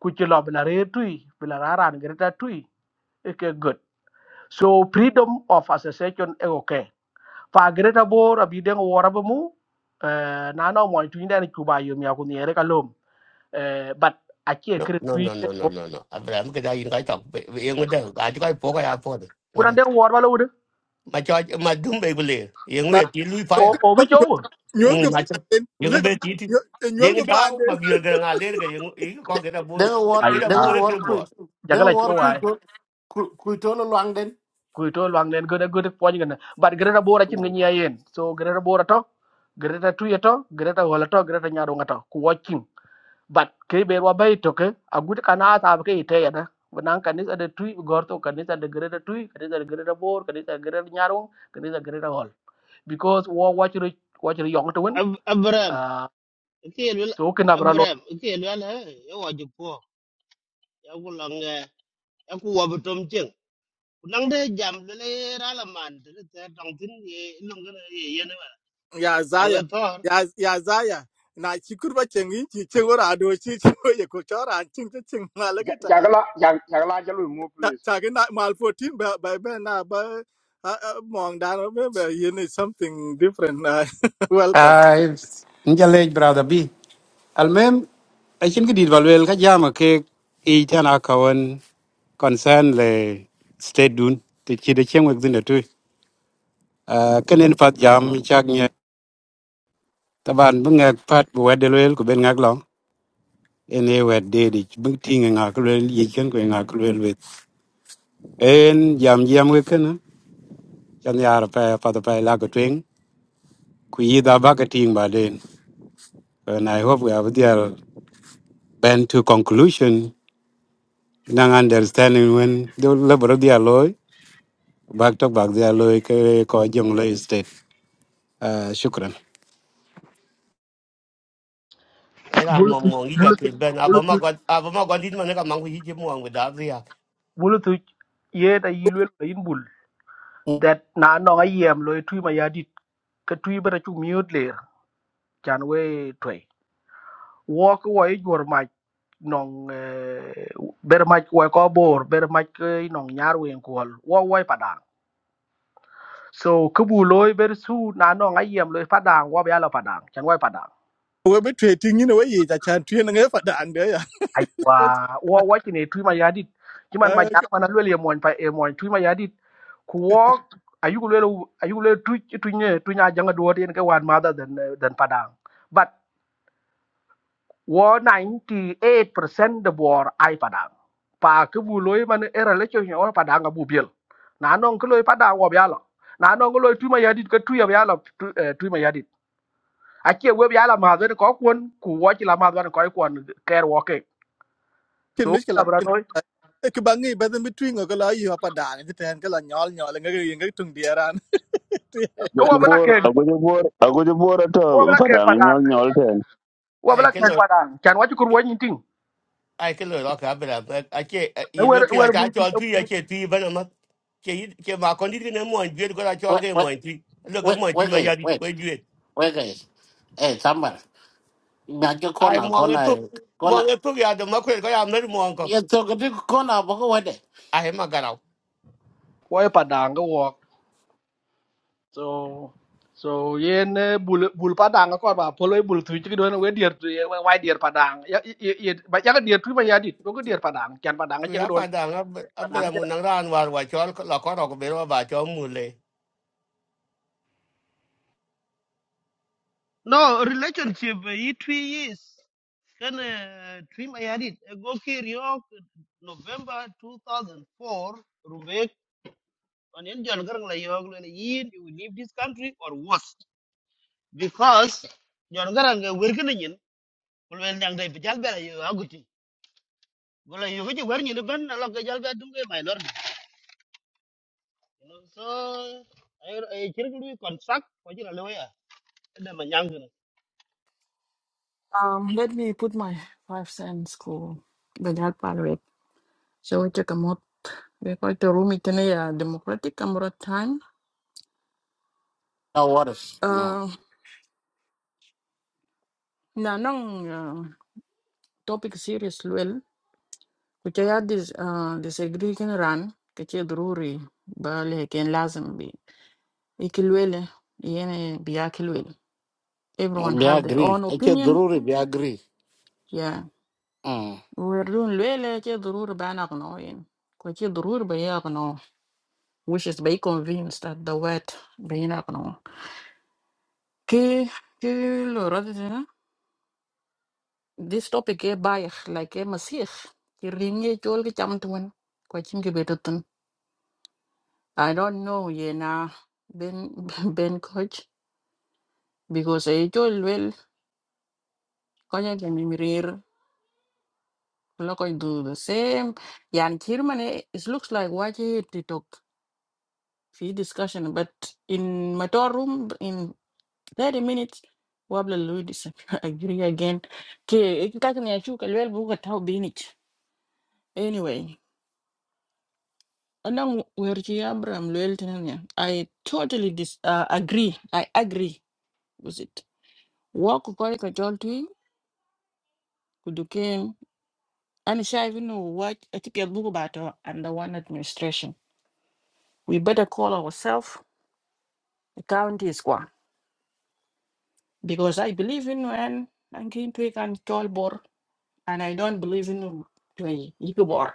[SPEAKER 11] ku ci lob la re tui, bi la raran greta tuy e ke good so freedom of association e okay fa greta bor abi de wor ba mu Eh, na no mo tu ndani kuba yo mi akuni ere kalom eh but akie kre
[SPEAKER 3] no, no, no, no,
[SPEAKER 11] tu
[SPEAKER 3] no, no. Abraham could I invite up. Young with them. I think I poke I afford
[SPEAKER 11] kuran
[SPEAKER 3] it.
[SPEAKER 11] de war balo wude
[SPEAKER 3] My charge, my doom baby. Young with you, Louis
[SPEAKER 11] o
[SPEAKER 3] Fire.
[SPEAKER 11] o bi jowo
[SPEAKER 4] Nyol ga
[SPEAKER 3] Mm, my chum.
[SPEAKER 4] panden. Le
[SPEAKER 3] Young bed eating.
[SPEAKER 4] ga nyol
[SPEAKER 3] Then
[SPEAKER 4] ga
[SPEAKER 3] it out, my
[SPEAKER 4] panden.
[SPEAKER 3] beer girl, I later you
[SPEAKER 2] De-
[SPEAKER 3] can get a boom.
[SPEAKER 2] đừng có war
[SPEAKER 11] ay
[SPEAKER 3] Get a
[SPEAKER 2] đừng
[SPEAKER 3] boom,
[SPEAKER 2] có
[SPEAKER 3] little
[SPEAKER 2] war kui
[SPEAKER 3] boss.
[SPEAKER 2] đừng có
[SPEAKER 11] jagala
[SPEAKER 2] war
[SPEAKER 11] jowo
[SPEAKER 2] kui
[SPEAKER 11] ay
[SPEAKER 2] to kui kui to loang đến
[SPEAKER 11] ku to lang len gode gode poñ gane but gre bora cin ngi yen so gre bora to gre ta tu yeto gre ta wala to gre ta nyaado ngata ku watching. but ke be wa bay to ke agut kana ta ke ite yana benang kanis ada tui gorto kanis ada gre ta tui kanis ada gre ta bor kanis ada gre ta nyaaro kanis ada gre because wo wachiri wachiri yong to win
[SPEAKER 10] Ab abram
[SPEAKER 11] uh,
[SPEAKER 10] okay lul
[SPEAKER 11] so kina bra lo
[SPEAKER 10] abram okay lul ha e wa ju po ya ku lang eh, ya ku wa bu tom cheng nang de jam le le ra la man de te tong tin ye long gna ye ye na
[SPEAKER 4] Ya
[SPEAKER 10] tong le
[SPEAKER 4] Zaya.
[SPEAKER 10] thor
[SPEAKER 4] Ya ya Zaya. Na chikur ba chengi chi chengora do chi chi ye ko chora ching ching ma
[SPEAKER 13] jagala jag- jagala jalu move, please.
[SPEAKER 4] talking not mal 14 but by ben na ba mong dan remember you need something different uh, welcome
[SPEAKER 9] Ai injalej brother B. Almem I think did valwel ka jama ke e tana kawan concern le state dun te chi de cheng wek dinda tu. Ah kenen fat jam chak nye taban bunga pat bu wedelwel ku ben ngak long. En e wed de di bung tinga ngak lwel yi ken ku ngak lwel wet. En jam jam wek kana chan yara pa pa pa la ko twing ku yi da ba ka ting ba den. And I hope we have their been to conclusion. Nang understanding when the level of their law, back to back their law, ke ko jong law state. Uh, shukran.
[SPEAKER 3] And I'm
[SPEAKER 11] bulu tu
[SPEAKER 3] among you,
[SPEAKER 11] bulu tu
[SPEAKER 3] Chris Ben. I've
[SPEAKER 11] bulu tu
[SPEAKER 3] got, I've got this man, I'm going to hit him on with that.
[SPEAKER 11] bulu tu ye da yilwel da yin bul that na no ayem lo tu ma yadit ka tu bara chu miot le chan we toy wo ko wo jor ma nong eh, ber ma wo ko bor ber ma nong nyar wen ko wo wo padang so kubu lo ber su na no ayem lo padang wo ba lo padang chan wo padang
[SPEAKER 4] we be treating you know we ta chan tuen nge fa dan de ya
[SPEAKER 11] aiwa wo wachine twi ma yadit kiman ma jara mana lwel ye moñ pa e moñ twi ma yadit ku wo ayugo lwel ayugo lwel twi twi ne twi nya janga duot yen ke wan mother than eh, padang but wo ninety eight percent the bor ai padang pa ke bu loy man era le chyo nyawa padang abu biel na non ke loy padang wo byalo na non ke loy twi ma yadit ke twi ya byalo twi eh, twi ma yadit akie we byalo ma de ko kwon ku wo chi la ma de ko kwon ker wo ke
[SPEAKER 4] kin
[SPEAKER 11] so
[SPEAKER 4] miskela
[SPEAKER 11] ka bra
[SPEAKER 4] kin
[SPEAKER 11] noy
[SPEAKER 4] ke bangi ba den between ko la yo pa dan ke ten ke la nyol nyol nge nge tung dieran
[SPEAKER 11] ko
[SPEAKER 1] ago ji
[SPEAKER 11] wo
[SPEAKER 1] bor
[SPEAKER 11] bla
[SPEAKER 1] ago ji bor ago ji bor
[SPEAKER 11] wo
[SPEAKER 1] to
[SPEAKER 11] bla ke
[SPEAKER 1] parang
[SPEAKER 11] padan
[SPEAKER 1] nyol nyol ten
[SPEAKER 11] wo bla ke padan chan wa chukur wo nyin ting
[SPEAKER 3] ai cái lời đó cả bây giờ ai chế
[SPEAKER 11] e
[SPEAKER 3] ý lúc
[SPEAKER 11] wer
[SPEAKER 3] kia
[SPEAKER 11] wer
[SPEAKER 3] cha
[SPEAKER 11] bul
[SPEAKER 3] cho thuy ai chế thuy bên mà chế chế mà còn đi cái nấm mồi duyên của ta cho
[SPEAKER 2] wait
[SPEAKER 3] cái
[SPEAKER 2] wait
[SPEAKER 3] mồi thuy lúc cái
[SPEAKER 2] wait
[SPEAKER 3] mồi thuy
[SPEAKER 2] wait
[SPEAKER 3] mà
[SPEAKER 2] cái
[SPEAKER 3] ra đi
[SPEAKER 2] wait
[SPEAKER 3] quay duyên
[SPEAKER 2] wait cái eh sambar nhà cho con
[SPEAKER 3] ai
[SPEAKER 2] nào
[SPEAKER 3] mong
[SPEAKER 2] con
[SPEAKER 3] cái
[SPEAKER 2] này
[SPEAKER 3] thuốc
[SPEAKER 2] con
[SPEAKER 3] mong
[SPEAKER 2] nào
[SPEAKER 3] cái thuốc ra được mà quên cái làm nó mong còn
[SPEAKER 2] yên tôi cái đứa con nào bao cái đấy
[SPEAKER 3] ai mà cái nào
[SPEAKER 11] wo e padan ga wo so so yen eh, bul bul Padang ko ba polo e bul tu chi do we dier tu ye wa dier padan ya ye ba ya ga dier tu ba ya dit do ga dier padan chan padan ga
[SPEAKER 3] cứ
[SPEAKER 11] che ga
[SPEAKER 3] áp
[SPEAKER 11] don
[SPEAKER 3] phản đảng áp bây giờ
[SPEAKER 11] Padang
[SPEAKER 3] muốn năng ra ăn vào và cho là có đâu có biết và cho mù lề
[SPEAKER 10] No, relationship It i three years. Kan uh, three my edit. Go kiriok November 2004. Rubek on in John Garang la yog you will leave this country or worse because John Garang uh, working in will well nyang dai bijal you. aguti. Gola yo gaji wer nyi ban na lok gajal bela dum gai minor. You know so I I kirkul wi contract ko jira lewa ya. Da manyang na.
[SPEAKER 14] Um let me put my five cents cool the help rate. So we take a mod we call the room it a uh, democratic camera time.
[SPEAKER 2] no worries
[SPEAKER 14] Uh na nang uh, topic serious ku ca ya dis uh, disagree kin ran ka ce druri ba leken lazim bi ikilwele yene biya kilwele everyone
[SPEAKER 2] bị
[SPEAKER 14] have their
[SPEAKER 2] agree
[SPEAKER 14] own
[SPEAKER 2] anh chưa
[SPEAKER 14] opinion
[SPEAKER 2] đủ bị agree
[SPEAKER 14] yeah
[SPEAKER 2] Ừ.
[SPEAKER 14] we're doing lele ce druri ba na gno yin ko ce druri ba ya gno which is be convinced that the word be na gno ki ki lo rodi na this topic e bay like e masih ki ringe chol ki cham tuan ko chim ki betutun i don't know yena ben ben coach because I told well kaya can mirror look I do the same yan chairman eh, it looks like what to talk see discussion but in my tour room in 30 minutes wabla will agree again ke kakan ya chu kalwel buka tau binich anyway anang werji abram lwel tinan ya i totally dis uh, agree i agree with it walk ko ka jolti أنا شايف إنه واج- أكيد يطبقوا بعد under one administration. We better call ourselves a county squad because I believe in and I'm going to can call bor and I don't believe in to bor.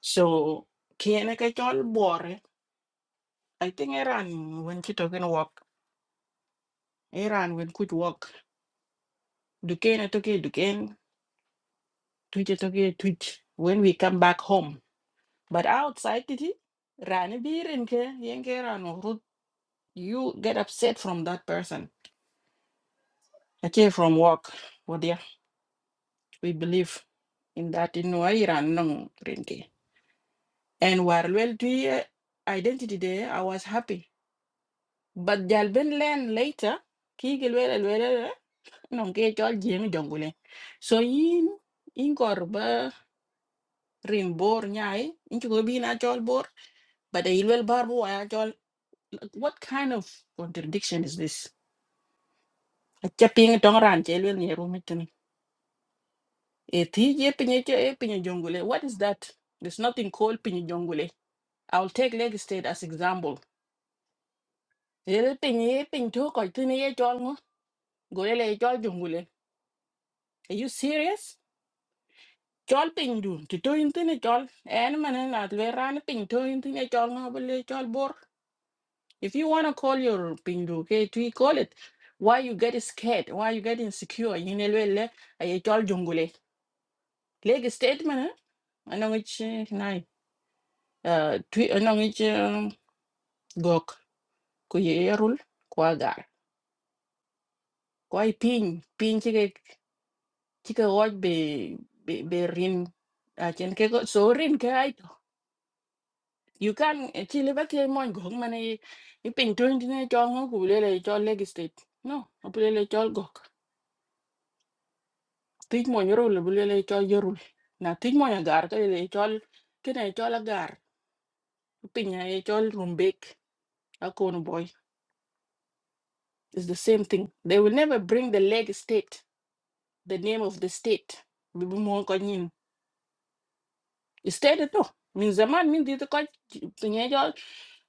[SPEAKER 14] So can I call bor? I think Iran when she talking work, Iran when could work. Duquesne I took it Duquesne, Twitch I took it Twitch. When we come back home, but outside it, Rani birinke yenge Iran. You get upset from that person Ache from work, Wadia. We believe in that in Iran no rinki. And while well to identity there, I was happy. But Jalben learn later, Kigel well no ke chol jeng jongule. So in in korba rin bor nyai, in chuko bin a chol bor, but the ilwel barbo a chol. What kind of contradiction is this? A chapping tong ran chelwel ni rumit Ethiopia, Pinya Jongule. What is that? There's nothing called Pinya Jongule. I'll take Lagos State as example. Ere Pinya, Piny to ko itini ye chol ngo, golele ye chol Jongule. Are you serious? Chol Piny du, to to intini chol. En manen at le ran eh, Piny to intini chol ngo bole eh, chol bor. If you wanna call your Piny du, okay, to call it. Why you get scared? Why you get insecure? Yinelwele aye chol Jongule. Lagos State manen, anong ich eh, nai. Uh, twi anong ich um, gok. ku ye rul kwa gar kwa i pin pin chi ke chi ke oj be be be rin a chen ke go so rin ke ai to you can chi le ba ke mon go man i i pin to ni ne cho ngo ku le le cho leg state no o pu le le cho go ti mo ni rul bu le le cho ye rul na ti mo ya gar ke le cho ke ne cho la gar pin ya ye cho rumbek a kon boy is the same thing they will never bring the leg state the name of the state state to min zaman min dit ko pinye jol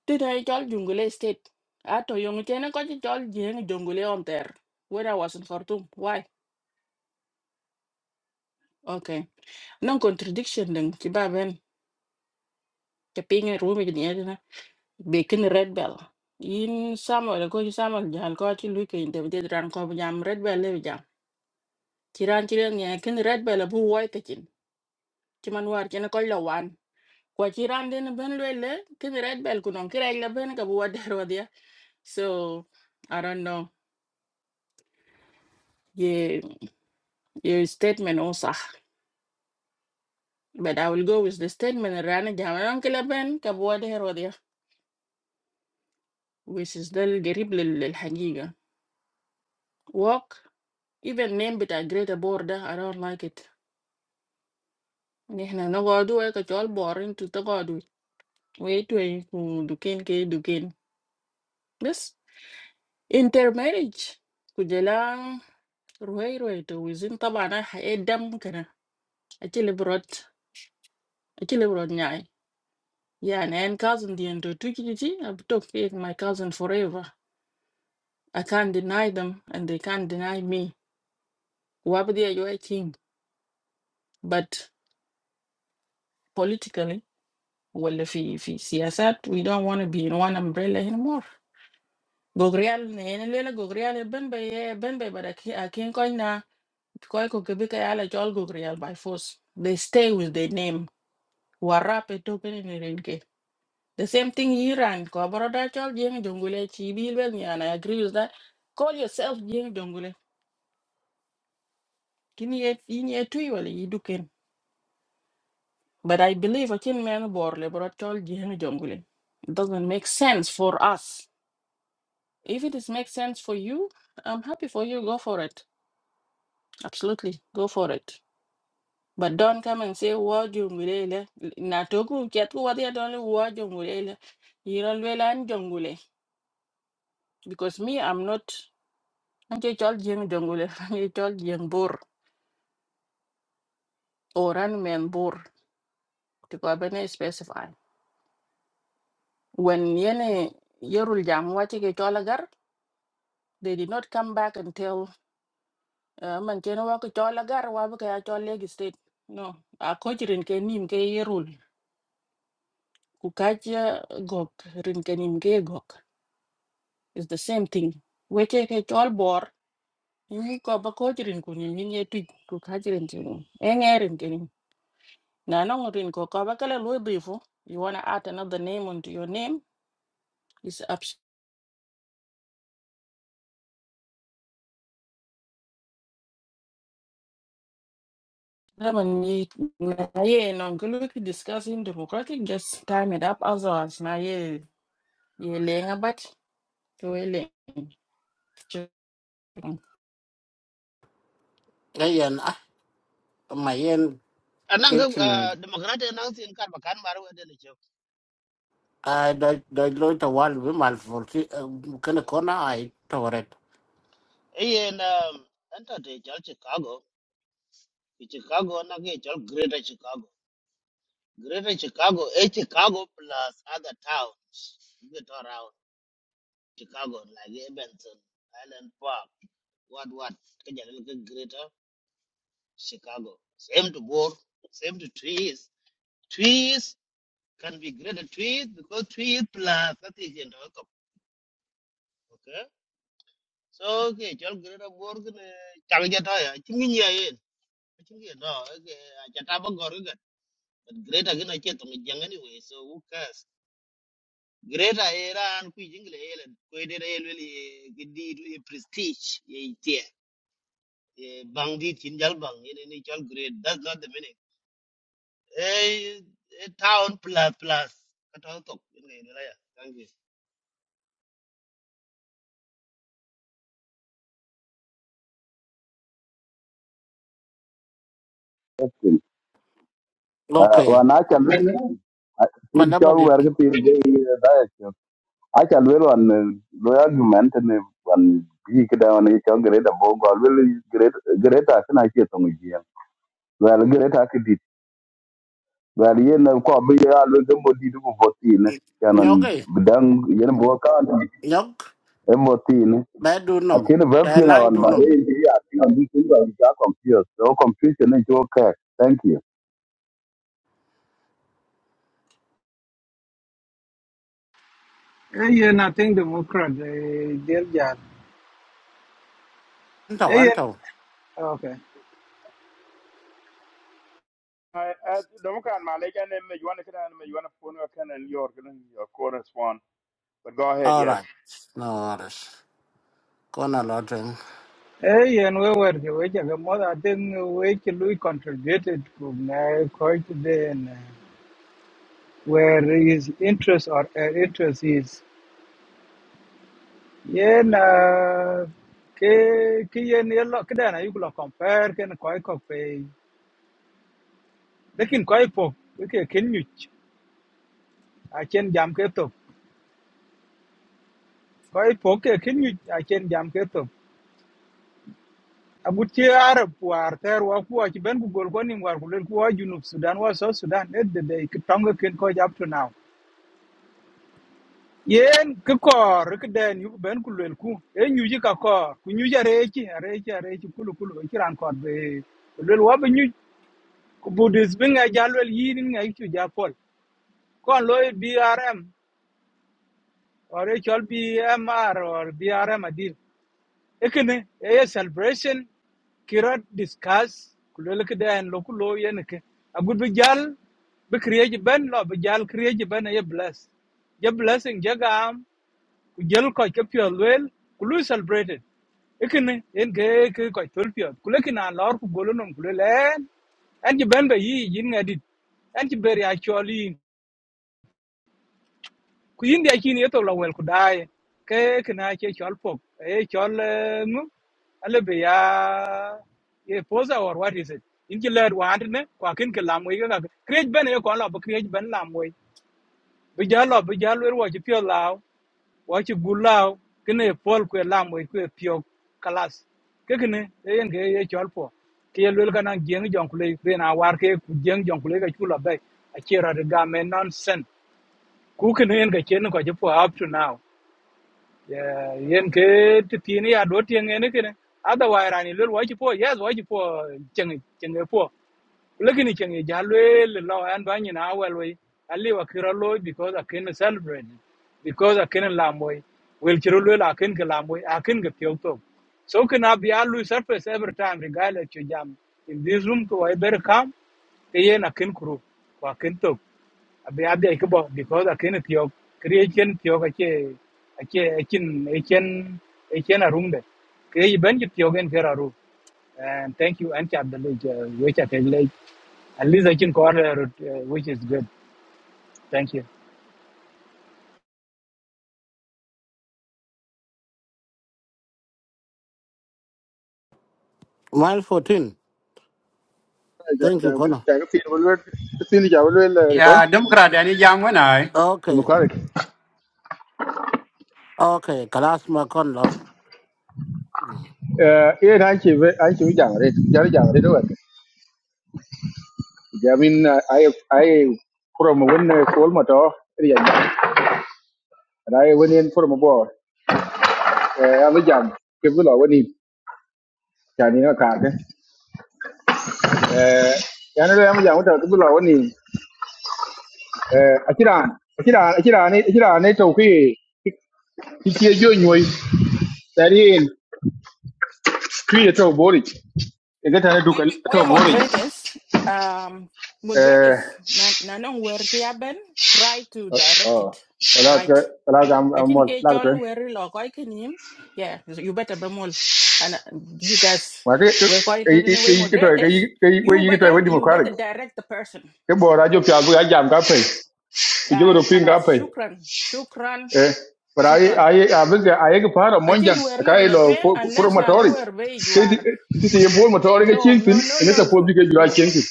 [SPEAKER 14] ti ne jol jungule state ato yong chene ko jol jeng jungule on ter when i was in khartoum why okay non contradiction deng ci baben ke pinge rumi ni edina be kin red bell in samuel ko ci samuel jal ko ci luy kay dem de ran ko bu jam red bell le jam ci ran ci len ne kin red bell bu woy te ci ci man war ci ne ko la wan ko ci ran den ben le le kin red bell ku non ki reg la ben ka bu wader So I don't know. Yeah, your statement also, but I will go with the statement. Run, jammer on the plane, cabo de hero dia. Which is the terrible, the the the thing. Walk, even name be the great border. I don't like it. Neh na nagaw duwa ka tal boring to tagaw duwa. Wait wait, kuh dukan kuh dukan. Bes intermarriage. Kujela rohe rohe to. Wezin tabana ha adam kana. I chili brought. I chili brought nyai. Yeah, and, and cousin the Ndotukititi, I've talked with my cousin forever. I can't deny them and they can't deny me. Wabdia you are your king. But politically, well if he if he sees that we don't wanna be in one umbrella anymore. Gogrial Nenela Gogrial Benbay Benbay but I ki- I can't coin na Koiko Kebika Ala Jol Gogrial by force. They stay with their name. Warap a token in The same thing Iran. Ko abroda chol jeng jongule chi bilbel ni and I agree with that. Call yourself jeng jongule. Kini ye ini ye tui wale iduken. But I believe a chin man bor le bro chol jeng jongule. It doesn't make sense for us. If it is make sense for you, I'm happy for you. Go for it. Absolutely, go for it. But don't come and say wo jongule le. Na toku kiatu wadi adonle wo jongule le. Iran jongule. Because me, I'm not. Anche chol jeng jongule, anche chol jeng bor, oran men bor, tiko abene specify. When yene yerul jam wache ke chol they did not come back and tell, uh, man chene wako chol agar, wabu kaya chol legi state. No, a coach rin ke nim ke yerul, kukacha gok, rin ke nim ke gok. It's the same thing. Wache ke chol bor, yungi ko ba coach rin kunim, yungi etui, kukacha rin chene. Na nong rin ko ka bakala lu bifu. You wanna add another name onto your name? It's up to them and ye na ye nong discussing democratic just time it up as as na ye ye leng abat to ye
[SPEAKER 2] cái yên à mà yên cái
[SPEAKER 10] Anang
[SPEAKER 2] chuyện
[SPEAKER 10] uh, democrat anang sin kar bakan maru de
[SPEAKER 2] à đôi đôi lối tàu với mal phổi cái này con nào ai tàu rồi
[SPEAKER 10] Ian, um, enter the church Chicago. In Chicago, na ke church Greater Chicago. Greater Chicago, a Chicago plus other towns. You get around Chicago, like Evanston, Island Park, what, what. Kaja little Greater Chicago. Same to board, same to trees. Trees can be greater trees because trees plus that is in the cup. Okay? So, okay, church Greater Board, Changja Toya, Chinginya Ian. Chinginya, okay, Chataba But greater gonna get to me young anyway, so who cares? Greater era and quick jingle e helen, quite a really good deed, really prestige, ye tear, a bandit in Jalbang in any child grade. That's not the meaning. A, town plus plus. Kat all talk, you know, you know, yeah. Thank you.
[SPEAKER 12] Ah,
[SPEAKER 2] ok
[SPEAKER 12] wa na chan we ti
[SPEAKER 2] Mà nó bà
[SPEAKER 12] chol
[SPEAKER 2] địt
[SPEAKER 12] wer ke ti ge a chan we wan lo argument ne wan bi ke da wan ni chol gre da bo gol we gre gre ta na chi to ngi ya Well, yen na ko bi ya lo ke mo di ko votin yanan
[SPEAKER 2] nhóc ấy,
[SPEAKER 12] bidang yen bo kan e
[SPEAKER 2] nhóc
[SPEAKER 12] motin
[SPEAKER 2] bé đu nằm,
[SPEAKER 12] akin ba pi
[SPEAKER 2] bé
[SPEAKER 12] na
[SPEAKER 2] lang
[SPEAKER 12] wan
[SPEAKER 2] đu
[SPEAKER 12] ba de
[SPEAKER 2] nằm.
[SPEAKER 12] ji ya ti na du tin ba ja confuse so confusion is okay thank you
[SPEAKER 7] Eyen nothing Democrat eh, dear Jan.
[SPEAKER 2] Ăn thầu, ăn
[SPEAKER 7] Eyen
[SPEAKER 2] thầu.
[SPEAKER 7] okay.
[SPEAKER 13] I, I don't kind my leg and you want to get on you want to phone can and your your correspond. But go ahead,
[SPEAKER 2] All right.
[SPEAKER 13] yes.
[SPEAKER 2] No worries. Con là lo chuyện.
[SPEAKER 7] Eyen we were the way the mother I think we Louis contributed from uh, quite then uh, where his interest or her interest is. Yen na, ke ke yen yellow kidana you could compare can koi pay. Lekin koi po we can you I can jam keto. Koi po ke can you I can jam ke abut ci arab war ter wa ku ci ben ku gol ko nim war ku len ku wa junub sudan wa so sudan net de de ki tonga ken ko jap to now yen ki kor ki den yu ben ku len ku e nyu ji ka kor ku nyu jare ci are ci are ci kulu kulu ci ran kor be lel wa be nyu ku budis bi nga jalwel yin nga ci japol kon loy brm or chol bmr or brm adil ekene a celebration kira discuss kulele kida en loku lo kulo yen ke agud bi jal bi kriye ji ben lo bi create kriye ji ben ye bless ye blessing jagam, gam ku jel ko ke pyo lwel kulu celebrated ekene en ke ke ko tol pyo kule kina lor ku golo non kulele en en ji ben be yi yin edit. en ji ber ya ku yin dia kin to la wel ku dai ke kna che chol pok e chol mu ale be ya ye poza or what is it in ki lad wa ne kwa kin ke lam we ga create ben ye ko la ba create ben lam we bi ja lo bi ja lo wa chi pyo lao wa chi gu lao kne pol ku lam we ku pyo kalas ke kene e yen ke ye chol po ke ye lul kana jeng jong ku le be na war ke ku jeng jong ku le ga chu la be a che ra ga me nonsense ku kene yen ga chen ko chi po up to now yeah, yen ke ti ti ni ado ti ngene kene. Otherwise, rani lel wai po, yes, wai po cheng cheng po. Lakini cheng e ja lel lo an ba ni na wel I live wa kira because I can celebrate. it, Because I can lamoy. Wel kiro I can ken ke lamoy, a ken ke pyo to. So can I be alu surface every time regardless you jam. In this room to I better come. Ke yen a ken kru. Wa ken to abi abi ai ko bo because akin tiyo creation tiyo ka che che akin akin akin a room de kre ben ji tiyo gen kera ru and thank you and chat the link which at like at least akin ko uh, which is good thank you
[SPEAKER 2] Mile 14. Thank you, con.
[SPEAKER 16] jaga fiil wal wel fiil ja wal wel tay
[SPEAKER 9] Yeah, Democrat, any jam when I.
[SPEAKER 2] Okay.
[SPEAKER 16] democratic
[SPEAKER 2] Okay. Class mà con lo.
[SPEAKER 16] eh e na ci be ay ci jang re jar jang re do wat jamin ay ay from won kol moto ri ya jang ay won en from bo eh am jam ke bu lo woni jani na ka ke eh yana anh am jam to ke bu lo woni eh akiran akiran akiran ni akiran ni to ki ki ke jo nyoy dari en kri to bori e ga tane
[SPEAKER 14] We
[SPEAKER 16] duka
[SPEAKER 14] we
[SPEAKER 16] to bori
[SPEAKER 14] moderators um
[SPEAKER 16] Eh,
[SPEAKER 14] moderators na na nong wer ti aben try to direct it
[SPEAKER 16] oh, wala ka,
[SPEAKER 14] right
[SPEAKER 16] wala ka am am
[SPEAKER 14] Achin
[SPEAKER 16] mol,
[SPEAKER 14] ke
[SPEAKER 16] wala ka.
[SPEAKER 14] chol weri lo koi kinim. Yeah, so you better be more. And uh, you guys,
[SPEAKER 16] cái cái
[SPEAKER 14] we're going to
[SPEAKER 16] cái cái
[SPEAKER 14] the way
[SPEAKER 16] cái cái to cái
[SPEAKER 14] moderators.
[SPEAKER 16] cái cái
[SPEAKER 14] You
[SPEAKER 16] cái to we
[SPEAKER 14] better, you
[SPEAKER 16] democratic.
[SPEAKER 14] better direct the person.
[SPEAKER 16] cái bo ra jo pya cái ga jam ka cái Ku jo ro
[SPEAKER 14] I
[SPEAKER 16] pin ka
[SPEAKER 14] halas
[SPEAKER 16] pe.
[SPEAKER 14] shukran, shukran,
[SPEAKER 16] Eh, but ai
[SPEAKER 14] shukran.
[SPEAKER 16] ai abin ga ai ga fara monjan
[SPEAKER 14] Achin weri
[SPEAKER 16] ka
[SPEAKER 14] live
[SPEAKER 16] cái
[SPEAKER 14] lo
[SPEAKER 16] lo
[SPEAKER 14] tuyen
[SPEAKER 16] pro cái
[SPEAKER 14] unless na be
[SPEAKER 16] cái
[SPEAKER 14] weri way you
[SPEAKER 16] cái
[SPEAKER 14] are.
[SPEAKER 16] ti ye cái motori ga
[SPEAKER 14] No,
[SPEAKER 16] chin tin,
[SPEAKER 14] no, no,
[SPEAKER 16] ne
[SPEAKER 14] no,
[SPEAKER 16] ta ko bi
[SPEAKER 14] no,
[SPEAKER 16] cái jira
[SPEAKER 14] no.
[SPEAKER 16] chin tin.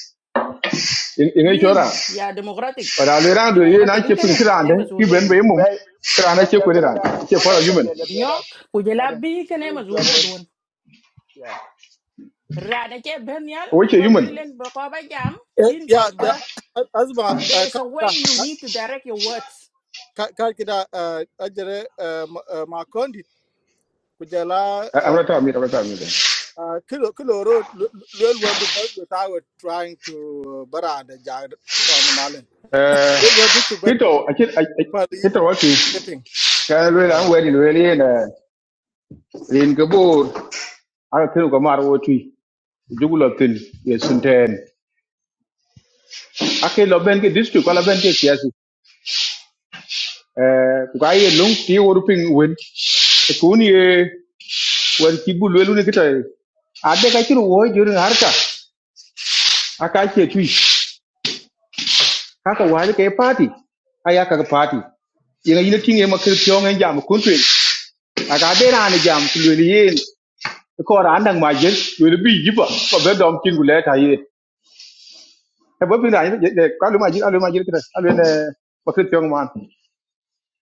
[SPEAKER 16] In ai chora.
[SPEAKER 14] Yin, yeah. democratic.
[SPEAKER 16] But ai ran do cái na
[SPEAKER 14] Democratic
[SPEAKER 16] ke cái
[SPEAKER 14] ikana,
[SPEAKER 16] kran
[SPEAKER 14] eh
[SPEAKER 16] de, cái
[SPEAKER 14] masuliya
[SPEAKER 16] ben
[SPEAKER 14] do.
[SPEAKER 16] be mum.
[SPEAKER 13] Well,
[SPEAKER 16] Kran na
[SPEAKER 13] yeah,
[SPEAKER 16] cái
[SPEAKER 13] yeah,
[SPEAKER 16] ko
[SPEAKER 13] good and
[SPEAKER 16] ran. Ke
[SPEAKER 13] my
[SPEAKER 16] fara
[SPEAKER 13] colleague of
[SPEAKER 16] human.
[SPEAKER 13] the other, the other,
[SPEAKER 14] Nyok,
[SPEAKER 13] the
[SPEAKER 14] kujela
[SPEAKER 13] other,
[SPEAKER 14] bi
[SPEAKER 13] you know,
[SPEAKER 14] ikana
[SPEAKER 13] into our
[SPEAKER 14] masuliya
[SPEAKER 13] will.
[SPEAKER 14] don.
[SPEAKER 13] Yeah.
[SPEAKER 14] Rana ke ben yal,
[SPEAKER 16] Ko ke
[SPEAKER 14] kuba
[SPEAKER 16] human.
[SPEAKER 14] ben len bako ba
[SPEAKER 4] ya ya
[SPEAKER 14] jam,
[SPEAKER 4] azma
[SPEAKER 14] There is
[SPEAKER 4] ka
[SPEAKER 14] a way you need to direct your words.
[SPEAKER 4] ka ka ka ajere uh ma kondi kujala uh,
[SPEAKER 16] Amrata mi, amrata mi. đấy
[SPEAKER 4] Uh, kilo kilo ro lwel wa du bas without trying to uh, bara da ja ton malen
[SPEAKER 16] Eh,
[SPEAKER 4] lwel wa du chuk bat
[SPEAKER 16] kito akit
[SPEAKER 4] ku
[SPEAKER 16] akit-
[SPEAKER 4] pa di
[SPEAKER 16] kito wati
[SPEAKER 4] keping
[SPEAKER 16] ka lwe la ngwe di lwe li na rin ke bor ara kinu ko mar woti jugulo tin ye sunten ake lo ben ke district ala ben ke siasi eh ku ka ye lung ti woru ping wen e kun ye wer ki bu lwe lu ne kita ade ka kiru wo jori harka aka ke tui haka wali ke party aya ka party yenga yile tinge makir pyongen jam kuntu aka de rani jam kulwe ko ra nang ma jin yo le bi jiba ko be dom kin gule ta yi e bo pina ni de ka lu ma jin alu ma jin kra alu ne ko kri tong man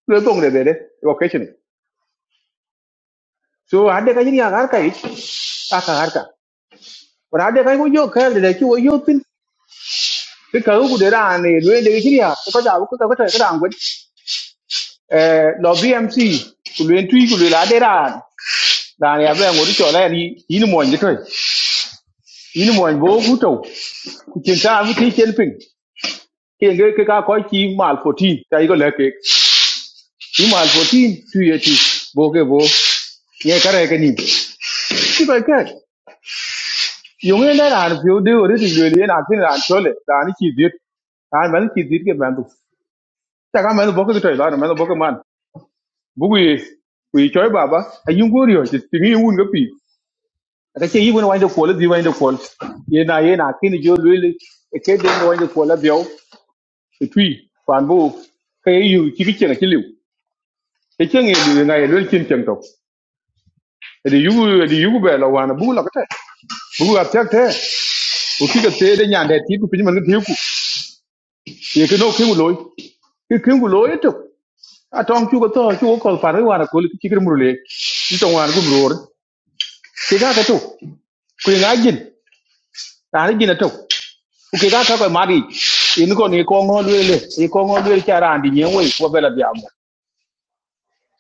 [SPEAKER 16] le tong de be de o ke chini so ade ka jin ya gar ka ich a ka gar ka ra ade ka ko yo ka de ki wo yo tin ke ka ku de ra ne lu de jin ya ko ja ko ka ko ta ra ngwe e lo bmc ku le tu ku le la de ra ra ne ya be ngori cho la ni ni mo nje to ni mo nje bo ku to ku chin ta ku ti chen ping ke ge ke ka ko ti mal 14 ta i go le ke ti mal 14 tu ye ti bo ke bo ye ka re ke ni ti ko ke yo nge na ran pyo de ore ti le na tin ran chole ran ki dit ran man ki dit ke ban du ta ka man bo ke to la man bo ke man bu ku ye ku yi choi baba a yin go ryo ti ti un ga pi ta ke yi won wa de ko le di wa de ko ye na ye na ki ni jo le le ke de wa de ko la bio ti tu fan bu ke yu ti ki chen ki liu e chen e di na e lel chin chen tok e di yugu e di yugu be la wana bu la kate bu ga tek te u ki ga te de nyan de ti ku pin man ga ti ku ye ke no ke mu loy ke ke mu loy to a tong chu ga to chu ko kol far wana ko li ki kir mu le ni to wana ku mu cái ke ga ka to ku ga jin ta ni jin to u ke ga ka ko e ma di cái ko ni ko ngo le le ni ko ngo le cha ran di nyen we ko be la bi am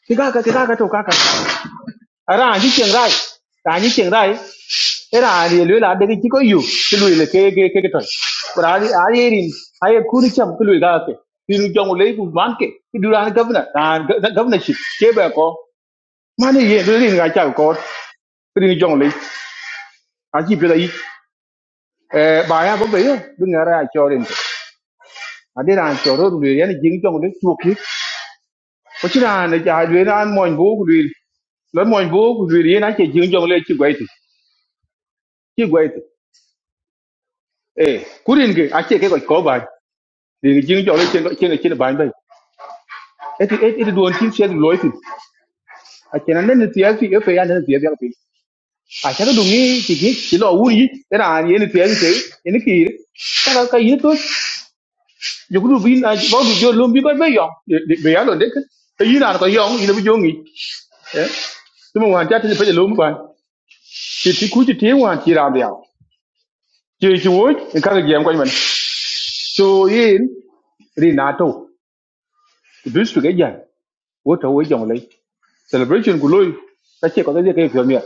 [SPEAKER 16] ke cái cái ke ga ka cái ka ka ara ni chen ra ta chỉ chen rai era ni le la de ki ko yu ki lu le ke ke ke ton por ali ali rin ay ku ni cham ki lu ga ke ni lu jong le bu man ke ki du ran governor ran governor chi ke ba ko man ye lu rin ga cha ko ki ni jong le a chi pe da yi eh ba ya bo be yo bu nga ra cho rin ke a de ran cho ro lu ye ni jing jong le chu ki ko chi ran ne ja lu ran mo bu ku lu lớn mọi vô của người đi nói chuyện dương trong lên chưa quay thì chưa quay thì ê cú điên kì, à chị cái gọi có bài de jing jole chen chen chen ban bay et et et don chin chen loy tin a chen an ne tiya fi fe an ne tiya ya pin a cha do ngi ti gi ti lo wu yi era an ye ne tiya ti ni ki ta ka yi to yo gru bin a ba du jo lum bi ba bay yo be ya lo de ke ta yi na ko yo yi ne bu jo ngi eh tu mo han cha ti pe lo mu ban ti ti ku ti ti wan ti ra ya ti ti wo ka ga gem ko ni man so yin ri na to du su ga ya wo to wo jong lai celebration ku loy ta ce ko da cái kai fiomia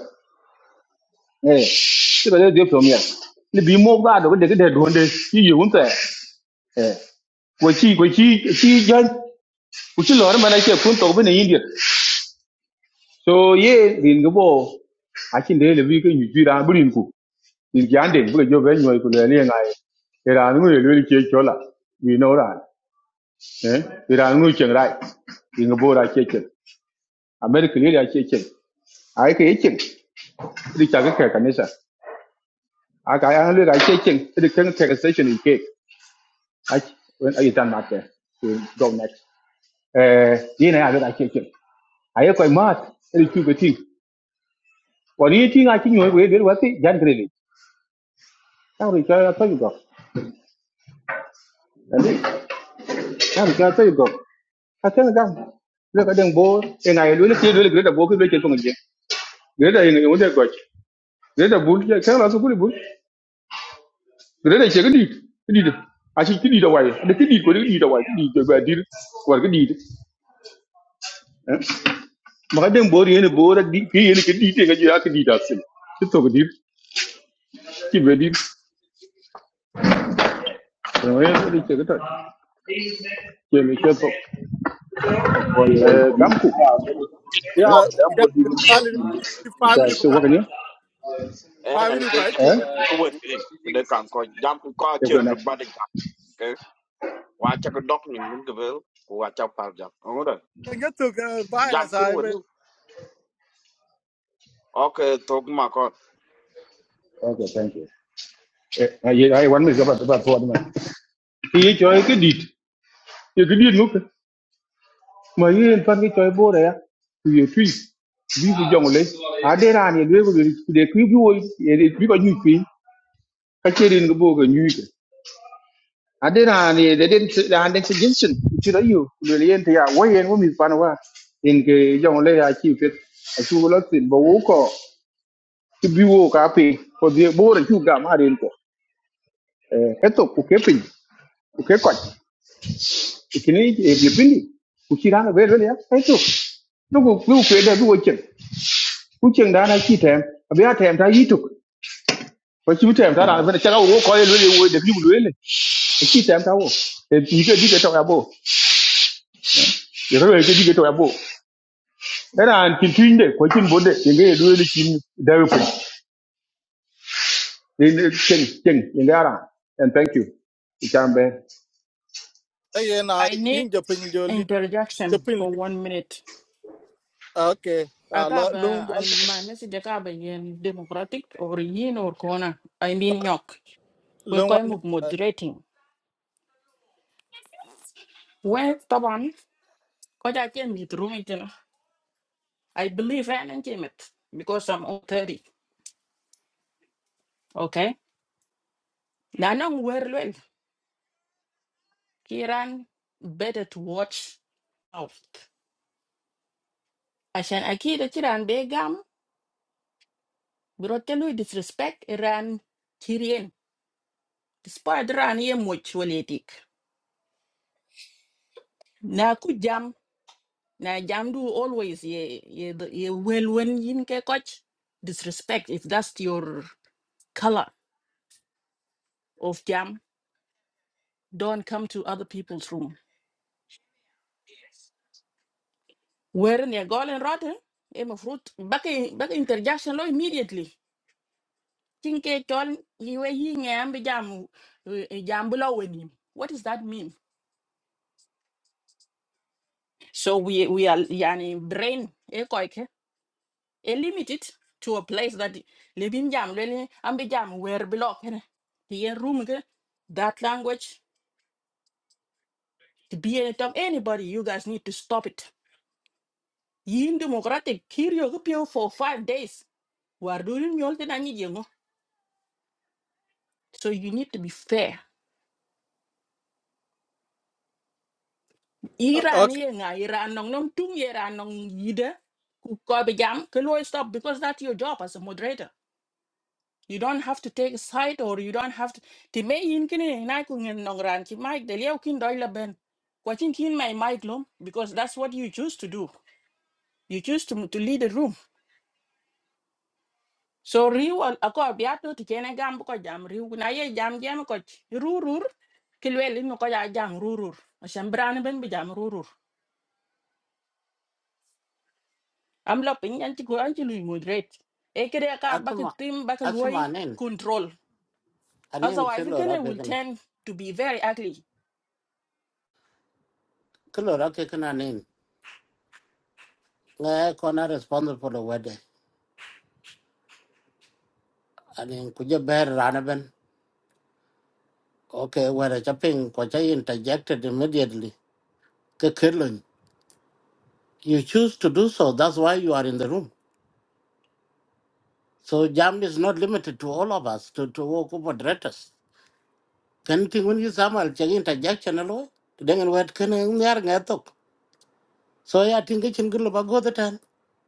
[SPEAKER 16] eh cái ba da je fiomia ni bi mo ba do de de do de yi yi hunta eh ko ci ko ci ci jan ku ci lor mana ce kun to bane india so ye rin go để a cin de le bi ko ni jira burin ku ni jande bu ko jo ben nyoy ku le ne ngai era người le le ke chola ni no ra eh era người cheng rai rin cái bộ ra ke chen america le ra ke chen ai ke chen ri ta cái ka kanisa I got I hundred I check check the current take station in cake. I when are you done that there? To go next. Uh you know I did I check check. I have quite mad the two good thing. What do you think I think you will do what it Jan Green. Now we try to tell you go. And it now we try to tell you go. I tell you down. Look at them board and I really see really great book which is going to Great in the other got. Great bull can also good bull. Great check it. It did. I should lead away. The kid did what it did away. Did the deal. What it did. ma den bor yene bor ak di ki It's ke di te ga ya ke di da sim ti to ko di ki be di no ye di ke ta ke me ke to
[SPEAKER 12] for your
[SPEAKER 16] eh dam
[SPEAKER 12] information
[SPEAKER 16] ku
[SPEAKER 12] I
[SPEAKER 4] ya
[SPEAKER 12] ko
[SPEAKER 16] eh
[SPEAKER 12] bi dan mo
[SPEAKER 4] ya
[SPEAKER 12] di ko
[SPEAKER 4] malen
[SPEAKER 16] ta
[SPEAKER 4] family ku
[SPEAKER 16] se
[SPEAKER 4] ka
[SPEAKER 16] wa ni
[SPEAKER 8] eh nan
[SPEAKER 4] family ku
[SPEAKER 8] ken
[SPEAKER 4] ai
[SPEAKER 8] jam
[SPEAKER 4] to
[SPEAKER 16] eh
[SPEAKER 4] ja
[SPEAKER 8] ko wet e de kan ko jam ko
[SPEAKER 16] e
[SPEAKER 8] achiel
[SPEAKER 16] ko na
[SPEAKER 8] bade
[SPEAKER 16] okay
[SPEAKER 8] jam ke wa cha ko dok ni mingabel ko wa chak par jam
[SPEAKER 4] ga to ga bara
[SPEAKER 8] jam kin
[SPEAKER 4] sa be
[SPEAKER 8] wonu okay tok ma ko.
[SPEAKER 16] thank you eh ay ay wan mi ga ba ba to ma ki ye choy ke di ye ke di no ke ma ye en pan ke choy bor ya ku ye tu bi ku jong le a de ran ye le ko de ku bi wo ye you. ko ni pi ka che rin go bo ga ni adena ni de den se da den se jinsin ti da yu le yen te ya wo yen wo mi pan wa in ke jong le ya chi pet a chu lo tin bo wo ko ti bi wo ka pe ko de bo re chu ga ma ren ko eh eto ku ke pin ku ke ko ti ni e bi pin ni ku chi ran be re ya eto no ku ku ke da du wo chen ku chen da na chi tem a be ya tem ta yi tuk ko chi tem ta da be cha ga wo ko le le wo de bi wo le chi tem ta wo e bi ke di ke to ya bo ye re ke di ke to ya bo era an kin tuinde ko kin bodde yenge e duwe ni kin dawe ko en ken ken yenge ara and thank you ikambe
[SPEAKER 4] ye na
[SPEAKER 14] I need
[SPEAKER 4] in ja pin jo li ja
[SPEAKER 14] interjection
[SPEAKER 4] pin
[SPEAKER 14] for
[SPEAKER 4] li
[SPEAKER 14] one minute.
[SPEAKER 4] okay uh, lo lung
[SPEAKER 14] Akaba, I-
[SPEAKER 4] one minute
[SPEAKER 14] my message Akaba in democratic or yin or corner. I mean yok. We
[SPEAKER 4] lung one
[SPEAKER 14] call him
[SPEAKER 4] minute
[SPEAKER 14] moderating. Well, Taban, because I came with room it, you know. I believe I am came it because I'm all 30. Okay. Nanong well, Kiran better to watch out. عشان akira kiran begam. بيجام disrespect iran إيران despite ran ye much waletik na ku jam na jam do always ye ye the- ye well when yin ke coach disrespect if that's your color of jam don't come to other people's room where ne golden rotten? e mo fruit back back interjection lo immediately tin ke ton ye we yi ngam jam eh, eh, jam below when him what does that mean so we we are yani brain e and limit it to a place that libin jam lele ambi jam where block and the year room ke, that language to be any time anybody you guys need to stop it yin democratic kirio gpio for 5 days war durin yol te nanyi jengo so you need to be fair
[SPEAKER 4] uh,
[SPEAKER 14] iran
[SPEAKER 4] okay
[SPEAKER 14] ye nga iran nong nong tung ye ran nong yide ku ko be jam ke lo stop because that's your job as a moderator You don't have to take a side or you don't have to ti me yin kini na ku ngin nong ran ki mic de leo kin doi la ben. Kwa chin kin my mic lom because that's what you choose to do. You choose to to lead the room. So riu al ako biato ti kene gam ko jam riu na ye jam jam ko rurur kilwel inu ko ya jam rurur. Asham bran ben bi jam rurur. Am lo pin yan ti ko an ti lu moderate. E kere ka bak
[SPEAKER 2] Asma.
[SPEAKER 14] tim bak luoi
[SPEAKER 2] Asma nên.
[SPEAKER 14] control.
[SPEAKER 2] Anh em
[SPEAKER 14] Otherwise,
[SPEAKER 2] kêu
[SPEAKER 14] the
[SPEAKER 2] lo ra
[SPEAKER 14] Ghana
[SPEAKER 2] cái
[SPEAKER 14] will
[SPEAKER 2] con.
[SPEAKER 14] tend to be very ugly
[SPEAKER 2] Kêu lo ra cái con anh em. Nghe con là responsible for the wedding. Anh em cứ giờ bé ra nè bên. Okay, where the shopping có chạy interjected immediately. Cái kêu lo. You choose to do so. That's why you are in the room. So jam is not limited to all of us, to, to all moderators. Kan ting when you samal chagi interjection alo. Dengan wet kan ngar ngatok. So ya tinggi cingkir lo bago tan,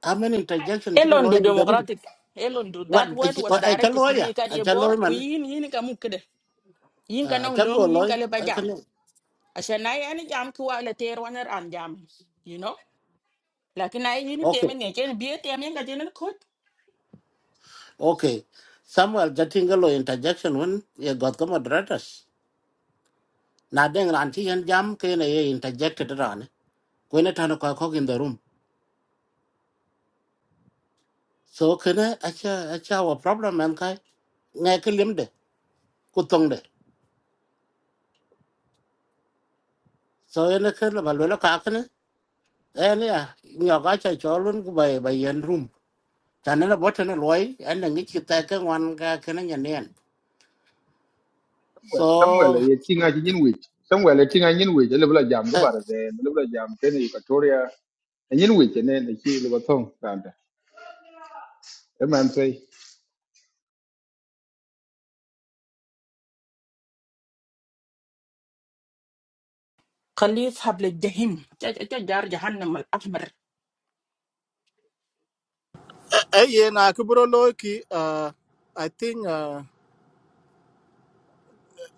[SPEAKER 2] Amen interjection chiro lo
[SPEAKER 14] Elondo
[SPEAKER 2] in the room.
[SPEAKER 14] Democratic. Elondo.
[SPEAKER 2] What?
[SPEAKER 14] That word was
[SPEAKER 2] I
[SPEAKER 14] directed to
[SPEAKER 2] chalo ya.
[SPEAKER 14] me.
[SPEAKER 2] I
[SPEAKER 14] Kadi ebor
[SPEAKER 2] chalo man.
[SPEAKER 14] kuin yin ka mukde. Yin ka
[SPEAKER 2] Uh, I
[SPEAKER 14] long
[SPEAKER 2] chago
[SPEAKER 14] yin ka
[SPEAKER 2] lo.
[SPEAKER 14] leba jam.
[SPEAKER 2] Kan.
[SPEAKER 14] Asha yani jam kuwa la ter waner an jam. You know. Lakin ay yin
[SPEAKER 2] Okay.
[SPEAKER 14] teme ne chen biye teme yin ka chen kot.
[SPEAKER 2] Okay. Samuel jatinga lo interjection when ye got the moderators. Na dengan anti yan jam kena ye interjected rane. Kwenye tano kwa kok in the room. so kene acha acha wa problem man kai ngai ke lim de ku tong de so ene ke la balwe la ka kene ene ya nyo ga cha cho lun ku bai bai yen room tan la bot na loy an ngi chi ta ke wan ga kene nyen yen
[SPEAKER 16] Samuel,
[SPEAKER 2] so
[SPEAKER 16] Samuel, ye tinga ji nyin wich. Samuel, ye tinga nyin wich, ele bula jam go
[SPEAKER 2] eh
[SPEAKER 16] bare de, ele bula jam kene Equatoria, nyin wich ne ne chi le batong kanda. e man sai
[SPEAKER 14] Khalif hable jahim. Cha cha cha jar jahannam al
[SPEAKER 4] eh eh, ye na ku bro lo ki uh, i think ah,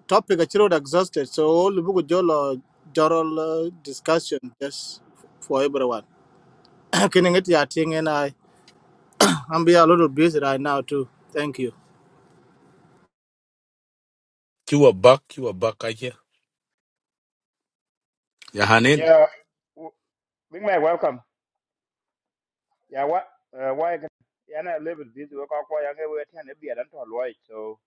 [SPEAKER 4] topic actually exhausted, so all buku jolo joral uh, discussion just for everyone. Can get your thing and I I'm be a little busy right now too. Thank you.
[SPEAKER 17] Ki wa bak, ki wa bak kake. Ya hanin.
[SPEAKER 13] Yeah. w- Big man, welcome. Yeah, what, uh, why, can- yeah, I live with this work, I'll call you, we attend a beer and all right. So,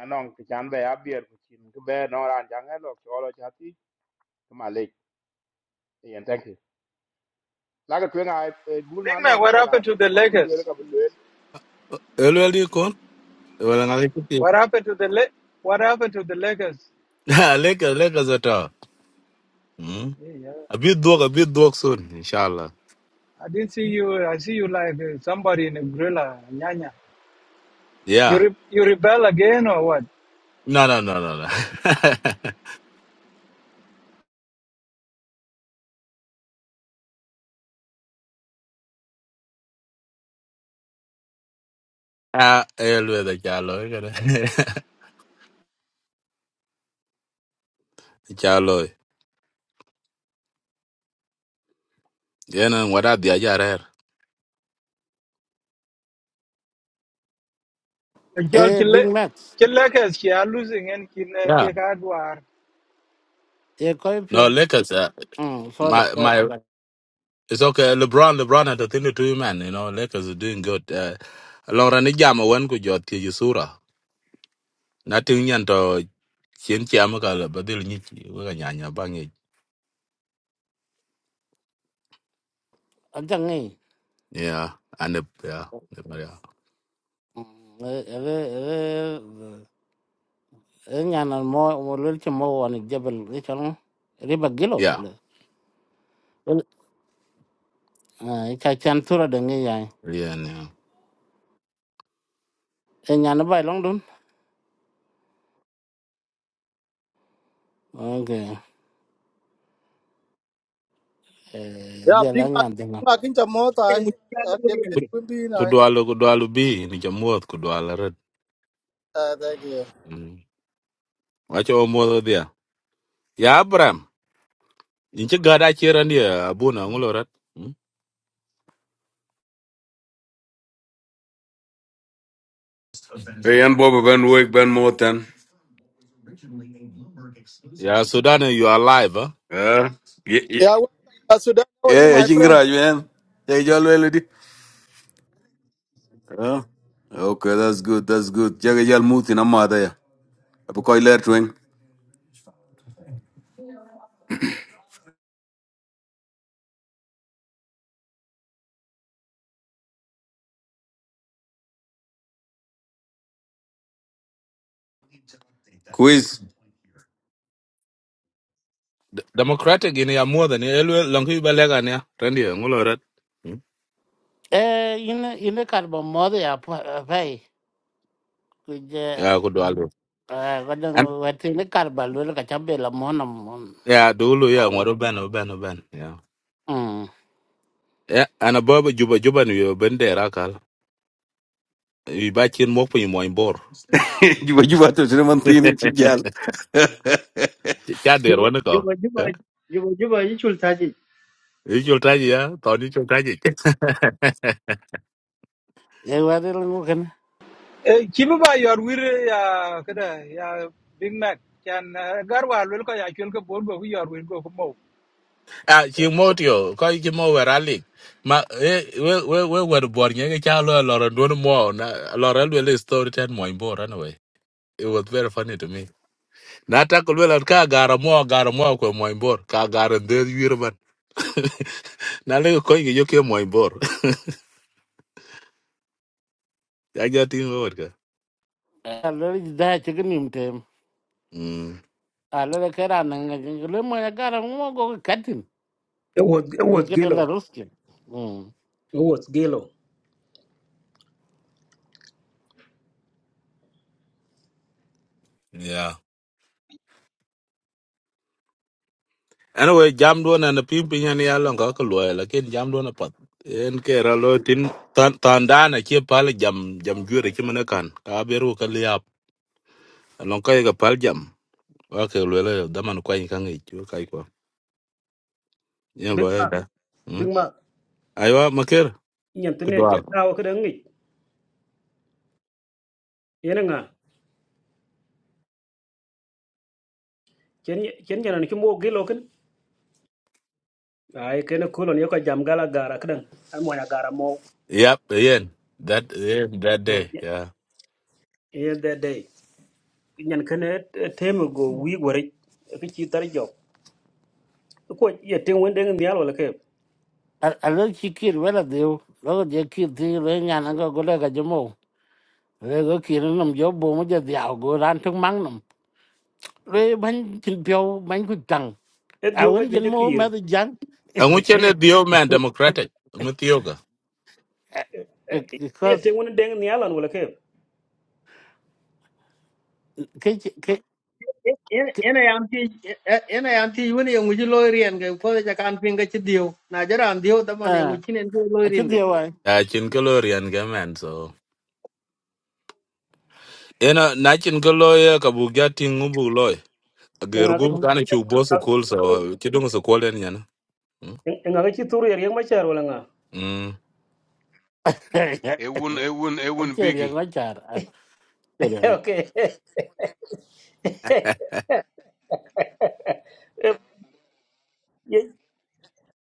[SPEAKER 13] I know, the chan be up here, which in the bed, nor and young hello, to all of chatty, to my leg. Yeah, thank you. Like a twin, I do
[SPEAKER 7] big
[SPEAKER 13] not know,
[SPEAKER 7] man
[SPEAKER 13] good
[SPEAKER 7] what
[SPEAKER 13] and
[SPEAKER 7] happened
[SPEAKER 13] I'm
[SPEAKER 7] to the
[SPEAKER 13] quite
[SPEAKER 7] lakers
[SPEAKER 13] blue.
[SPEAKER 17] Elweli kon. Wala nga kiti.
[SPEAKER 7] what happened to the La- what happened to the lakers
[SPEAKER 17] Leka, leka zata. Hmm?
[SPEAKER 7] yeah, yeah.
[SPEAKER 17] A bit dog, a bit dog soon, inshallah.
[SPEAKER 7] i didn't see you i see you like uh, somebody in a gorilla nyanya you
[SPEAKER 17] Yeah.
[SPEAKER 7] re- you rebel again or what
[SPEAKER 17] No, no, no, no, no. Ah, elwe da chalo. Chalo. Yena wada dia jarer.
[SPEAKER 7] a jol
[SPEAKER 2] eh,
[SPEAKER 7] ci le
[SPEAKER 2] big max
[SPEAKER 7] ci le ci a losing en ki ne
[SPEAKER 17] Yeah.
[SPEAKER 7] ke ka dwar
[SPEAKER 2] e koi pyo
[SPEAKER 17] No, Lakers, uh,
[SPEAKER 2] um sorry
[SPEAKER 17] my,
[SPEAKER 2] sorry
[SPEAKER 17] my,
[SPEAKER 2] but
[SPEAKER 17] it's okay. LeBron, LeBron had a thing to do, man. You know, Lakers are doing good. Uh, Long run jam wen ku jot ti sura. Nothing yan Sien kia ma ka la ba dil ni ki wa ka nya nya ba nge.
[SPEAKER 2] aja ngi
[SPEAKER 17] Yeah. And yeah. The Maria.
[SPEAKER 2] eh eh eh eh nhà nó mua mo mo lul chi mo wa ni jebel ni chalo riba gilo ko
[SPEAKER 17] Yeah.
[SPEAKER 2] cái ah thua là tura de ngi
[SPEAKER 17] Yeah. Yeah.
[SPEAKER 2] e nyan bay long dun okay e
[SPEAKER 4] Yeah,
[SPEAKER 2] de
[SPEAKER 4] big
[SPEAKER 2] la
[SPEAKER 4] Mac
[SPEAKER 2] nyan de na
[SPEAKER 4] Big Mac in Jamota. I will be in
[SPEAKER 17] Ku
[SPEAKER 4] I
[SPEAKER 17] dualu ku dualu bi ni jamuot ku dualu red.
[SPEAKER 4] uh thank you.
[SPEAKER 17] Mm. Wa cho dia. Ya Abraham. In ci gada chiran dia abuna ngulo red. Mm.
[SPEAKER 18] Hey, yan bobo ben wake ben moten.
[SPEAKER 17] Ya Sudan you are alive. Huh?
[SPEAKER 18] yeah, yeah, ye-
[SPEAKER 4] Yeah, well, uh, Sudan, how are you
[SPEAKER 18] eh, eh,
[SPEAKER 4] my friend?
[SPEAKER 18] chingira yuen. Jaga all wele di. Eh, Okay, that's good, that's good. Yeah, you're Jaga jal muti na mada ya. Apo koi ler tweng. Quiz.
[SPEAKER 17] D- Democratic in ya more than elwe longi balega ne rendi ngulo red. Mm.
[SPEAKER 2] e in cái kar ba mo de ya pai ku je
[SPEAKER 17] Ya ku dualu.
[SPEAKER 2] cái dan
[SPEAKER 17] An
[SPEAKER 2] wa tin cái ba lu ka cái be la mo na mo
[SPEAKER 17] ya dulu ya ngoro ben ben ben. Ya.
[SPEAKER 2] mm
[SPEAKER 17] Ya ana baba juba juba ni yo bendera kal. i ba chen mok piny mony bor
[SPEAKER 18] You've Juba juba to You're chine man tini
[SPEAKER 17] Ch-
[SPEAKER 18] chijal.
[SPEAKER 17] cha der
[SPEAKER 6] Juba
[SPEAKER 17] wan ko
[SPEAKER 6] juba juba
[SPEAKER 17] Eh?
[SPEAKER 6] juba juba yi chul taji.
[SPEAKER 17] i chul taji ya to ni chul taji
[SPEAKER 2] e wa de lu ken
[SPEAKER 7] e ki bu ba yor wir ya kada ya big mac kan gar war wel ko ya kel ko bor go yor wir go ko mo
[SPEAKER 17] a chi mo tio ko chi mo wera lik ma eh, we we we wer bor nye ke cha lo lo don mo na lo ra le story ten mony bor anyway it was very funny to me na ta ko le ka gara mo gara mo ko mony bor ka gara de yir ban na le ko ngi yo ke mony bor ya ja tin wor ka
[SPEAKER 2] cái lu ji da chi nim cái
[SPEAKER 17] mm
[SPEAKER 2] a lu ka ra cái ga le mo ya cái ra mo cái ka tin
[SPEAKER 19] It was it
[SPEAKER 2] cái
[SPEAKER 19] was
[SPEAKER 2] ke de la
[SPEAKER 19] Gilo.
[SPEAKER 2] ruski mm
[SPEAKER 19] It was Gilo.
[SPEAKER 17] yeah. anyway jam do na na pim pin yan ya long ka ko loy la ken jam do na pat en ke ra lo tin tan tan da na che pal jam jam jure che mena kan ka beru ka liap long ka ga pal jam wa ke loy la da man ko yin kan ngi chu kai ko yen
[SPEAKER 19] Big
[SPEAKER 17] loy
[SPEAKER 19] Mac.
[SPEAKER 17] da hm
[SPEAKER 19] Big Mac.
[SPEAKER 17] aywa maker
[SPEAKER 19] Nyen
[SPEAKER 17] ku
[SPEAKER 19] tene
[SPEAKER 17] doar
[SPEAKER 19] chet tawo kada ngi. Yena nga. Chen chen jana ni kimo Gilo kin. Ai kene kolon yoka jam gala gara kada. Ai mo na gara mo.
[SPEAKER 17] yap yen that yeah, that day
[SPEAKER 19] In
[SPEAKER 17] yeah
[SPEAKER 19] that day. Nyen kene teme go wi gore. Ki chi tar jok. Ko ye ten wende ngi nyal wala ke.
[SPEAKER 2] a lu chi kir wa la de lu je kir ti le nyan cái cái le ga je cái le go kir nam jo bo mo je dia go ran tu mang rồi bánh thịt béo bánh quỳ cẳng
[SPEAKER 19] E
[SPEAKER 2] à
[SPEAKER 19] diu ga
[SPEAKER 2] vẫn dân
[SPEAKER 19] beje
[SPEAKER 2] mô mà
[SPEAKER 19] kir.
[SPEAKER 2] tôi dán
[SPEAKER 17] angu chen dio man democratic mu tioga
[SPEAKER 19] Ye
[SPEAKER 2] because
[SPEAKER 19] ten wende ngi nyal an wala ke.
[SPEAKER 2] cái chị- cái
[SPEAKER 6] En
[SPEAKER 2] cái
[SPEAKER 6] en ayam ti en ayam ti wani yang uji loirien ke ko ja kan pinga chi dio. Na jara an dio da man yang
[SPEAKER 2] à
[SPEAKER 6] uji nen ko
[SPEAKER 2] à chút
[SPEAKER 6] loirien ke.
[SPEAKER 2] điều à
[SPEAKER 17] a chin ko lo rian ga man so ena na chin ko lo ya ka bu ga tin ngu bu loy. Gher
[SPEAKER 19] Nga ga
[SPEAKER 17] gum
[SPEAKER 19] chi tar
[SPEAKER 17] kana chu bo
[SPEAKER 19] nga ga chi
[SPEAKER 17] school
[SPEAKER 19] turu.
[SPEAKER 17] so chidung school en yana.
[SPEAKER 19] Nga ga chi turu yer yang machar wala nga.
[SPEAKER 17] Mm.
[SPEAKER 18] Ewun, ewun,
[SPEAKER 2] anh
[SPEAKER 18] ewun
[SPEAKER 2] chơi liền
[SPEAKER 18] biggie.
[SPEAKER 2] nói chả à chơi liền
[SPEAKER 19] Okay. yeah,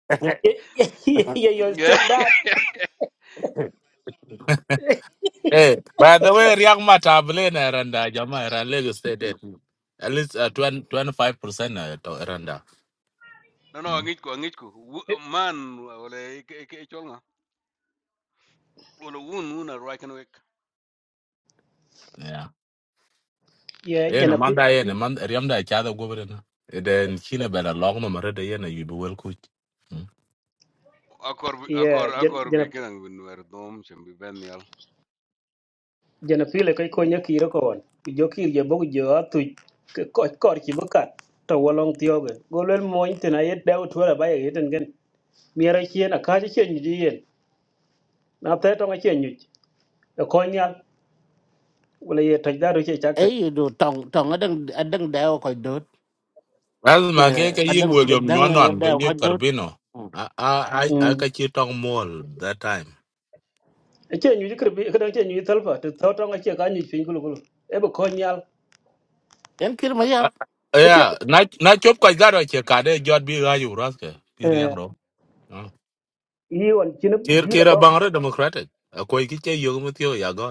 [SPEAKER 19] yeah, yeah, your
[SPEAKER 18] Yeah.
[SPEAKER 19] stepdad.
[SPEAKER 17] Hey, by the way, riak matable na randa jama era Lagos State. en. At least uh, 20, 25% na to randa.
[SPEAKER 18] No, no,
[SPEAKER 17] Mm.
[SPEAKER 18] angitku, angitku. Wu- Man, wala echolnga. Wala wun, wun ar wakan wek.
[SPEAKER 17] Yeah.
[SPEAKER 19] Yeah,
[SPEAKER 17] Yen
[SPEAKER 19] jana pi.
[SPEAKER 17] manda yen man riam da cha da gobre na. Den chine bela long no mare de yen you be well coach.
[SPEAKER 18] Akor, bi-
[SPEAKER 19] Yeah,
[SPEAKER 18] akor,
[SPEAKER 19] jana
[SPEAKER 18] akor
[SPEAKER 19] jana
[SPEAKER 18] bi kinang bin wer dom, shem bi ben yal.
[SPEAKER 19] jana pi le koi konya kiro kon. pi Jo kiro jo bogu jo atu kor kor chibukat. To walong tioge. Golel moin tina yet dau tuara baya yeten gen. Miara chien akaji chien nyuji yen. Na te tonga chien nyuji. E konya wala ye tajdaru chie chak taj.
[SPEAKER 2] ấy đồ trồng trồng ở đằng ở đằng đèo khỏi đốt
[SPEAKER 17] As ma ke ke
[SPEAKER 19] Eh,
[SPEAKER 2] ở
[SPEAKER 17] yig
[SPEAKER 2] đằng
[SPEAKER 17] William
[SPEAKER 2] đằng
[SPEAKER 17] nyonon to
[SPEAKER 2] đèo khỏi
[SPEAKER 17] yig
[SPEAKER 2] đốt
[SPEAKER 17] Carbino. A a a a
[SPEAKER 19] mm.
[SPEAKER 17] ka chi tong mall that time.
[SPEAKER 19] E chien nyuji kribi kadang chien nyuji talpa. Te to tonga chien kanyi chien kulu kulu. Ebe konya.
[SPEAKER 2] em kia mà yat
[SPEAKER 17] Ah,
[SPEAKER 19] E chien.
[SPEAKER 17] Yeah, na na chop kwa zaro che kade jot bi ga yu ras ke bi riang
[SPEAKER 19] Eh.
[SPEAKER 17] ro. Mm.
[SPEAKER 19] Iwan chinep
[SPEAKER 17] Kir kira
[SPEAKER 19] gila
[SPEAKER 17] bangre democratic. Ko ki che yo mo tio ya go.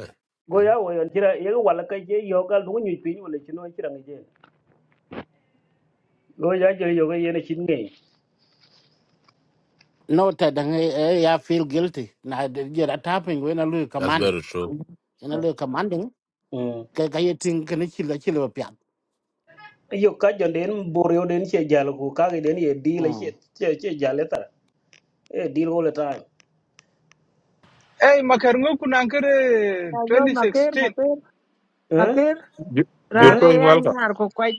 [SPEAKER 19] go
[SPEAKER 17] Mm.
[SPEAKER 19] ya wo yon tira ye wala ka je yo gal du nyu pi wala chino tira ngi je go ya je yoga ga yene chin ngi
[SPEAKER 2] no ta đằng ấy ấy, ya feel guilty na de giờ đã tapping với nó lưu
[SPEAKER 17] That's
[SPEAKER 2] command
[SPEAKER 17] very true.
[SPEAKER 2] nó lưu command đúng
[SPEAKER 19] mm
[SPEAKER 2] cái cái gì thing cái này chỉ là chỉ là bịa
[SPEAKER 19] yo ka jon den bor yo den che jal ko ka ga den ye di la che che che jal tar e di all the time
[SPEAKER 7] e makar ngo kunan kare
[SPEAKER 20] Ya gol maker
[SPEAKER 7] 2016
[SPEAKER 20] maker
[SPEAKER 19] eh
[SPEAKER 20] maker
[SPEAKER 17] Ju- Jur
[SPEAKER 19] eh
[SPEAKER 20] rane
[SPEAKER 17] ko in
[SPEAKER 20] ya
[SPEAKER 17] welcome.
[SPEAKER 20] nyar ko kwaj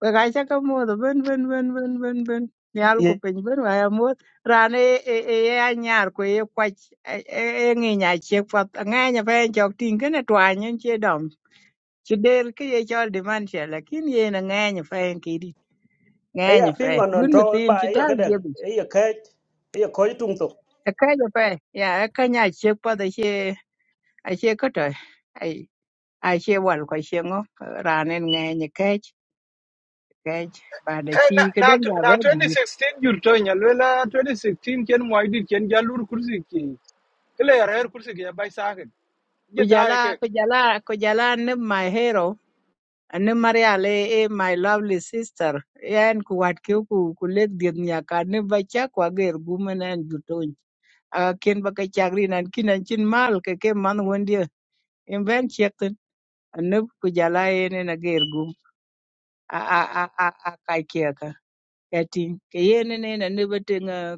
[SPEAKER 20] we ga cha ka modho ben ben ben ben ben ben nyal
[SPEAKER 19] ye
[SPEAKER 20] ko piny ben waya modh rane e e e ya nyar ko ye kwaj e ng'inya chiek path ang'eny pa en chok ting kene twany en che dom chi del ki ye chol dementia lakini yen ang'eny pa en kidi
[SPEAKER 19] e ya
[SPEAKER 20] ng'eny
[SPEAKER 19] pi
[SPEAKER 20] pa
[SPEAKER 19] ngon non
[SPEAKER 20] gun
[SPEAKER 19] to on
[SPEAKER 20] mithin
[SPEAKER 19] ba
[SPEAKER 20] chi
[SPEAKER 19] ye
[SPEAKER 20] tal
[SPEAKER 19] ka den
[SPEAKER 20] jebi
[SPEAKER 19] ye ka ye ko tung
[SPEAKER 20] akaja pa ya akanya chiek path ache ache koto ai ache wal ko ache ng'o rane ng'eny kech cái bà đã
[SPEAKER 7] e na
[SPEAKER 20] chi cái
[SPEAKER 7] na
[SPEAKER 20] đó là bé
[SPEAKER 7] na
[SPEAKER 20] đi
[SPEAKER 7] 2016 jur to nya lela 2016 ken moy dit ken jalur kursi ki kle rer kursi ki ya bay sakin ye dae ke
[SPEAKER 20] kujala kujala kujala ne my hero ne maria le e my lovely sister yan ku wat ke ku ku lek diet nya ka ne ba cha kwa ger gumen an juton a ken ba ka chagri nan kinan chin mal ke ke man wondia in ben chekten ne kujala e ne na ger gum a a a a a kai ke ka katin ke ye ne ne na ne ba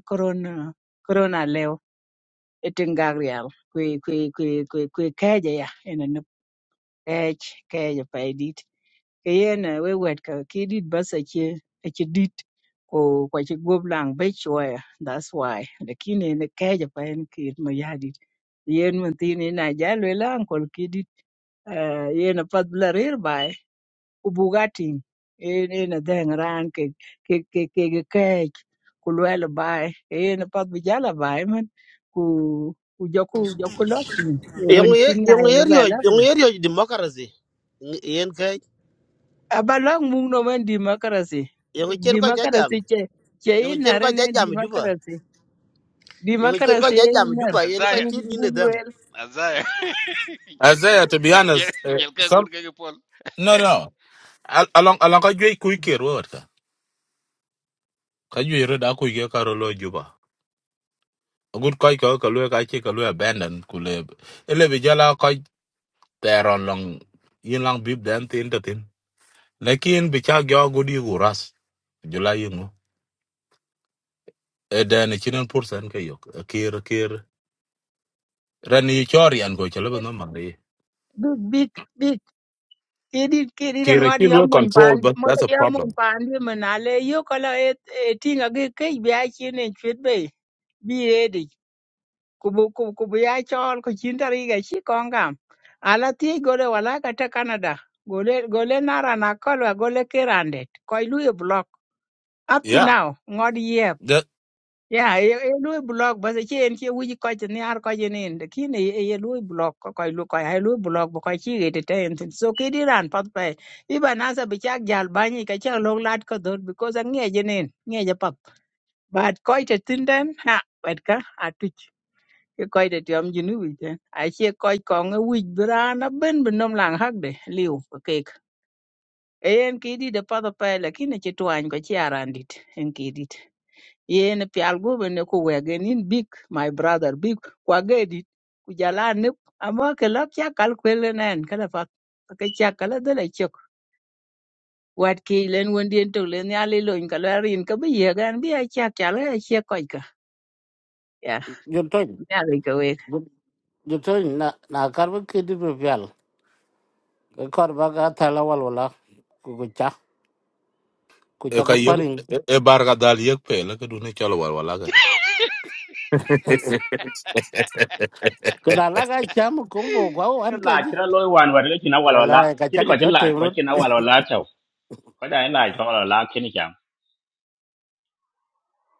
[SPEAKER 20] corona corona leo. Itengak real kwe kwe kwe kwe kwe keja ya ene nup kej keja pa edit ke yene we wet ka ki dit bas achi achi dit ko kwa chi gop lang be chwaya that's why lakini ene keja pa en kir mo yadit yen mun tin ina jalwe lang kol ki dit eh, yen apat bla rir ubugatti en en adheng ran ke ke ke ke ke kech ku lwelo bai en pat bi jala bai man ku ku joku joku lok tin wen
[SPEAKER 10] Yung
[SPEAKER 20] chin
[SPEAKER 10] e-
[SPEAKER 20] na
[SPEAKER 10] yung
[SPEAKER 20] en ba
[SPEAKER 10] area
[SPEAKER 20] la
[SPEAKER 10] yung area democracy. Yen ka
[SPEAKER 20] aba lok mung no men democracy
[SPEAKER 10] yung chen ko
[SPEAKER 20] democracy
[SPEAKER 10] jajam.
[SPEAKER 20] che che
[SPEAKER 10] Yung chen
[SPEAKER 20] inare
[SPEAKER 10] ko
[SPEAKER 20] ne
[SPEAKER 10] jajam juba.
[SPEAKER 20] democracy
[SPEAKER 10] Yung chen ko
[SPEAKER 20] democracy en
[SPEAKER 10] jajam
[SPEAKER 20] nar
[SPEAKER 10] juba yen ko
[SPEAKER 20] bu
[SPEAKER 18] Adda,
[SPEAKER 10] tin ni
[SPEAKER 20] bu
[SPEAKER 10] ne dang.
[SPEAKER 20] lwel
[SPEAKER 18] Azar, Jel
[SPEAKER 17] Isaiah,
[SPEAKER 18] jel
[SPEAKER 17] to be
[SPEAKER 18] jel
[SPEAKER 17] honest, eh,
[SPEAKER 18] jel ka gun
[SPEAKER 17] some
[SPEAKER 18] ka pol.
[SPEAKER 17] no no. Al- Along along ka jwe ku kir wo ka. Ka jwe ro da ku ge ka ro lo juba. A good koi ka ka lo ka che ka lo abandon ku le. Ele bi jala ko ter on long yin lang bib den tin ta tin. Lekin bi cha gyo gudi ras. Jula yin dan chinen pursan ke yok kir kir rani chori an go chalo no mari
[SPEAKER 20] big big big kidi kidi da
[SPEAKER 17] kir
[SPEAKER 20] ngod
[SPEAKER 17] ki
[SPEAKER 20] yo
[SPEAKER 17] lu
[SPEAKER 20] mun pan
[SPEAKER 17] control but
[SPEAKER 20] mo
[SPEAKER 17] that's a
[SPEAKER 20] yo mun
[SPEAKER 17] problem
[SPEAKER 20] pan di manale yo kala e e tinga ge ke bi a chin en chwet be bi edi kubu kubu kubu ya chol ko chin tari ga chi kongam ala ti gole wala ka ta canada gole gole nara na kolwa gole kirandet ko lu e block up to
[SPEAKER 17] yeah
[SPEAKER 20] now ngod
[SPEAKER 17] that
[SPEAKER 20] Yeah, e e lui block ba che en che wuji ko chen ni ar ko je nin de kin e e lui block ko ko lu ko ai lui block ba ko chi ge de ten tin so ke di ran pat pe i ba na sa bi chak jal ba ni ka cha long lat ko dot because an nge je nin nge je pat but ko te tin den ha wet ka a tu ke ko te tiom ji nu wi ten a che ko ko nge wi bra na ben ben nom lang hak de liu ke ke en ki di de pat pe la kin e che twan ko chi aran dit en ki yen pial gobe ne ku wegen in big my brother big kwa gedit ku jala ne amma ke lak ya kal kwele nen kala fa ke cha kala de le chok wat ki len won dien to len ya le loin kala rin ka bi ye gan bi ya cha kala ya che ko ka ya
[SPEAKER 2] Jutun,
[SPEAKER 20] ya le ka we
[SPEAKER 2] jutun na na karbi kidi bibial. Kekor baga thala wal wala kukucha,
[SPEAKER 17] e
[SPEAKER 2] kucha
[SPEAKER 17] ka
[SPEAKER 2] ka
[SPEAKER 17] yek
[SPEAKER 2] paring.
[SPEAKER 17] e bar ga dal yek pe la du ne chalo wal wala ga
[SPEAKER 2] Kena laga cham kumbo kwa u
[SPEAKER 5] ke
[SPEAKER 2] an
[SPEAKER 5] la
[SPEAKER 2] kaji.
[SPEAKER 5] chi ra loi wan wa le chi na wa la la
[SPEAKER 2] Wala
[SPEAKER 5] chi
[SPEAKER 2] kacha ka
[SPEAKER 5] ko chi la
[SPEAKER 2] jote
[SPEAKER 5] ko
[SPEAKER 2] mrut.
[SPEAKER 5] chi na wa la la chao ko ja la ko la la chi ni cham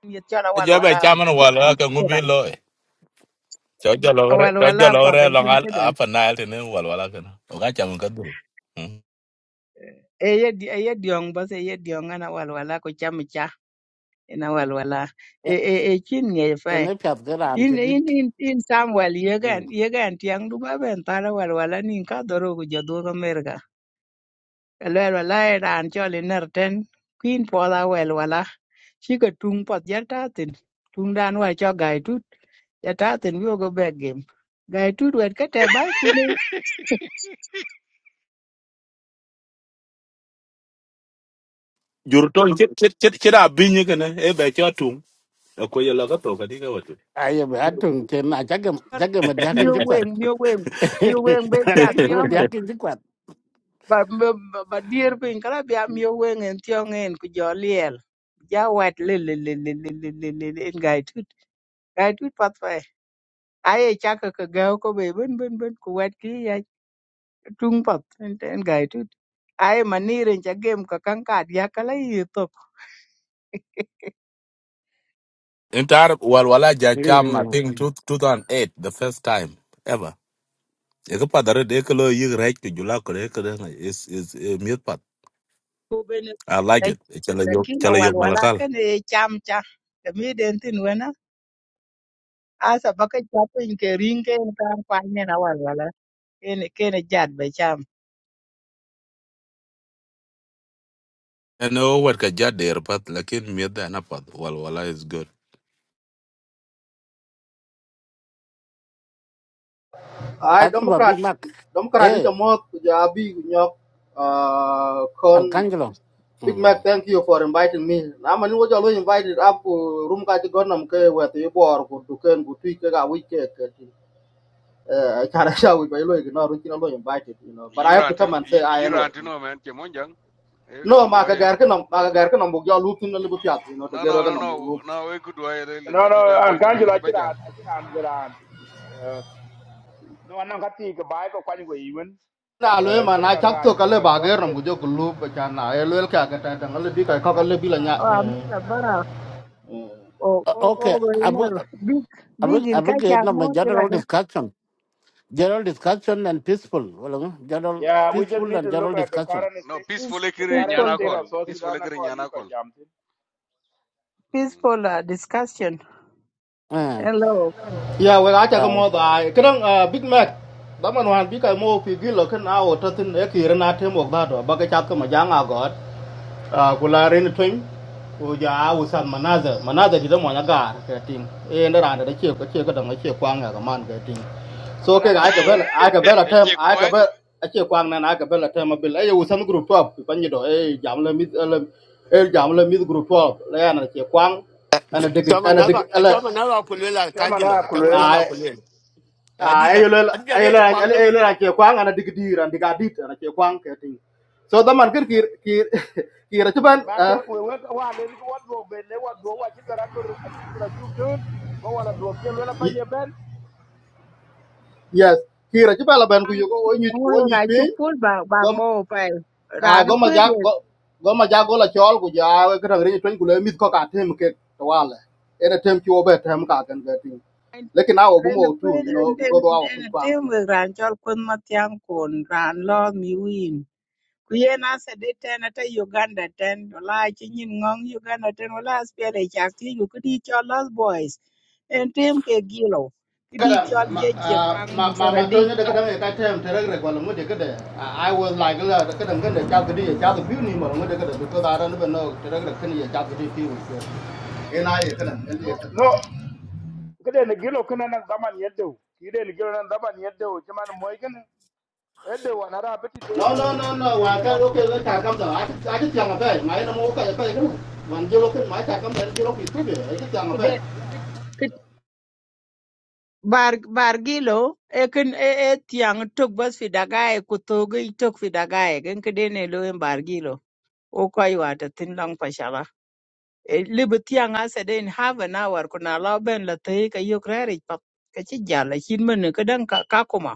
[SPEAKER 20] ni cha la wal
[SPEAKER 17] ja ba
[SPEAKER 20] wala
[SPEAKER 17] chaman wala
[SPEAKER 20] pa
[SPEAKER 17] ka ngubi lo e cho jalo re
[SPEAKER 20] wal
[SPEAKER 17] cho
[SPEAKER 20] wala
[SPEAKER 17] jalo
[SPEAKER 20] pa
[SPEAKER 17] re
[SPEAKER 20] ta
[SPEAKER 17] lo
[SPEAKER 20] jin
[SPEAKER 17] ngal
[SPEAKER 20] ke da
[SPEAKER 17] apa nail tene wal wala ga o ga chaman ka du Hmm.
[SPEAKER 20] e ye di e ye diong ba se ye diong ana wal wala ko cha mi cha ina wal wala e e e chin nge fa
[SPEAKER 2] Ene piat kera am
[SPEAKER 20] in
[SPEAKER 2] chedit.
[SPEAKER 20] in in in Samuel yegen yegen tiang du baben tara wal wala nin ka doro ku jodu ka merga lel wala ran choli nerten queen poda wel wala chi ka tung pot jata tin tung dan wa cho gai tut jata tin yo go back game gai tut wet ka te bai ku no
[SPEAKER 17] jur ton chit chit chit chit a binyi kana e be cho tum ko yelo ka to ka di ka
[SPEAKER 2] Ayo be atung chen na chaga chaga madiakin
[SPEAKER 20] mio
[SPEAKER 17] watu
[SPEAKER 20] wen
[SPEAKER 2] chikwat.
[SPEAKER 20] mio wen mio wen be ja
[SPEAKER 2] Chaga
[SPEAKER 20] tiang
[SPEAKER 2] madiakin chikwat.
[SPEAKER 20] ba ba ba ba dier pin kala bia mio wen en tiang en ku jo liel ja wet le le le le le le le Gai tut pat pai. Ai chaka ka gao ko be bin bin bin ku wet ki ya tung pat en en gai tut. Ai manirin cha game ka kan ka dia kala yi to.
[SPEAKER 17] Inte Arab wal ja cham I think two two thousand eight the first time ever. Eko padare de kelo yig right to jula kore eko is is miet pat.
[SPEAKER 20] Ku ben
[SPEAKER 17] I like it. Chala
[SPEAKER 20] da
[SPEAKER 17] yok
[SPEAKER 20] kila
[SPEAKER 17] chala yok
[SPEAKER 20] walwala
[SPEAKER 17] malakal.
[SPEAKER 20] kan e cham cha. Da mi den tin wana. Asa baka chapin ke ring ke en kan pa ne na walwala. Ene kene jad be cham.
[SPEAKER 17] I know what kaja der pat lakin miet da na pat wal is good.
[SPEAKER 21] I
[SPEAKER 2] Asu ba Big
[SPEAKER 21] Democrat
[SPEAKER 2] Mac.
[SPEAKER 21] Democrat is
[SPEAKER 2] Eh,
[SPEAKER 21] the most Jabi Nyok uh con
[SPEAKER 2] Arcangelo.
[SPEAKER 21] Big Mac
[SPEAKER 2] Mm.
[SPEAKER 21] thank you for inviting me. Na mani wo jalo invited up uh, room ka go. gonam ke wet e bor ku du ken ku tui ke ga wi ke ke ti. Eh I can't show we by lo ignore ru kilo invited you know but I
[SPEAKER 18] Yiro
[SPEAKER 21] have
[SPEAKER 18] Iran,
[SPEAKER 21] to come and say I
[SPEAKER 18] yiro
[SPEAKER 21] anyway.
[SPEAKER 18] antino man. che monjang. E
[SPEAKER 21] No
[SPEAKER 18] un
[SPEAKER 21] ma ka
[SPEAKER 18] duairo.
[SPEAKER 21] gar ke nam ma ka gar ke nam the jalo lup you know to
[SPEAKER 18] No
[SPEAKER 21] get
[SPEAKER 18] no
[SPEAKER 21] ga
[SPEAKER 18] no
[SPEAKER 21] number.
[SPEAKER 18] no
[SPEAKER 21] bu lup.
[SPEAKER 18] no e ku duairo ile
[SPEAKER 13] no
[SPEAKER 18] na chi
[SPEAKER 13] no
[SPEAKER 18] jal
[SPEAKER 13] I'm going to
[SPEAKER 18] bente
[SPEAKER 13] an kan
[SPEAKER 18] na
[SPEAKER 13] jula
[SPEAKER 18] ile
[SPEAKER 13] chiran
[SPEAKER 18] bajam.
[SPEAKER 13] chiran jiran no an ka ti ka bai ko kwani go even
[SPEAKER 21] Na lo ma
[SPEAKER 13] ke
[SPEAKER 21] na
[SPEAKER 13] ka ka
[SPEAKER 21] to ka
[SPEAKER 13] chu ka
[SPEAKER 21] le ba ger nam
[SPEAKER 13] exhausted
[SPEAKER 21] ku jo ku lup ka na I lo el ka ka ta
[SPEAKER 20] Oh, I'm not a bara. Oh, oh,
[SPEAKER 2] Okay,
[SPEAKER 20] oh, you
[SPEAKER 2] abu
[SPEAKER 20] know, big,
[SPEAKER 2] abu
[SPEAKER 20] big in
[SPEAKER 2] abu ke
[SPEAKER 20] Kacha,
[SPEAKER 2] na
[SPEAKER 20] more
[SPEAKER 2] general
[SPEAKER 20] like
[SPEAKER 2] discussion. general discussion and peaceful wala nga, general
[SPEAKER 13] yeah we just
[SPEAKER 2] peaceful
[SPEAKER 13] need
[SPEAKER 2] and
[SPEAKER 13] to
[SPEAKER 2] general
[SPEAKER 13] look at the
[SPEAKER 2] discussion
[SPEAKER 13] current
[SPEAKER 18] No
[SPEAKER 13] state
[SPEAKER 20] a
[SPEAKER 18] peaceful e
[SPEAKER 13] the
[SPEAKER 18] kire
[SPEAKER 13] current
[SPEAKER 20] peaceful,
[SPEAKER 18] nyana
[SPEAKER 13] state
[SPEAKER 20] uh,
[SPEAKER 18] call.
[SPEAKER 13] of south
[SPEAKER 18] Peaceful
[SPEAKER 13] sudan
[SPEAKER 18] e kire
[SPEAKER 13] ko ni
[SPEAKER 18] nyana
[SPEAKER 13] ko
[SPEAKER 18] kol.
[SPEAKER 13] jam
[SPEAKER 20] peaceful uh, discussion.
[SPEAKER 2] eh
[SPEAKER 20] Hello. Pen.
[SPEAKER 21] ya wega ca
[SPEAKER 2] uh,
[SPEAKER 21] mo da kedang ah, big mac da man wan bi ka mo pi gi lo ken a o ta tin e ki rena te mo da do ba ka cha ka ma jang a god a ku la ren twin ku ja a u san manaza manaza di da mo na gar ka ting e na ran da che ka che ka da ma che kwang ga man ka ting
[SPEAKER 13] I'm
[SPEAKER 21] so ke
[SPEAKER 13] another
[SPEAKER 21] ga ka
[SPEAKER 13] da
[SPEAKER 21] bel
[SPEAKER 13] I'm
[SPEAKER 21] a ka bel a tem
[SPEAKER 18] Che
[SPEAKER 21] a ka
[SPEAKER 18] koan.
[SPEAKER 21] bel a che kwang na na ka bel a tem a bil e u san group up pa ni do e jam la mit la e jam la mit group up la ya na che kwang ana dig
[SPEAKER 3] cho mà
[SPEAKER 21] ana
[SPEAKER 3] nó
[SPEAKER 21] dig
[SPEAKER 3] vào cho mà nó vào quên là cán gì
[SPEAKER 13] another
[SPEAKER 3] rồi cho mà
[SPEAKER 13] kulwel
[SPEAKER 3] nó vào
[SPEAKER 21] ala
[SPEAKER 3] quên là phụ lừa đi
[SPEAKER 21] ah
[SPEAKER 3] ra
[SPEAKER 21] ayolel
[SPEAKER 3] anh đi ra đây cho
[SPEAKER 21] ayolel
[SPEAKER 3] quăng luôn
[SPEAKER 21] ayolel ake kwang ana digdir and digadit ana ke kwang ke ting so the man kir kir kir kir chuban
[SPEAKER 13] ba
[SPEAKER 21] ah,
[SPEAKER 13] ke we we wa le ko wa do be le wa go wa chi ga ragur a chi ga chu dut ko wala do ke le la
[SPEAKER 21] y-
[SPEAKER 13] banye ben
[SPEAKER 21] yes kir chuban la ban ku
[SPEAKER 20] Ang
[SPEAKER 21] yugo onyu
[SPEAKER 20] ngoro
[SPEAKER 21] onyu
[SPEAKER 20] ga chu
[SPEAKER 21] pin
[SPEAKER 20] pul ba ba
[SPEAKER 21] go
[SPEAKER 20] mo pa. Ra
[SPEAKER 21] ah
[SPEAKER 20] no
[SPEAKER 21] go ma
[SPEAKER 20] kwet
[SPEAKER 21] jak
[SPEAKER 20] ye.
[SPEAKER 21] go go ma jak go la chol ku ja ke rang ri twen ku le mit ko ka tem ke to wala era tem ki obe tem ka kan ke ting lekin awo
[SPEAKER 20] Ra no
[SPEAKER 21] bumo tu
[SPEAKER 20] kwet
[SPEAKER 21] you
[SPEAKER 20] en
[SPEAKER 21] know
[SPEAKER 20] en
[SPEAKER 21] because awo
[SPEAKER 20] en
[SPEAKER 21] ku
[SPEAKER 20] tem we ran chol kun ma tiang kun ran lo mi win. Ku ye na se de ten ata Uganda ten la chi nyin ngong Uganda ten la spele chak ti yu ku di chol los boys. En tem ke gilo. Ki di
[SPEAKER 21] kada
[SPEAKER 20] chol
[SPEAKER 21] ma
[SPEAKER 20] je che
[SPEAKER 21] ah,
[SPEAKER 20] kwang
[SPEAKER 21] ma
[SPEAKER 20] mu so
[SPEAKER 21] ma
[SPEAKER 20] ra
[SPEAKER 21] ma to ne
[SPEAKER 20] dit.
[SPEAKER 21] da kada ka ta am tare da kwalan mu da kada i I was like la da kada ngada ta kudi ya ta kudi ni mu da kada because i don't even know tare da kan ya ta kudi fi wa ina ya kada ngada ya kada
[SPEAKER 13] no kede ne gilo kana na zaman yeddo kide ne gilo na zaman yeddo chama moy ede wana ra beti
[SPEAKER 21] no no no
[SPEAKER 13] dene
[SPEAKER 21] no wa
[SPEAKER 13] dene
[SPEAKER 21] ka
[SPEAKER 13] nong
[SPEAKER 21] ro ke ta kam da a ta ta ta ma fa mai na mu ka ka ka wan je lo kan mai ta kam da je lo fi tu be ai ta ta ma fa
[SPEAKER 20] bar bargilo ekin e e e tiang tok bas fi dagae ku togi tok fi dagae gen kedene lo en bargilo o ko aywa ta tin long pashala e libu tiang ase den half an hour kuna lo ben la te ka yok rari pap ka ci jalla chin men ka dan ka ka kuma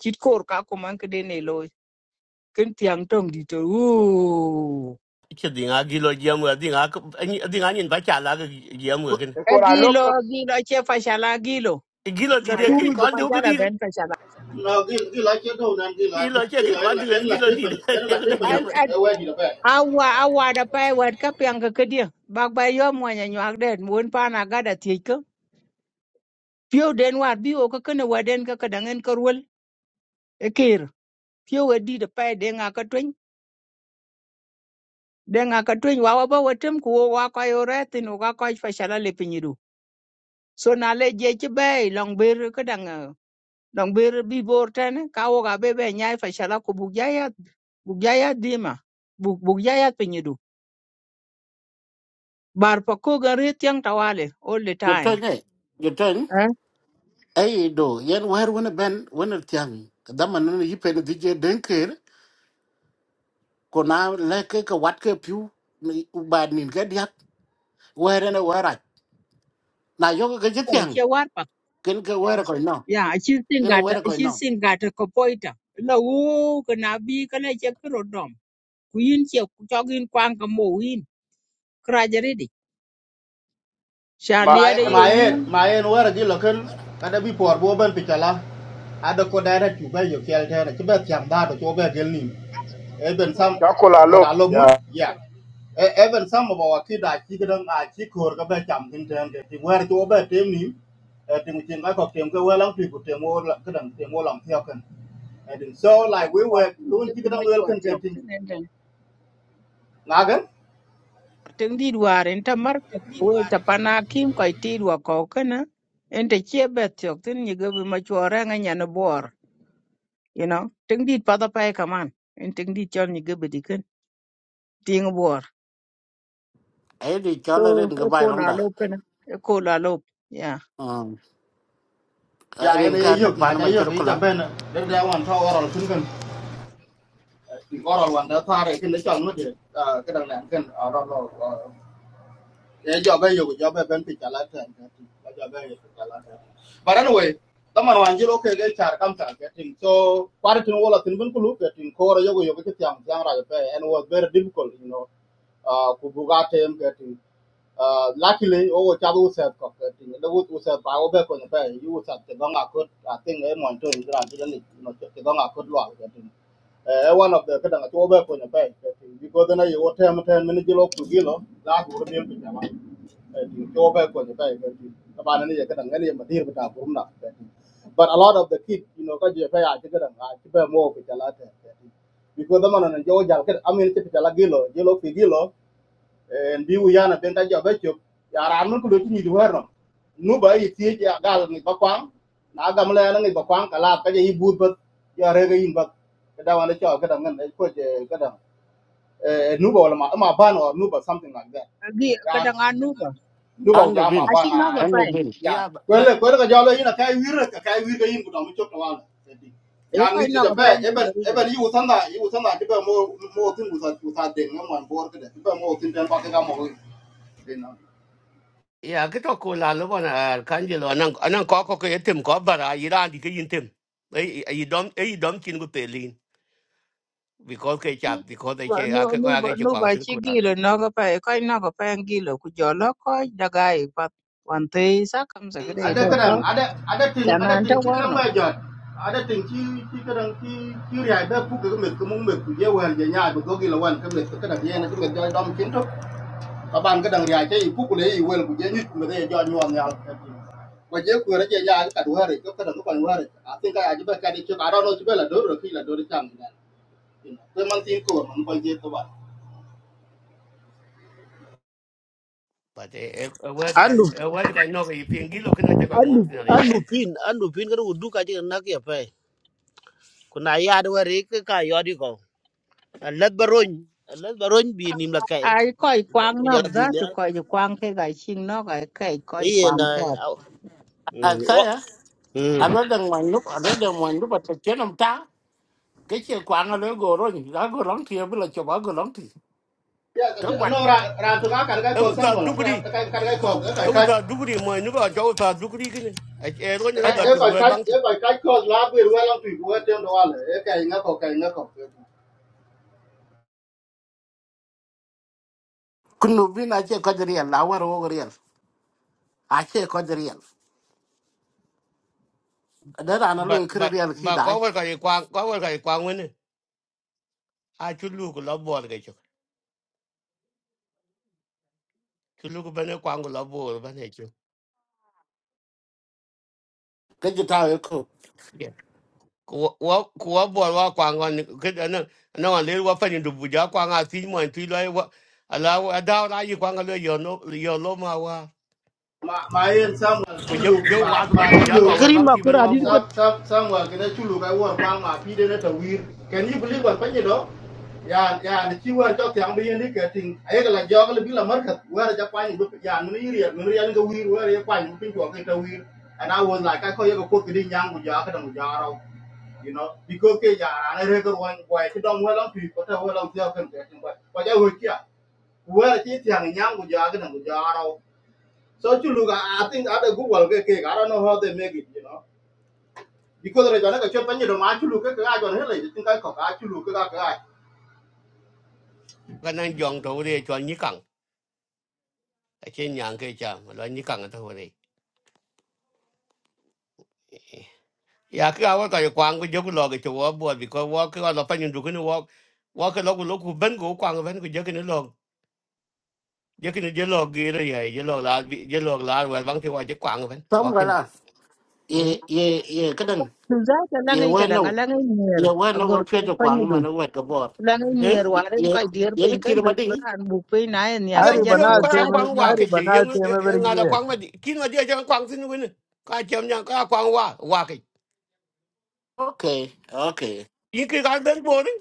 [SPEAKER 20] chit kor ka kuma kedene lo ken tiang tong di to u
[SPEAKER 3] chứ đi ngã ghi lo người đi ngã đi ngã nhìn phải trả lại cái giếm người cái
[SPEAKER 13] e
[SPEAKER 20] e
[SPEAKER 13] ko la lop
[SPEAKER 20] gilo
[SPEAKER 13] lop,
[SPEAKER 20] gilo che pashala gilo
[SPEAKER 3] gilo
[SPEAKER 20] ta
[SPEAKER 13] ma
[SPEAKER 3] dide
[SPEAKER 20] tu
[SPEAKER 13] ye
[SPEAKER 3] ki
[SPEAKER 20] bu
[SPEAKER 3] kon
[SPEAKER 20] ka
[SPEAKER 3] du
[SPEAKER 20] jala
[SPEAKER 3] ki
[SPEAKER 20] ben pashala
[SPEAKER 21] no gi gi la ke do nan gi la di
[SPEAKER 3] gilo che
[SPEAKER 21] gi
[SPEAKER 3] ki
[SPEAKER 21] la en
[SPEAKER 3] kon
[SPEAKER 21] la
[SPEAKER 3] du
[SPEAKER 21] en la
[SPEAKER 3] gilo
[SPEAKER 21] tre pa
[SPEAKER 3] dide
[SPEAKER 21] en
[SPEAKER 3] ye
[SPEAKER 21] la tre
[SPEAKER 3] ne
[SPEAKER 21] pa ni do
[SPEAKER 3] yam
[SPEAKER 21] e wa di da fa
[SPEAKER 20] awa awada pai wet ka piang ka kedia bak bai yo mo nya nyak den won pa na ga da ti ko pio den war bi o ka kana waden ka ka dangen ka rul e kir pio we di de pai de nga ka twen de nga ka twen wa wa ba wetem ku wo wa ka yo retin o ga ka fa shala le pinyidu so na le je ti bai long ber ka dang eh, long ber bi bor ten ka wo ga be be nya fa shala ku bu ya ya bu ya ya di ma bu bu ya ya pinyidu bar pa ko ga re tiang tawale all the
[SPEAKER 2] yo tong
[SPEAKER 20] time
[SPEAKER 2] eh yo tong ay do yen war wona ben wona tiang dama no yipe no dije denker ko na leke ka wat ke piu mi- ba nin ga diak were na wara na yo ga je tiang
[SPEAKER 20] che warpa
[SPEAKER 2] ken ke were ko no
[SPEAKER 20] ya chi
[SPEAKER 2] yen
[SPEAKER 20] singata
[SPEAKER 2] were ko
[SPEAKER 20] chi
[SPEAKER 2] no
[SPEAKER 20] singata ko poita la wu kana bi kana che kro dom ku yin che ku chogin kwang ka mo win kra jere di sha
[SPEAKER 13] ma
[SPEAKER 21] my
[SPEAKER 20] lia de ye
[SPEAKER 21] my en
[SPEAKER 20] wu
[SPEAKER 21] my en wara gi lokan kada bi por bo ban pitala ada ko dara tu ba yo kel tera ti ba tiam da to ba gel nim e ben sam
[SPEAKER 13] ka ko la
[SPEAKER 21] ko
[SPEAKER 13] lop
[SPEAKER 21] da lo mu
[SPEAKER 13] ya
[SPEAKER 21] ya e e ben sam ba wa ki da ki gidan a ki kor ga ba tiam tin tem de ti wara to ba tem nim e ti mu tin ga ko tem ga people lang ti ku tem wo la gidan tem wo e so
[SPEAKER 20] lo ben
[SPEAKER 21] like
[SPEAKER 20] to
[SPEAKER 21] we
[SPEAKER 20] wa
[SPEAKER 21] were
[SPEAKER 20] ni
[SPEAKER 21] kun
[SPEAKER 20] ge
[SPEAKER 21] ti
[SPEAKER 20] bi ma
[SPEAKER 21] gidan wel
[SPEAKER 20] chwar
[SPEAKER 21] kan ga
[SPEAKER 20] tiok
[SPEAKER 21] tin
[SPEAKER 20] tin en den tin di war en ta mar ko we ta pana kim ko ti wa ko kana en te che be tiok tin ni ge bi ma chwar nga nya na bor you know tin di pa da pa ka man en tin di chon ni ge bi di ken ting bor
[SPEAKER 2] ay di
[SPEAKER 20] So
[SPEAKER 2] chala ren ga
[SPEAKER 20] eko
[SPEAKER 2] bai long da
[SPEAKER 20] lalo kana eko lalo yeah.
[SPEAKER 2] um
[SPEAKER 21] Yeah. ga ya
[SPEAKER 2] ren
[SPEAKER 21] en e
[SPEAKER 2] ka ta
[SPEAKER 21] yok na
[SPEAKER 2] pan
[SPEAKER 21] ja
[SPEAKER 2] ma
[SPEAKER 21] yok
[SPEAKER 2] chal
[SPEAKER 21] i
[SPEAKER 2] ko
[SPEAKER 21] ja
[SPEAKER 2] lang
[SPEAKER 21] ben de da wan Because one the car is in the chong with it. Uh, cái đằng này cái ở đó rồi. Cái job ấy dùng job ấy bên phía trái lái thuyền. Cái job ấy dùng trái lái thuyền. But anyway, tama na wanjiro okay cái char kam char cái thing. So, kwari tin wala tin bin kulu cái thing. Kora yogo yogo cái tiang tiang ra cái and was very difficult, you know. Uh, kubuga tem cái thing. luckily luckily, ogo chabu usep kok cái thing. Lewu usep pa obe ko nyepe. You usep te gonga kut. I think eh monto ni gran ti dani. No te gonga kut lo cái thing eh eh, one of the kadang to be ko nyata because na yo tem tem min jilo ku gilo la ku ro mi ta ba to be ko nyata ta ba ni kadang ni ma dir ta ku na but a lot of the kids you know ka je pa ya ti kadang ha ti be mo ku ta la ta because the man na jo jal ka amin ti ta la gilo jilo ku gilo and be wu yana ben ta jobe chop ya ran mun ku do ni di werno nu ba yi ti ya gal ni ba kwang na gam le na ni ba kwang kala ka je bu ba ya re ga yin ba ka da wan cho a da ngan ko je ka da eh nu ba wala ma or nu something like
[SPEAKER 20] Agi
[SPEAKER 21] that
[SPEAKER 20] kadang anu ba
[SPEAKER 21] nuba
[SPEAKER 2] ando
[SPEAKER 21] jama
[SPEAKER 2] bin
[SPEAKER 21] ba
[SPEAKER 20] achi
[SPEAKER 21] na
[SPEAKER 20] no ga
[SPEAKER 2] ando
[SPEAKER 20] pai
[SPEAKER 2] bin
[SPEAKER 21] ya
[SPEAKER 3] Yeah, but,
[SPEAKER 21] kwele kwele ka jalo ina kai wir ka kai wir ka yin gudan mu chokta wala
[SPEAKER 20] e
[SPEAKER 21] ya
[SPEAKER 20] ko
[SPEAKER 21] mi
[SPEAKER 20] no
[SPEAKER 21] ti da
[SPEAKER 20] ga
[SPEAKER 21] be
[SPEAKER 20] pai ngi
[SPEAKER 21] eben
[SPEAKER 20] garu ba.
[SPEAKER 21] eben yu sanda yu sanda ti be mo mo tin gusa gusa de ngam wan bor ka de ti be mo tin den ba ka ga mo de na
[SPEAKER 3] yeah, cái đó là lúc mà à, khán giả là anh anh có có cái tìm có bà ra gì ra thì cái yên tìm ấy ấy đom ấy đom chín của tề liên vì có cái chạp vì có cái chơi
[SPEAKER 20] No
[SPEAKER 3] à cái
[SPEAKER 20] no
[SPEAKER 3] có cái chơi
[SPEAKER 20] no ba
[SPEAKER 3] quảng sinh
[SPEAKER 20] chi
[SPEAKER 3] cô
[SPEAKER 20] gi
[SPEAKER 3] là
[SPEAKER 20] lo
[SPEAKER 3] lúc
[SPEAKER 20] no ga pai ko no ga pai ngi lo ku jolo ko daga i pa wan te sa kam sa gre
[SPEAKER 21] ada
[SPEAKER 20] do pa
[SPEAKER 21] kadang ada ada ting
[SPEAKER 20] chana
[SPEAKER 21] ada
[SPEAKER 20] anta
[SPEAKER 21] ting ti
[SPEAKER 20] war
[SPEAKER 21] kadang
[SPEAKER 20] no.
[SPEAKER 21] ba jot ada ting ti ti kadang ti ti ri ai be pu ka me ku mo me ku ye wer je nya ba go gi la wan ka me ka da ye na ka me da dom kin to ka ban ka dang ria che ku ku le i wel ku je nyut me de jo nyom ya ko je ku re je ya ka du hari ko ka dang ko wa hari a tin ka ya je ba ka de chu ka ro no chu be la do ro ki la do ri cham ni ko tin ko man ko je ko ba
[SPEAKER 3] bà thế em em vừa cho anh em vừa cho anh nói cái phiền gì lúc cái này chơi cái
[SPEAKER 10] alu
[SPEAKER 3] mồm thế nào đấy
[SPEAKER 10] alu
[SPEAKER 3] à
[SPEAKER 10] pin alu pin kan udu ka ji na ke pe ku na ya de re ke ka yo di alat baron alat baron bi nim la kai
[SPEAKER 20] Ai ko i kwang no
[SPEAKER 10] Kujala
[SPEAKER 20] za tu
[SPEAKER 10] dunia
[SPEAKER 20] ko i kwang ke ga chin no ga ke ko
[SPEAKER 10] e
[SPEAKER 20] i kwang
[SPEAKER 10] na
[SPEAKER 20] ko.
[SPEAKER 10] Hmm. wa
[SPEAKER 2] asaya
[SPEAKER 10] Hmm.
[SPEAKER 2] alo đang ngoài lúc alo đang ngoài lúc mà núp ở tập chiến ông ta cái chuyện quảng alo gồ rồi đã gồ lóng thì bây giờ cho bà gồ lóng thì cái quan
[SPEAKER 21] no ra ra tu ka ka ka
[SPEAKER 3] em
[SPEAKER 21] ko
[SPEAKER 3] vừa
[SPEAKER 21] sam
[SPEAKER 3] thà
[SPEAKER 21] wala
[SPEAKER 3] đúng
[SPEAKER 21] ka
[SPEAKER 3] đi
[SPEAKER 21] ka ka ka ko ka
[SPEAKER 3] em vừa
[SPEAKER 21] ka ka
[SPEAKER 3] thà đúng đi mà nếu
[SPEAKER 21] e ba ka e la bi ru la tu ku te ndo wala e ka inga ko ka inga ko
[SPEAKER 2] kun nụ bin ai chơi coi real là war war real ai chơi coi real đó là nó
[SPEAKER 3] bà
[SPEAKER 2] lôi cái
[SPEAKER 3] bà
[SPEAKER 2] real khi
[SPEAKER 3] bà có
[SPEAKER 2] đại
[SPEAKER 3] vừa cái quang có vừa cái quang a chu ko la bor ge chu chu ko bene kwang la bor bene chu
[SPEAKER 2] cái gì tao yêu cầu
[SPEAKER 3] ko wa ko wa bor wa kwang on ke na na wa le wa fa ni du bu ja kwang a ti mo ti lo wa ala wa da na yi kwang le yo no yo lo ma wa
[SPEAKER 21] ma ma yen sam
[SPEAKER 3] ko
[SPEAKER 21] ku
[SPEAKER 3] yo
[SPEAKER 21] lu
[SPEAKER 3] yo
[SPEAKER 21] ma
[SPEAKER 3] wa du
[SPEAKER 21] ma
[SPEAKER 3] bu
[SPEAKER 21] chu
[SPEAKER 3] ja
[SPEAKER 21] lu
[SPEAKER 3] lo wa
[SPEAKER 10] gari
[SPEAKER 3] bang
[SPEAKER 10] ma
[SPEAKER 3] ti
[SPEAKER 10] ku
[SPEAKER 3] ben
[SPEAKER 10] ra
[SPEAKER 3] wa
[SPEAKER 10] di ke
[SPEAKER 3] bor
[SPEAKER 21] Some, some, somewhere can I chulu kai war kwang ma pi de na ta Can you believe what panye do? Yeah, yeah. ni chi war chok yang bi ni ka ting. Ay ka la jog le bi la mar ka war ja kwang bu ya ni ri ya ni ri ya ni ka wir war And I was like I call you ko ki yang bu ja ka dang ja ra. You know, because yeah, ya ra na re ko wan kwai ti dom wa lang pi ko ta wa lang ja kan ka ting ba. Ko ja wo kia. War chi tiang yang bu ja ka dang ja So chulu ka I think other Google ke I don't know how they make it, you know because re jona ka chot panye do not chulu ke ka jona hele tin ka ko ka chulu ke ka ka
[SPEAKER 3] ka nan jong to re cho ni kang a chen yang ke cha ma lo ni kang to re ya ke wa ta kwang ko yo ko lo ge chu wa bor bi ko wa ke wa fa ni du ko ni wa wa ke lo ko lo ku ben ko kwang ben ko yo ke ni giờ cái giờ lò gì đó vậy giờ lò là giờ lò là và vẫn thì qua chỉ quăng vậy
[SPEAKER 2] xong
[SPEAKER 3] qua
[SPEAKER 2] rồi
[SPEAKER 3] kim
[SPEAKER 2] là ye
[SPEAKER 3] ừ
[SPEAKER 2] ye ye cái đằng
[SPEAKER 20] Tu za ta la
[SPEAKER 2] ye
[SPEAKER 20] ngai
[SPEAKER 2] quen
[SPEAKER 20] kadang
[SPEAKER 2] đâu
[SPEAKER 20] ala ngai nyer
[SPEAKER 2] ye quen
[SPEAKER 20] agor
[SPEAKER 2] đâu
[SPEAKER 20] tu
[SPEAKER 2] phía cho
[SPEAKER 20] pa
[SPEAKER 2] quảng mà nó quen cái bọt
[SPEAKER 20] Lang ni
[SPEAKER 3] yên
[SPEAKER 20] war en
[SPEAKER 2] ye
[SPEAKER 20] ko dir
[SPEAKER 2] ye nó
[SPEAKER 20] pin
[SPEAKER 2] kia
[SPEAKER 20] kan
[SPEAKER 2] mà
[SPEAKER 20] bet
[SPEAKER 2] đi
[SPEAKER 20] bran bu pin na en ya ka
[SPEAKER 6] Ari
[SPEAKER 20] ja tu
[SPEAKER 3] yên
[SPEAKER 6] banal
[SPEAKER 3] có
[SPEAKER 20] sa
[SPEAKER 3] ai
[SPEAKER 6] tem
[SPEAKER 20] de
[SPEAKER 3] quăng
[SPEAKER 20] wa
[SPEAKER 3] qua
[SPEAKER 6] ari
[SPEAKER 3] cái gì
[SPEAKER 6] banal
[SPEAKER 3] yên
[SPEAKER 6] tem every
[SPEAKER 3] ngài đã
[SPEAKER 6] year.
[SPEAKER 3] quăng mà khi mà giờ cho quăng xin quên cái chém nhau có ai quăng qua qua cái
[SPEAKER 2] ok ok
[SPEAKER 3] yên cái cái đến bộ đấy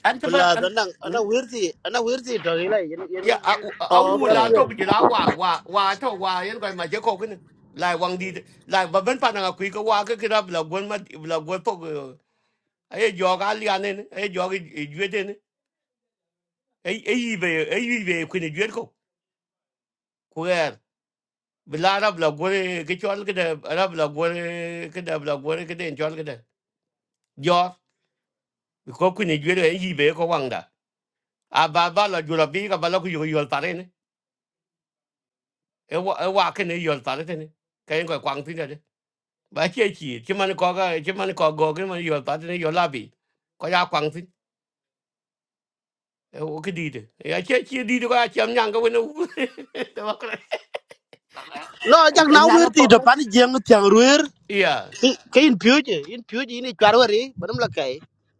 [SPEAKER 2] anh chấp
[SPEAKER 10] pla
[SPEAKER 2] anh
[SPEAKER 10] da nang ana
[SPEAKER 2] ừ,
[SPEAKER 10] wirti ana wirti to ila yen yen
[SPEAKER 3] ya
[SPEAKER 10] yen
[SPEAKER 3] à à
[SPEAKER 10] yen
[SPEAKER 3] u
[SPEAKER 2] ok
[SPEAKER 10] ra
[SPEAKER 3] là
[SPEAKER 10] pe
[SPEAKER 3] thôi cái là qua qua qua thôi qua yên coi mà chỉ có cái này lại quăng đi lại và vẫn phải là quý cái qua cái cái đó là quên mà là quên phục ấy giờ cái liền này ấy giờ cái duyệt này ấy ấy về ấy về quên duyệt không bila arab la gore ke chol ke de arab la gore ke de la gore ke de chol ke de yo ko ku ni jwe yi be ko wanga a ba ba la jula bi ka ba la ku yo yo tare ne e wa e wa ke ne yo tare te ne ka en ko kwang tin de ba che chi chi man ko ga chi man ko go ke man yo tare ne yo la bi ko ya kwang tin e o ke di de ya che chi di de ko chem nyang ko ne u
[SPEAKER 10] no
[SPEAKER 2] anh
[SPEAKER 10] jak
[SPEAKER 2] anh
[SPEAKER 10] na wirti
[SPEAKER 2] nhang
[SPEAKER 10] to pan jeng tiang ruer ke in pyuje in pyuje ini chwarwari banam la kai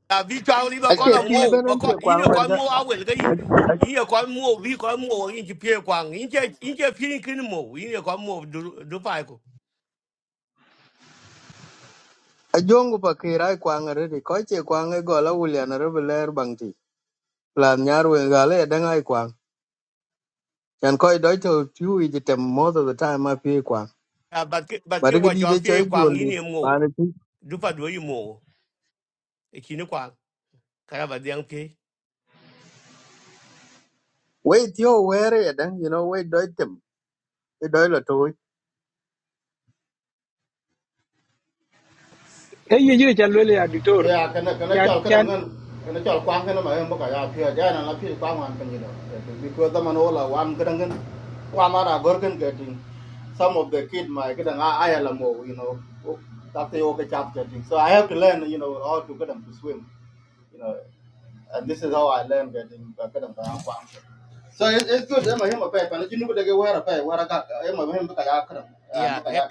[SPEAKER 3] a vi chwa li ba
[SPEAKER 10] jar
[SPEAKER 3] ko
[SPEAKER 6] Ache
[SPEAKER 3] la
[SPEAKER 10] lo
[SPEAKER 6] twi
[SPEAKER 10] pat
[SPEAKER 3] mo ba
[SPEAKER 6] benen
[SPEAKER 3] ko
[SPEAKER 6] che
[SPEAKER 3] yin
[SPEAKER 6] kwang wer
[SPEAKER 3] ko
[SPEAKER 6] ga
[SPEAKER 3] mo a wel ga yin yin ko mo vi ko mo yin ji pie kwang yin je yin je pin kin mo yin ko mo du du pa ko
[SPEAKER 6] ajongu pa kira kwang re di ko che kwang e gola wulian re beler bang ti. Plan nyar wen ga le dang ai kwang. Chan ko doi to twi ji tem most of the time ma pi kwang.
[SPEAKER 3] a bat ke bat
[SPEAKER 6] But
[SPEAKER 3] ke
[SPEAKER 6] ga
[SPEAKER 3] wa
[SPEAKER 6] di
[SPEAKER 3] chwa
[SPEAKER 6] de
[SPEAKER 3] pie
[SPEAKER 6] che
[SPEAKER 3] kwang
[SPEAKER 6] jol
[SPEAKER 3] yin mo
[SPEAKER 6] di
[SPEAKER 3] du pa du yi mo e kin kwang kara ba dang pie
[SPEAKER 6] Wait, thio where ya dang you know we doi tem we doi la to
[SPEAKER 7] e ye jire jalwele ya ditor
[SPEAKER 21] ya kana kana
[SPEAKER 7] kan
[SPEAKER 21] chol kana
[SPEAKER 7] kan
[SPEAKER 21] ngan kana chol kwang kana ma em ka ya pye ja na la pye kwang wan panye do because da man ola wan kana ngan wa ma ra gor kan ke tin some of the kid my kada nga ayala you know that they okay chap getting so i have to learn you know how to get them to swim you know and this is how i learned getting uh, get them to have fun. so it, it's good i'm a him a pay but you know they get wear a pay wear a got i'm a him ka ya kada ya
[SPEAKER 3] ya
[SPEAKER 21] ka ya
[SPEAKER 3] e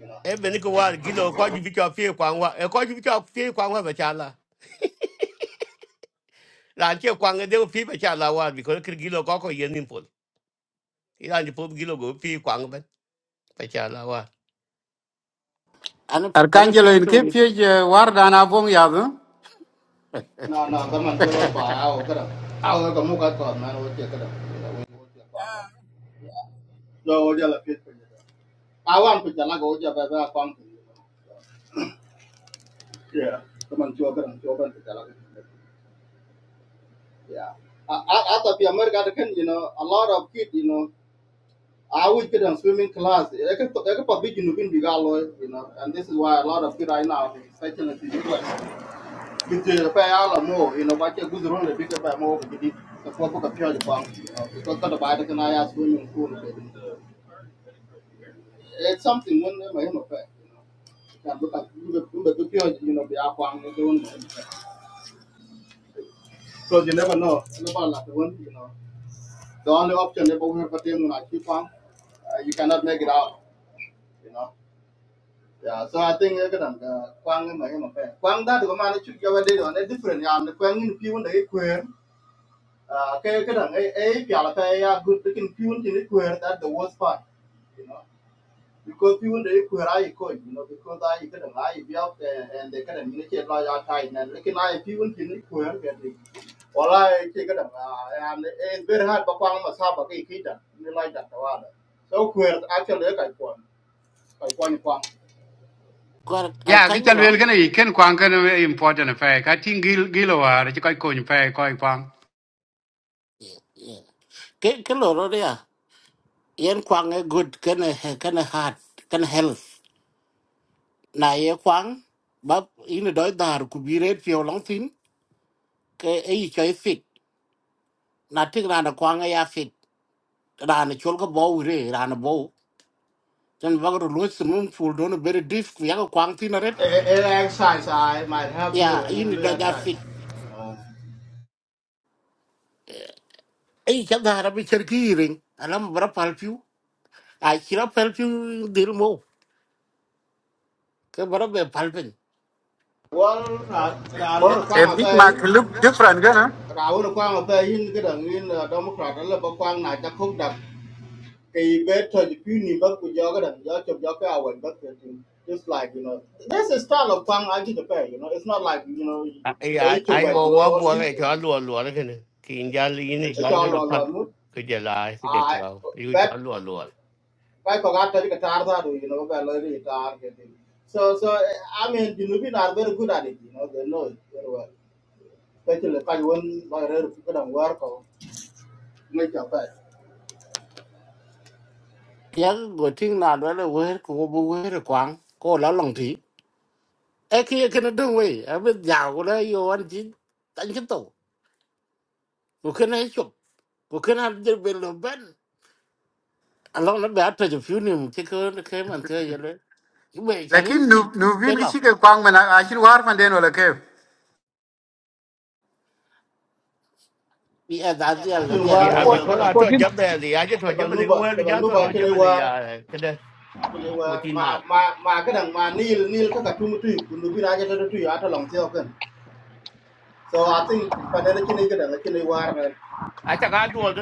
[SPEAKER 21] you know
[SPEAKER 3] e ben ko wa gi lo ko ji vi chwa pie kwang wa e ko ji vi chwa pie kwang wa ba cha la ran che kwang e de pie ba cha la wa bi ko kir gi lo ko ko yin nim pol ran ji pol gi lo go pie kwang ba ba cha la wa
[SPEAKER 2] ana ana
[SPEAKER 9] Arcangelo in keep
[SPEAKER 2] petori
[SPEAKER 9] you war dan abong yadu.
[SPEAKER 21] No, no, come on, get up, will get up. I will come look at God, man, we'll take it up. No, we'll just let it be. I want to tell you, go. will a pump. Yeah. Come on, children, and children, to tell you. Yeah. I, I, I thought the America, you know, a lot of kids, you know, I would get in swimming class. I could, I could probably, you know, you know, and this is why a lot of kids right now, especially in the US. Between the pay all or more, you know, what you're good running, bigger by more of the before book of the pure farm. Because the body can I ask women for it. It's something when they may have Can look at you the pure, you know, the aquam, the one. Because you never know. You never like the one, you know. The only option they both have for them when I keep on, uh, you cannot make it out, you know. Yeah, so I think cái đằng quang cái mấy mà phải quang đã được mà nó chụp cho vấn đề đó nó different yeah, nó quang như people đấy uh, okay, okay. đằng eh, ấy piala pe ya good looking fuel thì nó queer that the worst part you know because fuel đấy queer I, coi you know because I, cái đằng ai bị out there and they cái đằng nó chết lo ya tai nè lekin ai fuel thì nó queer cái gì wala cái cái đằng à and it's very hard ba quang mà sao ba cái cái đằng nó lại đặt đó là so queer actually cái quan cái quan quan
[SPEAKER 2] kwar al
[SPEAKER 9] Yeah, cái chân lên
[SPEAKER 2] kanjro
[SPEAKER 9] cái này kén quang cái important phải cái tin gil gilo à chứ coi coi phải coi quang.
[SPEAKER 2] ke ke loro dia yen kwang e good kana kana heart kana health na ye kwang ba ina doi dar ku bire pio long tin ke e i choi fit na tik rana kwang e ya fit rana chol ko bo ure rana bo jan bagro lo sum ful don very diff ku ya ko kwang tin ret
[SPEAKER 21] exercise I might have
[SPEAKER 2] ya
[SPEAKER 21] you
[SPEAKER 2] ina
[SPEAKER 21] in the
[SPEAKER 2] da ja
[SPEAKER 21] exercise
[SPEAKER 2] fit e i chadara bi cherki ring alam bra palpiu a chira palpiu dil mo ke bra be palpen
[SPEAKER 21] Well, I, I don't want to
[SPEAKER 9] A
[SPEAKER 21] call my
[SPEAKER 9] bit
[SPEAKER 21] face.
[SPEAKER 9] mark look different cái nó.
[SPEAKER 21] Rawun kwang ba yin ga dang yin uh, Democrat la ba kwang na ta khok dak kay be to ni ni ba ku jo ga dang jo chob jo ka wen ba ke just like you know there's a style of kwang I get the pay you know it's not like you know
[SPEAKER 3] ai
[SPEAKER 21] pay to
[SPEAKER 3] ai
[SPEAKER 21] wait
[SPEAKER 3] ô quá
[SPEAKER 21] below all
[SPEAKER 3] bùa
[SPEAKER 21] this
[SPEAKER 3] cái chó lùa lùa đó cái này khi ra lý này
[SPEAKER 21] it's
[SPEAKER 3] chó
[SPEAKER 21] all
[SPEAKER 3] nó
[SPEAKER 21] all
[SPEAKER 3] phát
[SPEAKER 21] one mood
[SPEAKER 3] cái giờ lại cái giờ
[SPEAKER 21] I
[SPEAKER 3] trâu yêu
[SPEAKER 21] that
[SPEAKER 3] chó lùa lùa
[SPEAKER 21] by ko ga ta ka tar da do you know ba lo ri tar ke tin so so I mean you know we are very good at it you know they know it very well especially ka won ba re ku ga dang war ko ngai ka pa
[SPEAKER 2] ya go ting na do le we ko bu we kwang ko la long thi e ki ke na dung we a bit ja go le yo an ji tan chi to ko ke na chu ko ke na de be lo ben a long na ba ta ju fu ni mu ke ko ke man te ye le we cha ni
[SPEAKER 9] Lakin
[SPEAKER 2] chi
[SPEAKER 9] nu nu
[SPEAKER 2] be
[SPEAKER 9] vin cái
[SPEAKER 2] lo
[SPEAKER 9] chiếc quang mà na asin war man den wala kef.
[SPEAKER 2] bi a da dia la
[SPEAKER 21] tin
[SPEAKER 2] dia
[SPEAKER 21] war
[SPEAKER 2] lo
[SPEAKER 21] je
[SPEAKER 3] ya
[SPEAKER 2] ya
[SPEAKER 3] vì
[SPEAKER 21] ba
[SPEAKER 7] 14
[SPEAKER 21] ga
[SPEAKER 3] có là
[SPEAKER 21] dang
[SPEAKER 3] thôi chấp về thì
[SPEAKER 21] Dabal nuba, dabal nuba
[SPEAKER 3] nó chấp
[SPEAKER 21] kene
[SPEAKER 3] về thì
[SPEAKER 21] war,
[SPEAKER 3] ya cái đây của tin
[SPEAKER 21] Ma
[SPEAKER 3] mà
[SPEAKER 21] ma ma kadang ma nil nil kaka tumu tuyu, kundu bin aja tadu tuyu ata long tiyo kan. So I think panena kene kadang kene I, nan.
[SPEAKER 3] ai chắc ai đùa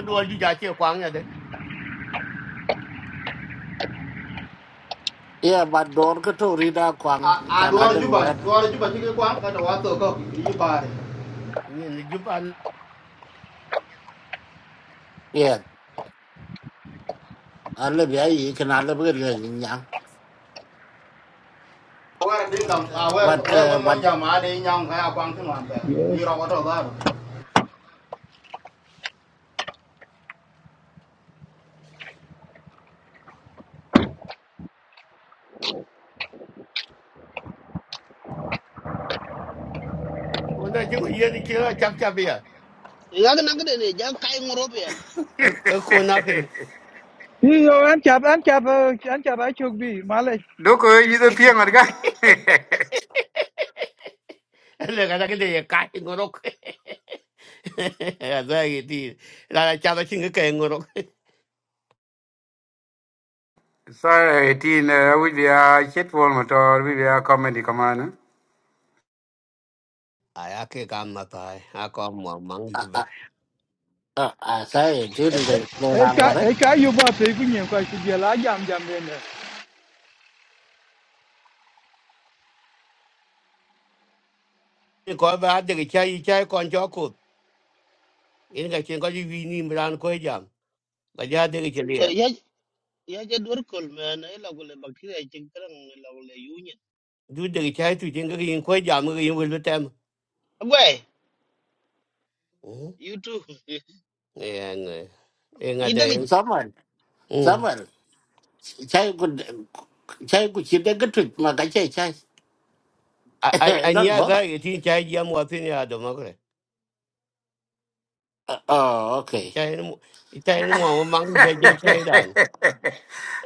[SPEAKER 3] quăng nhà đấy
[SPEAKER 2] ya ba dor ko to ri da
[SPEAKER 21] A
[SPEAKER 2] kwang
[SPEAKER 21] a
[SPEAKER 2] cha na
[SPEAKER 21] duar
[SPEAKER 2] dung we
[SPEAKER 21] juba, duar juba kike kwang kata wato ko yi pare.
[SPEAKER 3] nhìn là giúp ăn
[SPEAKER 2] ye a le bi a yi ke na le bu ge nyang
[SPEAKER 21] Awar din dam, awar
[SPEAKER 2] but
[SPEAKER 21] awar
[SPEAKER 2] uh,
[SPEAKER 21] I,
[SPEAKER 2] but
[SPEAKER 21] mon jama de nyang kaya kwang tin wan I,
[SPEAKER 7] 14
[SPEAKER 21] Ni ro wato dar.
[SPEAKER 3] còn đây chứ có gì thì kia chắc chắc bây giờ
[SPEAKER 10] ya ga ja kai ngoro pe
[SPEAKER 3] ở cô nào cái này
[SPEAKER 7] Yo, an chap, an chap, eh, an chap achok bi, malech.
[SPEAKER 9] Doko yido piang at guy.
[SPEAKER 3] là cái cái này cái ngồi đó rồi thì là chắc là chính cái cái ngồi đó
[SPEAKER 9] Sorry, teen, uh, we be a shit wall motor, à be a comedy commander.
[SPEAKER 2] uh, uh, uh, I say, dude, they, they're not
[SPEAKER 7] Eka,
[SPEAKER 2] what
[SPEAKER 7] eka yuba pe kunye kwa shibye la jam jam
[SPEAKER 3] ko ba de ke chai chai kon cho ko in ga chen ko ji vi ni mran ko jam ga ja de ke le
[SPEAKER 10] Yeah, just work all man. I love all the bacteria. I think karang I love all the union.
[SPEAKER 3] du de ke chai tu chen ga yin ko jam ga yin wel tem
[SPEAKER 10] Why? You too.
[SPEAKER 3] en en ga
[SPEAKER 10] You
[SPEAKER 3] de
[SPEAKER 10] don't get
[SPEAKER 2] it. Samuel, chai ku chai ku chi de gatrik ma ga chai chai.
[SPEAKER 3] a a
[SPEAKER 2] Don't
[SPEAKER 3] nya da
[SPEAKER 2] bother.
[SPEAKER 3] ye tin chai jam wa tin ya do ma ko
[SPEAKER 2] Uh, Oh, okay.
[SPEAKER 3] chai ni chai ni mo ma ngi ja je chai
[SPEAKER 9] A
[SPEAKER 3] dan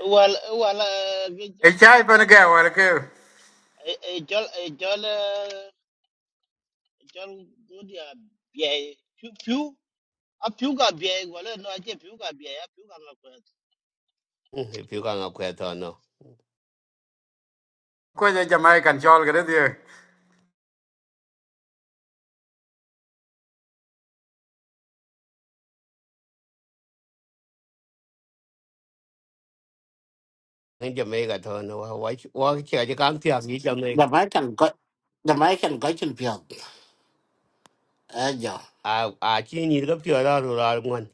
[SPEAKER 10] well. Well, uh,
[SPEAKER 9] chai pan ga wal ke.
[SPEAKER 10] a jol, a jol, eh, jol. Good yeah. Yeah. Pew, pew. A pew got beer. Well, no, I just pew got beer. A pew got my friend.
[SPEAKER 3] pi ka ga na ko to no
[SPEAKER 9] Ko ja Jamaican chol ga de.
[SPEAKER 3] ngi je me ga to no wa wa wa che ga kan ti a gi jam ne
[SPEAKER 2] Da mai kan ko da mai kan ko chin pyo. A jo.
[SPEAKER 3] a a chi ni ga pi ra ru ra ngon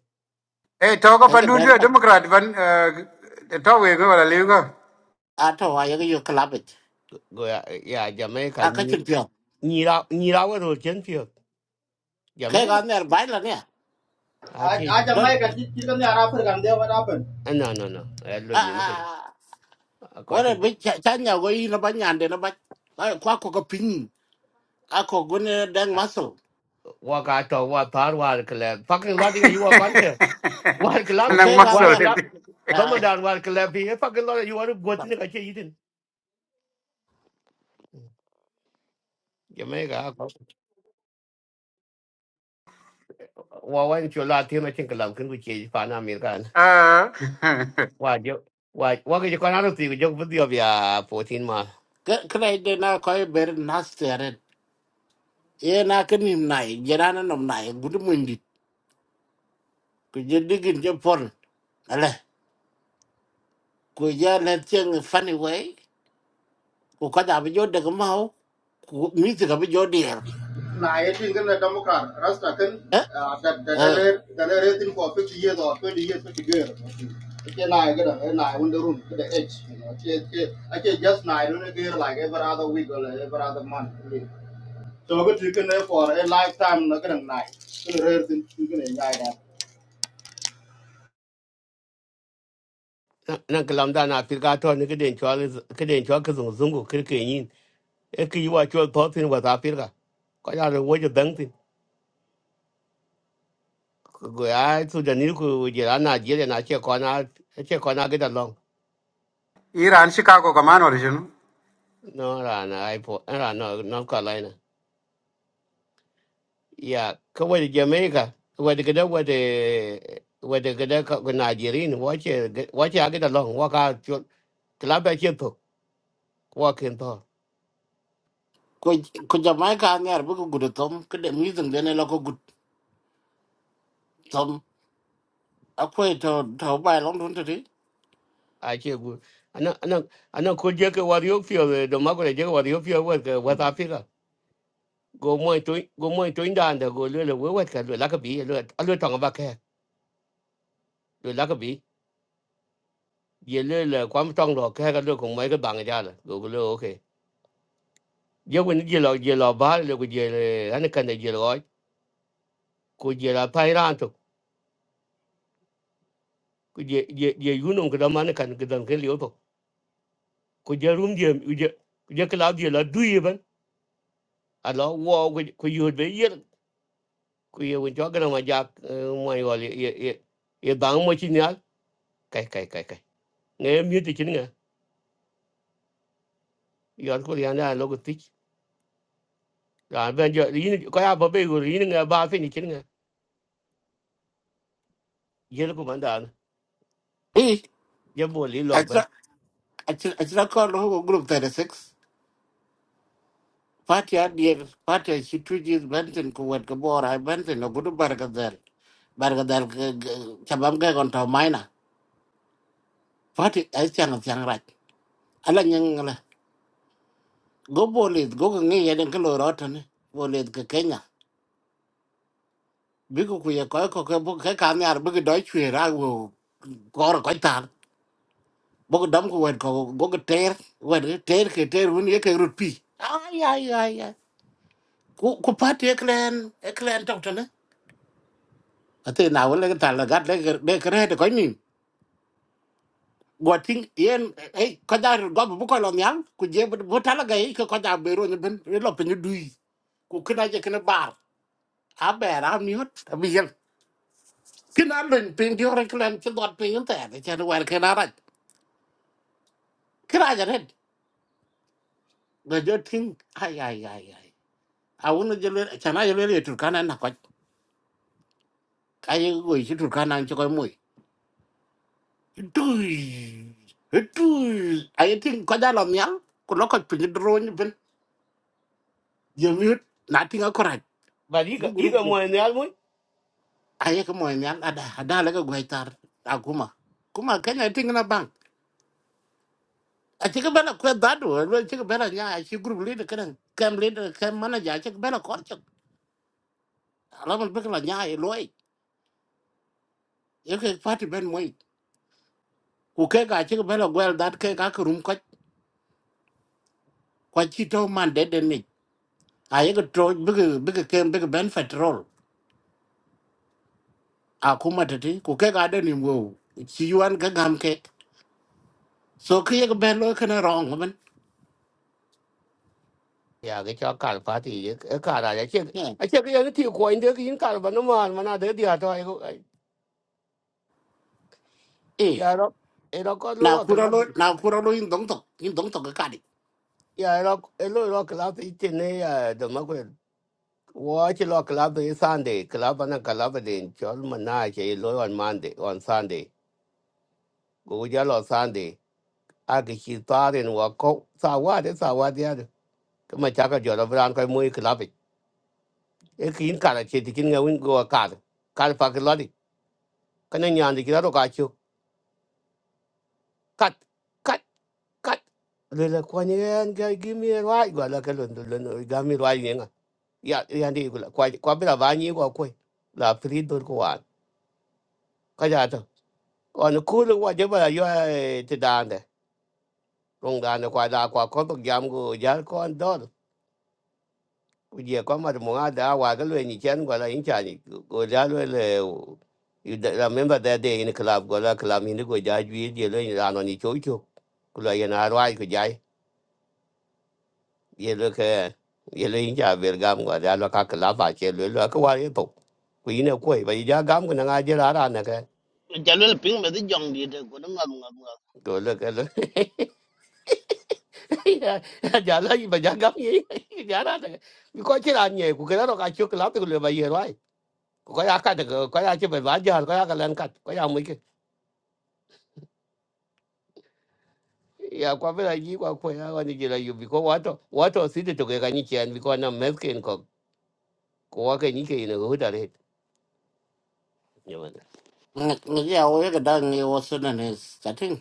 [SPEAKER 9] Hey, talk up
[SPEAKER 2] Ka ga
[SPEAKER 9] and
[SPEAKER 2] der
[SPEAKER 9] do
[SPEAKER 2] pa.
[SPEAKER 9] Democrat ban uh to we go la liu go.
[SPEAKER 2] A to wa ya yo klap it.
[SPEAKER 3] go ya ya ja me ka
[SPEAKER 2] A ka
[SPEAKER 3] ni
[SPEAKER 2] chin pyo.
[SPEAKER 3] ni ra ni ra wa ro chen
[SPEAKER 2] Ka
[SPEAKER 3] Jamaica.
[SPEAKER 2] ga ner bai la ne.
[SPEAKER 21] A
[SPEAKER 3] Actually,
[SPEAKER 21] a
[SPEAKER 2] Don
[SPEAKER 21] jamai kan kike ne ara fer kan de wa
[SPEAKER 3] no, no, no. I
[SPEAKER 2] a
[SPEAKER 3] don't need
[SPEAKER 2] a
[SPEAKER 3] it. I
[SPEAKER 2] wa
[SPEAKER 3] got
[SPEAKER 2] re
[SPEAKER 3] him.
[SPEAKER 2] bi cha nya go yi na ba nyan de na ba. Ai kwa ko ka pin. A ko go ne dang maso.
[SPEAKER 3] Walk out of what thought work. club. Fucking lot you walk on there. work
[SPEAKER 2] Ko
[SPEAKER 3] club,
[SPEAKER 9] Nang
[SPEAKER 2] ka ga
[SPEAKER 3] work
[SPEAKER 9] muscle.
[SPEAKER 2] ne.
[SPEAKER 3] club. Dama dan war club here. Fucking lot you want to go to the kitchen eating. Jamaica. Wa wan cho la tin I think lam kun ku che pa na mir kan.
[SPEAKER 9] à
[SPEAKER 3] Wa jo wa wa ke ko na ru ti jo bu dio bia 14 ma.
[SPEAKER 2] Ka ka de na ko ber nas ye na ka nim nai jerana nom nai gudu mundi ku je digin je pon ale ku ja na tieng funny way ku ka da bi jo de ma ho ku mi ti ka bi jo der
[SPEAKER 21] Now, I think in the Democrat, Rasta can
[SPEAKER 2] eh
[SPEAKER 21] uh, that that they
[SPEAKER 2] eh
[SPEAKER 21] rate- that they rating for 50 years or 20 years, 50 years. Okay, now I get a now I room to the edge. You know, okay, okay, okay, just now I do like every other week or like every other month. really. So I got to get for a lifetime. Not gonna night. Gonna rating, gonna night.
[SPEAKER 3] Na kalam da na pirga to ni ke den cho ke den cho ke zung zung ku ke ke yin. E ki wa cho to tin wa ta pirga. Ko ya ro wo jo dang go ai to the new go je la na je le na che ko na che ko na get along
[SPEAKER 9] Iran Chicago commander original.
[SPEAKER 3] no ra na ai po ra no no ka lai na ya ko we jamaica we de gada we de we de gada ka go na je rin wa che wa che get along wa ka chu la ba che to wa ken to
[SPEAKER 2] ku ku ja mai ka ngar bu ku gudu tom ku de mi zung de ne lo ko gud tom a ku to to bai long dun ti
[SPEAKER 3] ai che gu ana ana ana ko je ke wa yo fio de ma ko je wa yo fio wa ke wa ta fi ka go mo to go mo to inda nda go le le we wa ka le la ka bi le a le tong ba ke le la ka bi ye le le kwam tong lo ka ga lo kong mai ka bang ja la go lo okay ye wen ye lo ye lo ba le go ye le an kan de ye lo ko ye la pai ran to ko ye ye ye yu nong ka man kan ka dang ke liu to ko ye rum ye ye ye ka la ye la du ye ban a lo wo ko ko yu be ye ko ye wen jo ga ma ja mo yo le ye ye bang mo chi nya kai kai kai kai ne mi ti chin nga yo ko ya na lo go ti ran ben jo yin ko ya ba be go yin nga ba fe ni chin nga ye ko man da
[SPEAKER 2] i
[SPEAKER 3] ye bo li
[SPEAKER 2] a
[SPEAKER 3] lo
[SPEAKER 2] cha a cha a cha ko lo ko group 36 Party adier, party situji Benson kuwet kebor, hai Benson no gudu bargadel, bargadel cabam ke kontau maina. Party es chang chang rat. Ala nyeng la, go bolit, go ngi yeden ke lorot ne, bolit ke Kenya. Biku kuye koi ko ke bu ke kami ar biku doi chwe ra wo kor koi tar. Boku dam kuwet ko go ke ter, wet ter ke ter wun ye ke rut pi. Ay ay ay ay. Ku ku party eklen, eklen tau ate na wala ka tala gat le le kre de kare ko ni gotin yen e ko da go bu ko lo nyal ku je bu tala ga e ko da be ro ni ben e lo pe ni dui ku kna je kna bar a be ra mi hot a bi yen kna lo ni pe ndi ro klan ti dot pe yen ta de chen war kna ra kra ja red de jo tin ai ai ai ai a wona je le chana je le tur kana na ko ai go ji tur kana ni ko moy dui dui ai tin ko da lo nyal ku lo ko pe ni ro ni ben you mute nothing correct
[SPEAKER 3] but you
[SPEAKER 2] bu
[SPEAKER 3] you
[SPEAKER 2] group
[SPEAKER 3] can more in the album
[SPEAKER 2] aye ko moy nyan ada ada la ko goitar aguma kuma kanya ting na bank a ci ko bela ko dadu lo ci ko bela nya a ci group leader kan kam leader kam manager a ci ko bela ko ci ala man bekla nya e loy e ko party ben moy ku ke ga ci ko bela goel dat ke ga ko rum ko ko ci to man de de ni aye ko to big big kem bu ben petrol akuma tati ku ke ga de ni wo ci yuan ga gam ke so ke ga bela ko na wrong
[SPEAKER 3] ya ga cha kar pa ti e kar a che
[SPEAKER 2] man
[SPEAKER 3] a che ga ti ko in de kin kar ba no man mana de dia to ai
[SPEAKER 2] eh
[SPEAKER 3] ya ro e ro ko
[SPEAKER 2] na
[SPEAKER 3] lo ka
[SPEAKER 2] kura
[SPEAKER 3] la
[SPEAKER 2] lo na kura lo in dong tok in dong tok ka di
[SPEAKER 3] ya ro e lo ro ka la ti ti ne ya de ma ko watch che lo ka la de sunday Club la ba na ka la ba de chol mana che lo on monday on sunday go ja lo sunday a ga chi ta ren wa ko sa wa de sa wa de ya ka ma cha ka jo ra bran ko mu ka la e kin kar che ti kin ga win go kar kar pa kana nyande kiraro kacho kat kat kat le la kwani en ga gimi rai gwa la kalon do lon gami rai yenga ya ya ndi gula kwa kwa bila bani kwa kwe la pri dor ko wa ka ja ta on ku lu wa je ba yo te dande rong dande kwa da kwa ko to gam go ja ko an dor ku je ko ma mo ga da wa ga le ni chen gwa la in cha ni go ja le le oh. you da- remember that day in the club go la club ni go ja ju je le ni ano ni cho cho ku la ya na rai ko ye lo ke ye lo yin cha ber gam ga ya lo ka ka la ba che lo lo ko wa ye to ku yin ko ba yi ja gam ga na je ra ra na ke
[SPEAKER 10] Jalul ping with the young leader. Go to ngam ngam ngam.
[SPEAKER 3] go lo ke lo ja la yi ba ja gam ye ja ra na mi ko che ra nye ku ke ra ka chu ka la te lo ba ye rai ko ya ka de ko ya che ba ba ja ko ya ka len ka ko ya mu ke ya kwa vela yi kwa kwa ya wani jira yu biko wato wato sidi toke ka chian biko na meskin ko ko ke ni ina ko hudare
[SPEAKER 2] ngi ngi ya o ga dang ngi o sun ne sa ting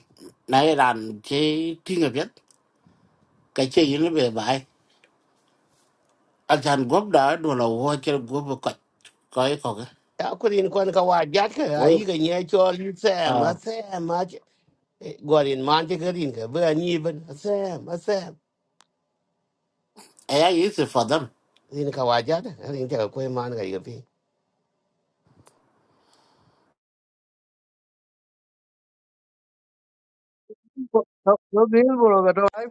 [SPEAKER 2] na ye ran che ti ngi pet ka che yin be bai a chan gob da do lo ho che gob ka ka ko ga
[SPEAKER 3] akurin kon ka wa jat ka
[SPEAKER 2] o
[SPEAKER 3] a yi ga nye chol yi sam a
[SPEAKER 2] a
[SPEAKER 3] sam a ch- eh, gorin man ti ka rin ka ba ni ban a sam a sam
[SPEAKER 2] e ya is for them
[SPEAKER 3] rin ka wa jat a rin ta ka kwe man ka yi ka pi
[SPEAKER 6] no no greenboro ga to i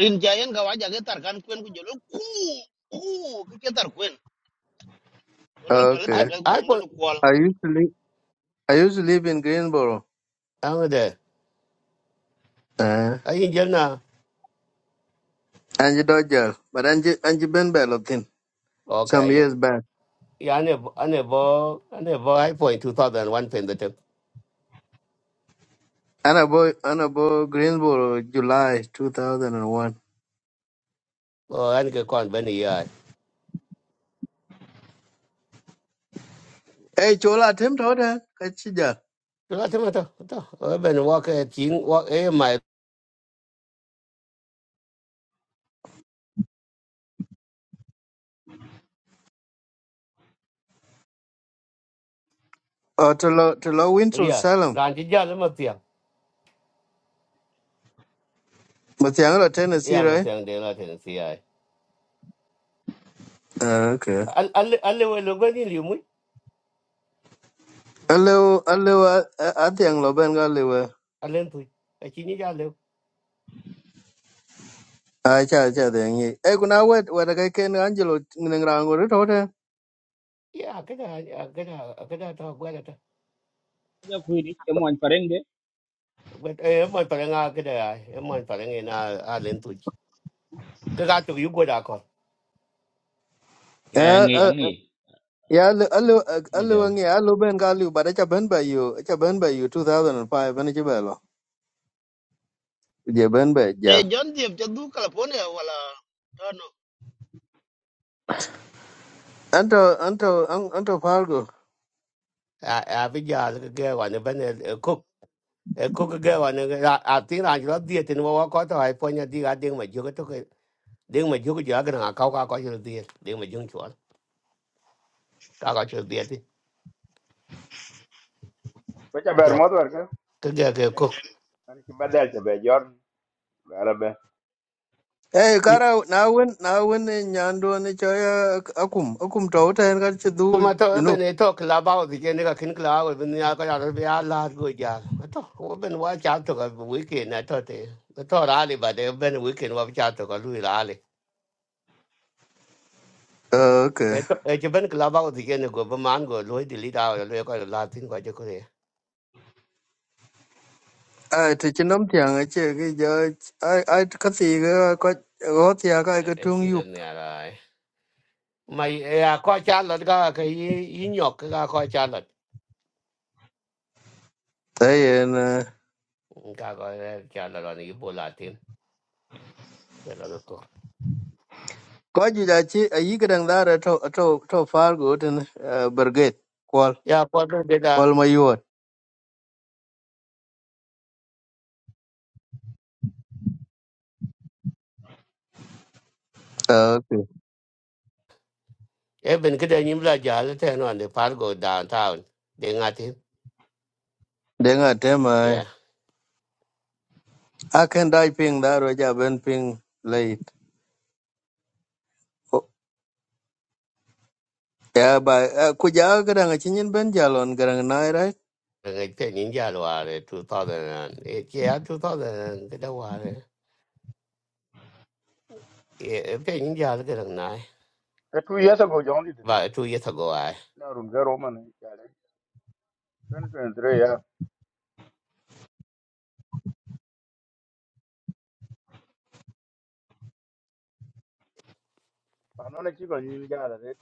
[SPEAKER 10] In Jayan Gawa Jagat Tarkan Queen. Go Jalul. Ooh, ooh. Kiket Tarkan. Well, Pelet
[SPEAKER 3] ai
[SPEAKER 6] okay
[SPEAKER 10] Tarkan. Go to
[SPEAKER 3] ai ko
[SPEAKER 10] Mulun Kual.
[SPEAKER 6] i used to live i used to live in greenboro
[SPEAKER 3] ang de
[SPEAKER 6] uh
[SPEAKER 3] ai yin jel na
[SPEAKER 6] and you doi jail but and you and you been back looking some
[SPEAKER 3] okay
[SPEAKER 6] years back
[SPEAKER 3] ya ne ane bo ane bo ai point 2001 pen da te
[SPEAKER 6] and I boy and I boy greenboro july 2001
[SPEAKER 3] o an ka kon ban ya
[SPEAKER 6] hey chola tem to da kachija
[SPEAKER 3] la te ma to to o ben wa ka tin wa e mai
[SPEAKER 6] oh to lo to lo winter
[SPEAKER 3] ya
[SPEAKER 6] salem
[SPEAKER 3] ran ti ja le ma ti
[SPEAKER 6] but the lo tennessee
[SPEAKER 3] ya ma
[SPEAKER 6] right
[SPEAKER 3] ti ang de la te si ai
[SPEAKER 6] uh, okay
[SPEAKER 3] al al al le wa lo ga ni
[SPEAKER 6] Hello, hello, I think Loben got liver.
[SPEAKER 3] alen tu a chi ni ja le
[SPEAKER 6] ai cha cha de ngi e kuna wet wet ga ken angelo ngin rango ri tote
[SPEAKER 3] ya ka da ka da ka da ta gwa da ta
[SPEAKER 5] ja ku ni che mon pareng de
[SPEAKER 3] but e mo pa nga ka da e mo pa nga na alen tu ka ga tu yu gwa da ko
[SPEAKER 5] ya
[SPEAKER 6] Eh,
[SPEAKER 5] ngi
[SPEAKER 6] eh,
[SPEAKER 5] angi
[SPEAKER 6] ya alu alu alu ngi alu ben ga alu bada cha ben ba yu cha ben ba yu 2005 ben ji belo je ben ba ja
[SPEAKER 10] A John Deep Jadu California. Well, no.
[SPEAKER 6] anto anto an- anto fargo
[SPEAKER 3] a a bi ja ka ga wa ne ba ne e ko ka wa ne a ti na ju di ti no ko ta ai po nya di ga ding ma ju to ka ding ma ju ka ja ga na ka ka ko ju di ding ma ju chu ka ka chu di ti
[SPEAKER 13] ba ta ber
[SPEAKER 3] yo
[SPEAKER 13] mod wer ka
[SPEAKER 3] ka ga ka
[SPEAKER 13] an ki badal ta be jor ala be
[SPEAKER 6] Eh kara na win na win nyando ni cho ya akum akum tote en ga chi du
[SPEAKER 3] kuma
[SPEAKER 6] you
[SPEAKER 3] to
[SPEAKER 6] know
[SPEAKER 3] ben e to klaba o ne ka kin klaba ben ya ka ya be ya la go ja to ko ben wa cha to ka weekend na to te Ko to rally ba de ben weekend wa cha to ka lui rally
[SPEAKER 6] Eh, okay
[SPEAKER 3] e to e je ben klaba o ne go ba man go lo di li da ka la tin ko je ko e
[SPEAKER 6] ai ti chinom tiang a che cái giờ ai ai cái gì cái ko go ti ga cái
[SPEAKER 3] e
[SPEAKER 6] tung
[SPEAKER 3] ki
[SPEAKER 6] yup
[SPEAKER 3] den ne ara mai e a ko cha lo ka ka i nyok ka ko cha lo
[SPEAKER 6] Thế
[SPEAKER 3] ka ko cha lo ni bo la tin ya lo ko
[SPEAKER 6] Ko juja chi a yi gidan zara to to to fargo tin brigade kwal
[SPEAKER 3] ya ko de da
[SPEAKER 6] kwal ma yuwa. Ah, Okay.
[SPEAKER 3] e ben ke de nyim la ja le te no ne par go downtown de ngati
[SPEAKER 6] Denga tema
[SPEAKER 3] Yeah.
[SPEAKER 6] akan dai ping daro ja ben ping late. Ko- Ya ba ah, ku ja gidan a cinin ben jalon gidan na right.
[SPEAKER 3] Like Pen Ninja Ware, two thousand and eight, yeah, two thousand and get a ware. Yeah, Pen Ninja look at nine.
[SPEAKER 13] e tu yesa go jondi de
[SPEAKER 3] But two years ago, I.
[SPEAKER 13] na rum zero man ya le 2023 ya pa no ne ki go nyin ja la de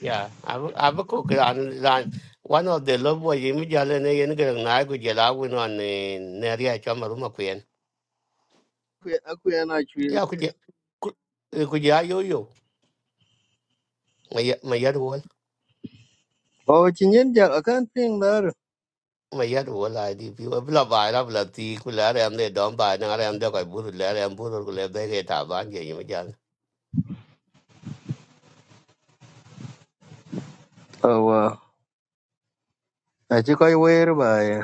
[SPEAKER 3] Yeah, I'm I'm a cook and run. One of the love boy, Jimmy Jalen, and I get a nine, could you allow one on the Naria Chamaruma Queen?
[SPEAKER 6] Ku Aku yana chwil.
[SPEAKER 3] Yeah, could you? Could you? Yo, yo. My y- my yard wall.
[SPEAKER 6] O cinin ja akan ping daro.
[SPEAKER 3] My yard wall, I did. You have a lot of Lati, Kulare, and they don't buy, an and the Kaburu, and Buru, they get a bang,
[SPEAKER 6] Oh wow. A chi koi wer ba ya.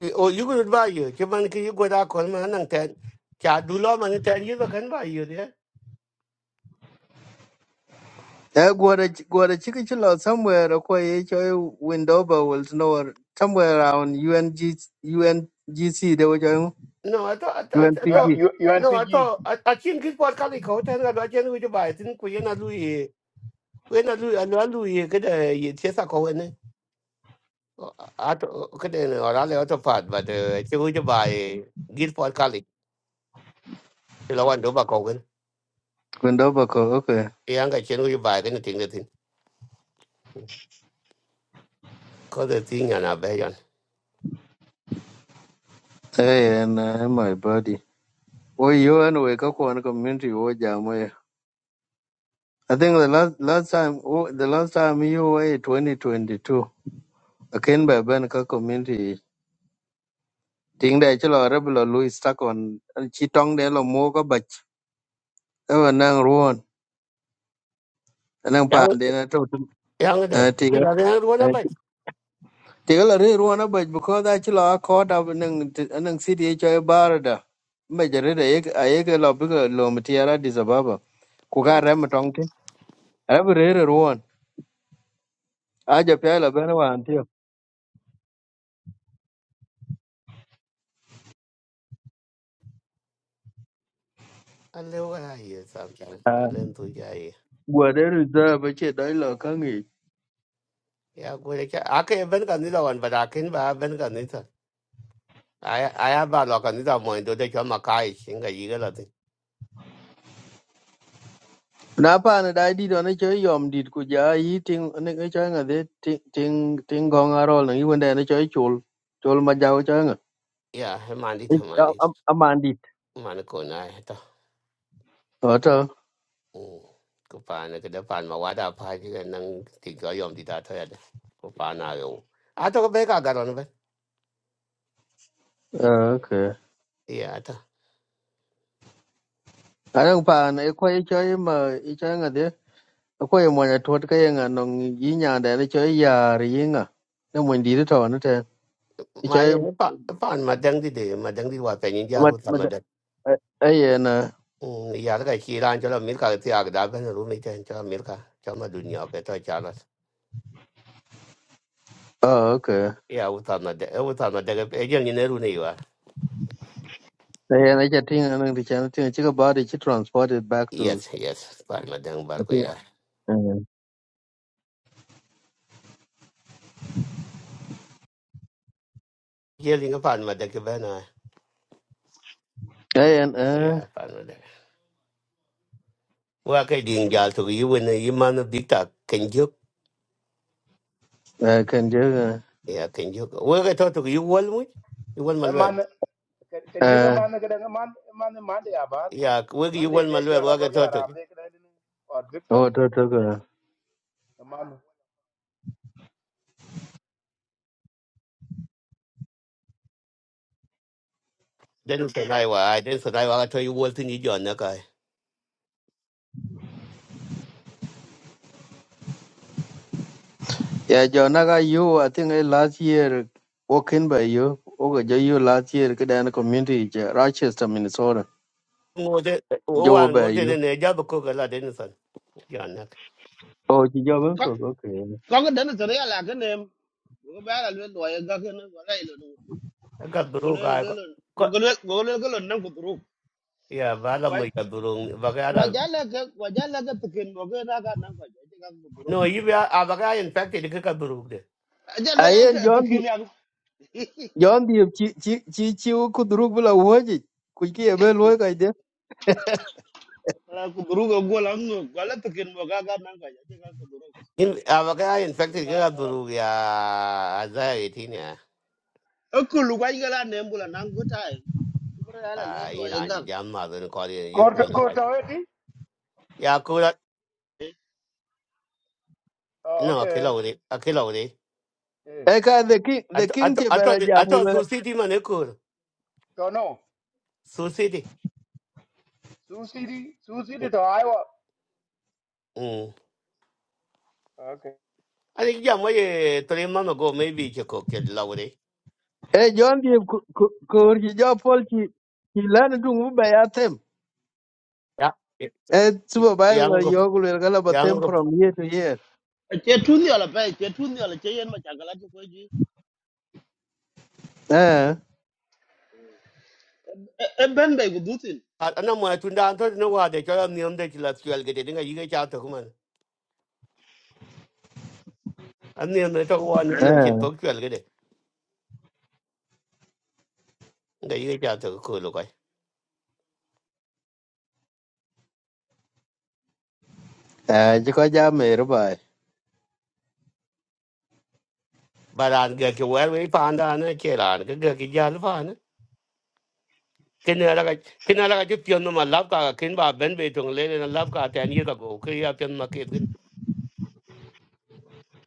[SPEAKER 3] o yu gu buy yu che man ki go gu da ko ma nang ten cha du lo man ten yu ba kan ba yu de
[SPEAKER 6] Ya gwada gwada chiki chilo somewhere ko ye choi window ba will know somewhere around U N g UNG UNGC they were
[SPEAKER 3] no I thought, I
[SPEAKER 6] Gwen Fiji.
[SPEAKER 3] thought, no I
[SPEAKER 13] UNCG
[SPEAKER 3] ato a chin ki por ka li ko ten ga ba chen wi ba tin ku ye na lu yi ku ye na lu a lu lu yi ke de yi che sa ko ne ato ke de ne ora le ato pat ba de che wi ba yi gil por ka li che lo wan do ba ko gen
[SPEAKER 6] Gwen Dobako, okay.
[SPEAKER 3] yang ga chen wi ba ke ne ting de tin ko de tin ya na be yan
[SPEAKER 6] Hey, and uh, my buddy. Well, you and we go on community wo jam we. I think the last last time wo- the last time you were in 2022. Akin ba ben ka community. Ting da chelo rebel or Louis stuck on chi tong de lo mo ko bach. Ewa nang ruon. Nang
[SPEAKER 3] yang
[SPEAKER 6] pan de na to.
[SPEAKER 3] yang
[SPEAKER 6] Eh,
[SPEAKER 3] de ti
[SPEAKER 6] Tiga.
[SPEAKER 3] la de ru na
[SPEAKER 6] eh,
[SPEAKER 3] ba
[SPEAKER 6] Tiga la ri ruon a bach because da chelo a caught up nang nang city choy barada. Majority ayek ayek lo biko lo mtiara disababa. ku ka rem tong ti e bi re re won a je pe la ben wan ti
[SPEAKER 3] a le wa yi sam chan a le tu ya
[SPEAKER 6] gwa de ru da ba che dai lo ka ngi
[SPEAKER 3] Yeah, good. Okay, Ben Canida one, but I can buy Ben Canida. I I have a lock on it. I'm going to take your Makai, Singa Yigalati.
[SPEAKER 6] na pa na dai di do ne che yom dit ku ja yi ting ne ke cha nga de ting ting ting gong a rol ne wen de ne che chul chul ma ja cha nga
[SPEAKER 3] Yeah, Mandi Tamandi,
[SPEAKER 6] a man dit
[SPEAKER 3] Manakuna.
[SPEAKER 6] o to
[SPEAKER 3] Kupana, get up on my water party and then take your yum did that. Kupana, you. I took a bag I got on it.
[SPEAKER 6] e, okay
[SPEAKER 3] Yeah,
[SPEAKER 6] a rang pa na e ko ye che ma i cha nga de ko ye mo ya tot ka ye nga no yi nya de ne che ya ri nga ne mo di to ne te i cha
[SPEAKER 3] my upon my dandy day, my dandy was penny
[SPEAKER 6] ma
[SPEAKER 3] jar with
[SPEAKER 6] ma
[SPEAKER 3] some of them.
[SPEAKER 6] ai na
[SPEAKER 3] Yeah, like she ran to the milk, I think I've been a roommate and to Milka, Chama Dunya, get a child.
[SPEAKER 6] Oh, okay.
[SPEAKER 3] Yeah, without my dang, without my dang, a young in Eruniva.
[SPEAKER 6] Hey, and I just think I'm going to channel thing. Chica body she transported back to.
[SPEAKER 3] Yes, yes, pardon my dang
[SPEAKER 6] I
[SPEAKER 3] barco,
[SPEAKER 6] think.
[SPEAKER 3] yeah.
[SPEAKER 6] Uh,
[SPEAKER 3] Yelling upon my deck, Bena.
[SPEAKER 6] hey, and uh,
[SPEAKER 3] Yeah, pardon my deck. Well, I didn't gal to you when you man of big talk. Can you?
[SPEAKER 6] I can do.
[SPEAKER 3] Yeah, can you? Well, I thought to you, well, you want my
[SPEAKER 13] e
[SPEAKER 3] well.
[SPEAKER 13] man
[SPEAKER 6] Uh,
[SPEAKER 13] kan juga
[SPEAKER 6] uh,
[SPEAKER 13] man ga da man man man de ya ba
[SPEAKER 3] Yeah, well,
[SPEAKER 13] man
[SPEAKER 3] you
[SPEAKER 13] de
[SPEAKER 3] want my
[SPEAKER 13] de
[SPEAKER 3] well,
[SPEAKER 13] jor
[SPEAKER 3] well, I
[SPEAKER 13] agor ya
[SPEAKER 3] thought
[SPEAKER 13] ram
[SPEAKER 3] to
[SPEAKER 13] de ka de or victor
[SPEAKER 6] oh, to to go.
[SPEAKER 13] man
[SPEAKER 3] then said I were, I then said I were, I told you, well, to need your neck. I
[SPEAKER 6] Yeah, John, I got you. I think uh, last year walking by you. Okay, jo you last year kada na community je Rochester, Minnesota.
[SPEAKER 3] moved it. Oh, I
[SPEAKER 6] Jo by
[SPEAKER 3] moved it
[SPEAKER 6] you.
[SPEAKER 3] in a job of cook a lot, then son. Your neck.
[SPEAKER 6] Oh, chị jo ben ko. Okay.
[SPEAKER 10] có cái đến từ đấy là cái niềm của cái bé là luyện tuổi ra cái nó gọi đây là đủ
[SPEAKER 3] I got
[SPEAKER 10] của cái
[SPEAKER 3] broke.
[SPEAKER 10] luyện là
[SPEAKER 3] I
[SPEAKER 10] cái luyện của
[SPEAKER 3] got,
[SPEAKER 10] cái luyện của cái luyện cái luyện năm của tụi
[SPEAKER 3] yeah,
[SPEAKER 10] vậy
[SPEAKER 3] Valamika
[SPEAKER 10] và
[SPEAKER 3] Burung,
[SPEAKER 10] giá là cái và giá là cái thực hiện của cái ra cái năm phải cái cái của tụi
[SPEAKER 3] No, you be abaga infected ke ka burug de.
[SPEAKER 10] giá luyện
[SPEAKER 6] Ai
[SPEAKER 10] là
[SPEAKER 6] en
[SPEAKER 10] cái thực
[SPEAKER 6] John di
[SPEAKER 10] hiện là
[SPEAKER 6] John di chi chi chi chi ku duruk bula woji. Ku ki ebe loy ka ide.
[SPEAKER 10] là của tụi cái của lắm người gọi là thực hiện của cái cái năm phải cái cái của tụi cái
[SPEAKER 3] In abaga infected
[SPEAKER 10] mà
[SPEAKER 3] ke ka
[SPEAKER 10] nó ra
[SPEAKER 3] burug ya za etin the
[SPEAKER 10] ở cái lúc ấy cái là niềm của là năm của tai cái bữa đó là luyện
[SPEAKER 3] Ah,
[SPEAKER 10] tuổi
[SPEAKER 3] ina
[SPEAKER 10] ra
[SPEAKER 3] di jam ma zan ko de you
[SPEAKER 13] ko
[SPEAKER 3] ko do
[SPEAKER 13] ko
[SPEAKER 3] kai.
[SPEAKER 13] ta weti
[SPEAKER 3] Ya ko la
[SPEAKER 13] oh
[SPEAKER 3] no
[SPEAKER 13] okay
[SPEAKER 3] akela ore, akela ore.
[SPEAKER 13] Eh.
[SPEAKER 6] Eka the king the
[SPEAKER 3] Ato
[SPEAKER 6] king
[SPEAKER 3] ato
[SPEAKER 6] che
[SPEAKER 3] I de- ato
[SPEAKER 6] bela
[SPEAKER 3] su city man ko.
[SPEAKER 13] So no,
[SPEAKER 3] Su city.
[SPEAKER 13] Sioux City, Sioux City to Iowa.
[SPEAKER 3] Mm.
[SPEAKER 13] Okay.
[SPEAKER 3] Ani jam wa ye tole man go maybe ke ko ke la ore.
[SPEAKER 6] e jon di kur ji jo pol ki ki lan dung bu ba ya tem
[SPEAKER 3] Ya.
[SPEAKER 6] e
[SPEAKER 3] Yang
[SPEAKER 6] supervisor
[SPEAKER 3] ko
[SPEAKER 6] yo gu le gala ba
[SPEAKER 3] yang
[SPEAKER 6] tem
[SPEAKER 3] ko
[SPEAKER 6] from year to year
[SPEAKER 10] chế thun nhiều là phải chế thun nhiều là chế yên mà chẳng có là cái gì
[SPEAKER 6] eh
[SPEAKER 10] em bên đây của tụi
[SPEAKER 3] ana mo tunda anto no wa de cho ni om de ti la tuel ge de nga yige cha to man. Ani ne to wa ni chin
[SPEAKER 6] eh
[SPEAKER 3] to tuel ga yi ja ta ko lo kai
[SPEAKER 6] eh ji ko ja me ru ba e.
[SPEAKER 3] baran ga ke wer we pa anda na ke ran ga ga ki jal fa na ken ala ga ken ala ga ju pion no ma lab ka ken ba ben be tong le le na lab ka ta ni ga go ke ya pion ma ke ken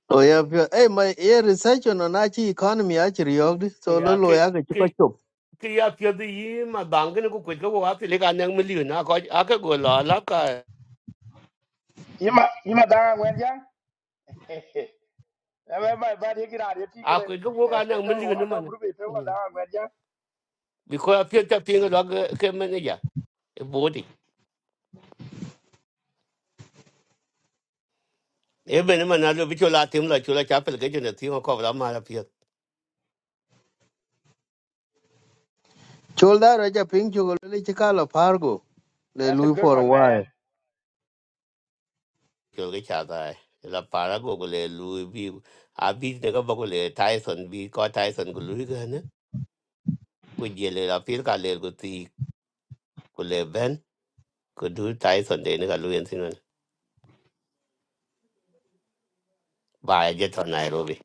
[SPEAKER 6] o ya pyo e ma e research no na chi economy a chi yo di so lo
[SPEAKER 3] ya
[SPEAKER 6] lo
[SPEAKER 3] ke
[SPEAKER 6] ya ga chi ko
[SPEAKER 3] ke
[SPEAKER 6] chop
[SPEAKER 3] ke ya pion di yi ma bang ken ko ko ko wa le ga na mi li na ko a ka go la lab ka
[SPEAKER 13] Ima ima dang wen jang. Ame ba ba de kira de ti
[SPEAKER 3] a
[SPEAKER 13] kere.
[SPEAKER 3] ko go ga na mi li
[SPEAKER 13] Eto wa
[SPEAKER 3] na ma
[SPEAKER 13] to group eto wa dang wen jang.
[SPEAKER 3] bi ko ya pion ta pion ga ke me ne ya e bo di e be ne ma na lo bi cho la tim la cho la cha pe ga ju ne ti ko la ma la
[SPEAKER 6] chol da ra ja ping chu le chi ka la par go le
[SPEAKER 13] That's a
[SPEAKER 6] lui
[SPEAKER 13] good
[SPEAKER 6] for a
[SPEAKER 13] one, man.
[SPEAKER 6] while
[SPEAKER 3] chol ke cha dai la para go go le lu bi a bi de ga go le tyson bi ko tyson go lu ga ne ku je le la pir ka le go ti ku le ben ku du tyson de ne ga lu yen sin ne ba je to nairobi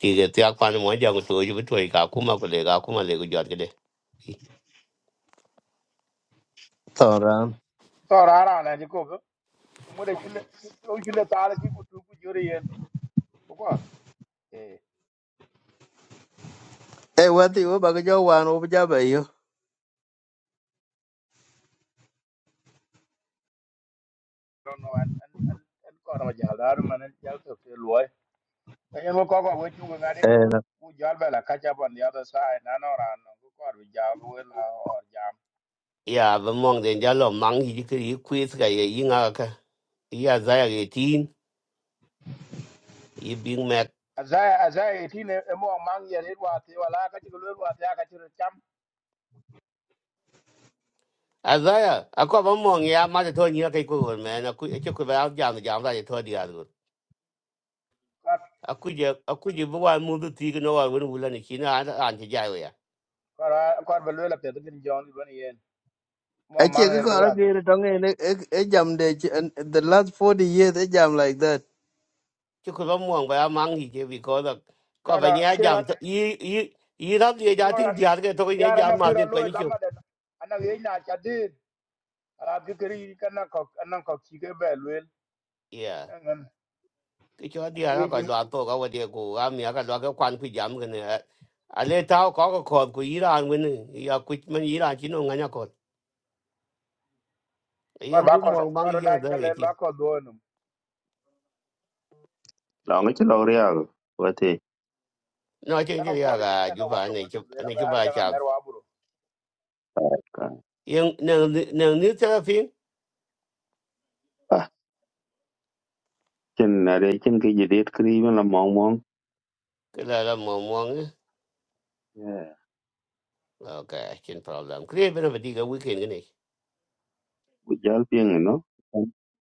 [SPEAKER 3] ti ge ti akwa ne mo ja go to ju bi to ka kuma go le ga kuma le go jot ge de
[SPEAKER 6] to ran
[SPEAKER 13] To rara na ji ko ko. Mo de kile ko kile tare ki ku tu ku jori yen. Ko ko. Eh.
[SPEAKER 6] e wa ti wo ba ga jo wan wo ba ja ba yo
[SPEAKER 13] Don't know an an an an ko na jal dar man an jal to te loy. Ayen ko ko ko we chu ko ngade.
[SPEAKER 6] eh no.
[SPEAKER 13] Ku jal ba la catch up on the other side. Na no ran no ko ko ru jal we la or
[SPEAKER 3] ya ba mong de ja lo mang yi ki yi quiz ga ye yi nga ka yi za ya ge tin yi big mac
[SPEAKER 13] azaya azaya tine emo mang ya red wa te wala ka ti lo wa te ka ti cham
[SPEAKER 3] Azaya, ako ba mong ya ma de to ni ka ku me na ku e jam jam da to
[SPEAKER 13] ka
[SPEAKER 3] akuje akuje bo wan mu du ti no wa wen wula ni china an an ti jai we
[SPEAKER 13] ka ka ba lo la pe tin jon ni bani yen mo
[SPEAKER 6] I check
[SPEAKER 13] mang ya
[SPEAKER 6] it
[SPEAKER 13] red
[SPEAKER 6] out
[SPEAKER 13] wa te
[SPEAKER 6] again. It don't end. It it it jam the the last forty years. It jam like that.
[SPEAKER 3] ti ku lo mo ba mang hi je bi ko da ko
[SPEAKER 13] no no
[SPEAKER 3] ba nya jam
[SPEAKER 13] kira
[SPEAKER 3] to i i i ye ja tin
[SPEAKER 13] kira
[SPEAKER 3] dia ke to ye
[SPEAKER 13] yara
[SPEAKER 3] ja
[SPEAKER 13] na
[SPEAKER 3] ma
[SPEAKER 13] kira
[SPEAKER 3] tin pa
[SPEAKER 13] lo
[SPEAKER 3] ni
[SPEAKER 13] da
[SPEAKER 3] chu
[SPEAKER 13] ma de ana ye na cha de ala ti kiri ka na ko na ko ki ke ba lo
[SPEAKER 3] ya
[SPEAKER 13] ngan
[SPEAKER 3] ti cho
[SPEAKER 13] ana
[SPEAKER 3] dia ra
[SPEAKER 13] ye
[SPEAKER 3] ko
[SPEAKER 13] jin
[SPEAKER 3] lo to ko de ku a mi ka lo ka kwan ku jam ke ne a le ta ko ko ko ku i ran wen ni ya ku man i ran chi no nga nya ko
[SPEAKER 13] ko
[SPEAKER 3] yen
[SPEAKER 13] ba
[SPEAKER 3] du
[SPEAKER 13] ko
[SPEAKER 3] mo mang
[SPEAKER 13] ko
[SPEAKER 3] ye
[SPEAKER 13] da
[SPEAKER 3] da
[SPEAKER 13] cha
[SPEAKER 3] ye
[SPEAKER 13] le
[SPEAKER 3] ti
[SPEAKER 13] ba ko do no
[SPEAKER 1] la ngi ti lo ria wate
[SPEAKER 3] no chen
[SPEAKER 13] ta
[SPEAKER 3] ji
[SPEAKER 13] ko
[SPEAKER 3] ya
[SPEAKER 13] ti mi
[SPEAKER 3] ga
[SPEAKER 13] na
[SPEAKER 3] ju
[SPEAKER 13] no wa
[SPEAKER 3] ba
[SPEAKER 13] to
[SPEAKER 3] ne
[SPEAKER 13] mo ni
[SPEAKER 3] chu
[SPEAKER 13] la
[SPEAKER 3] ne chu
[SPEAKER 13] ba ga
[SPEAKER 3] ba
[SPEAKER 13] da
[SPEAKER 3] cha
[SPEAKER 13] mer wa buro
[SPEAKER 3] yen ne ne ni ta fin
[SPEAKER 1] ah kin na re kin ke ji det kri me la mong mong
[SPEAKER 3] ke la mo mo
[SPEAKER 1] yeah
[SPEAKER 3] Okay, chin problem. Create a bit of a digger weekend, gini.
[SPEAKER 1] bu jal ping no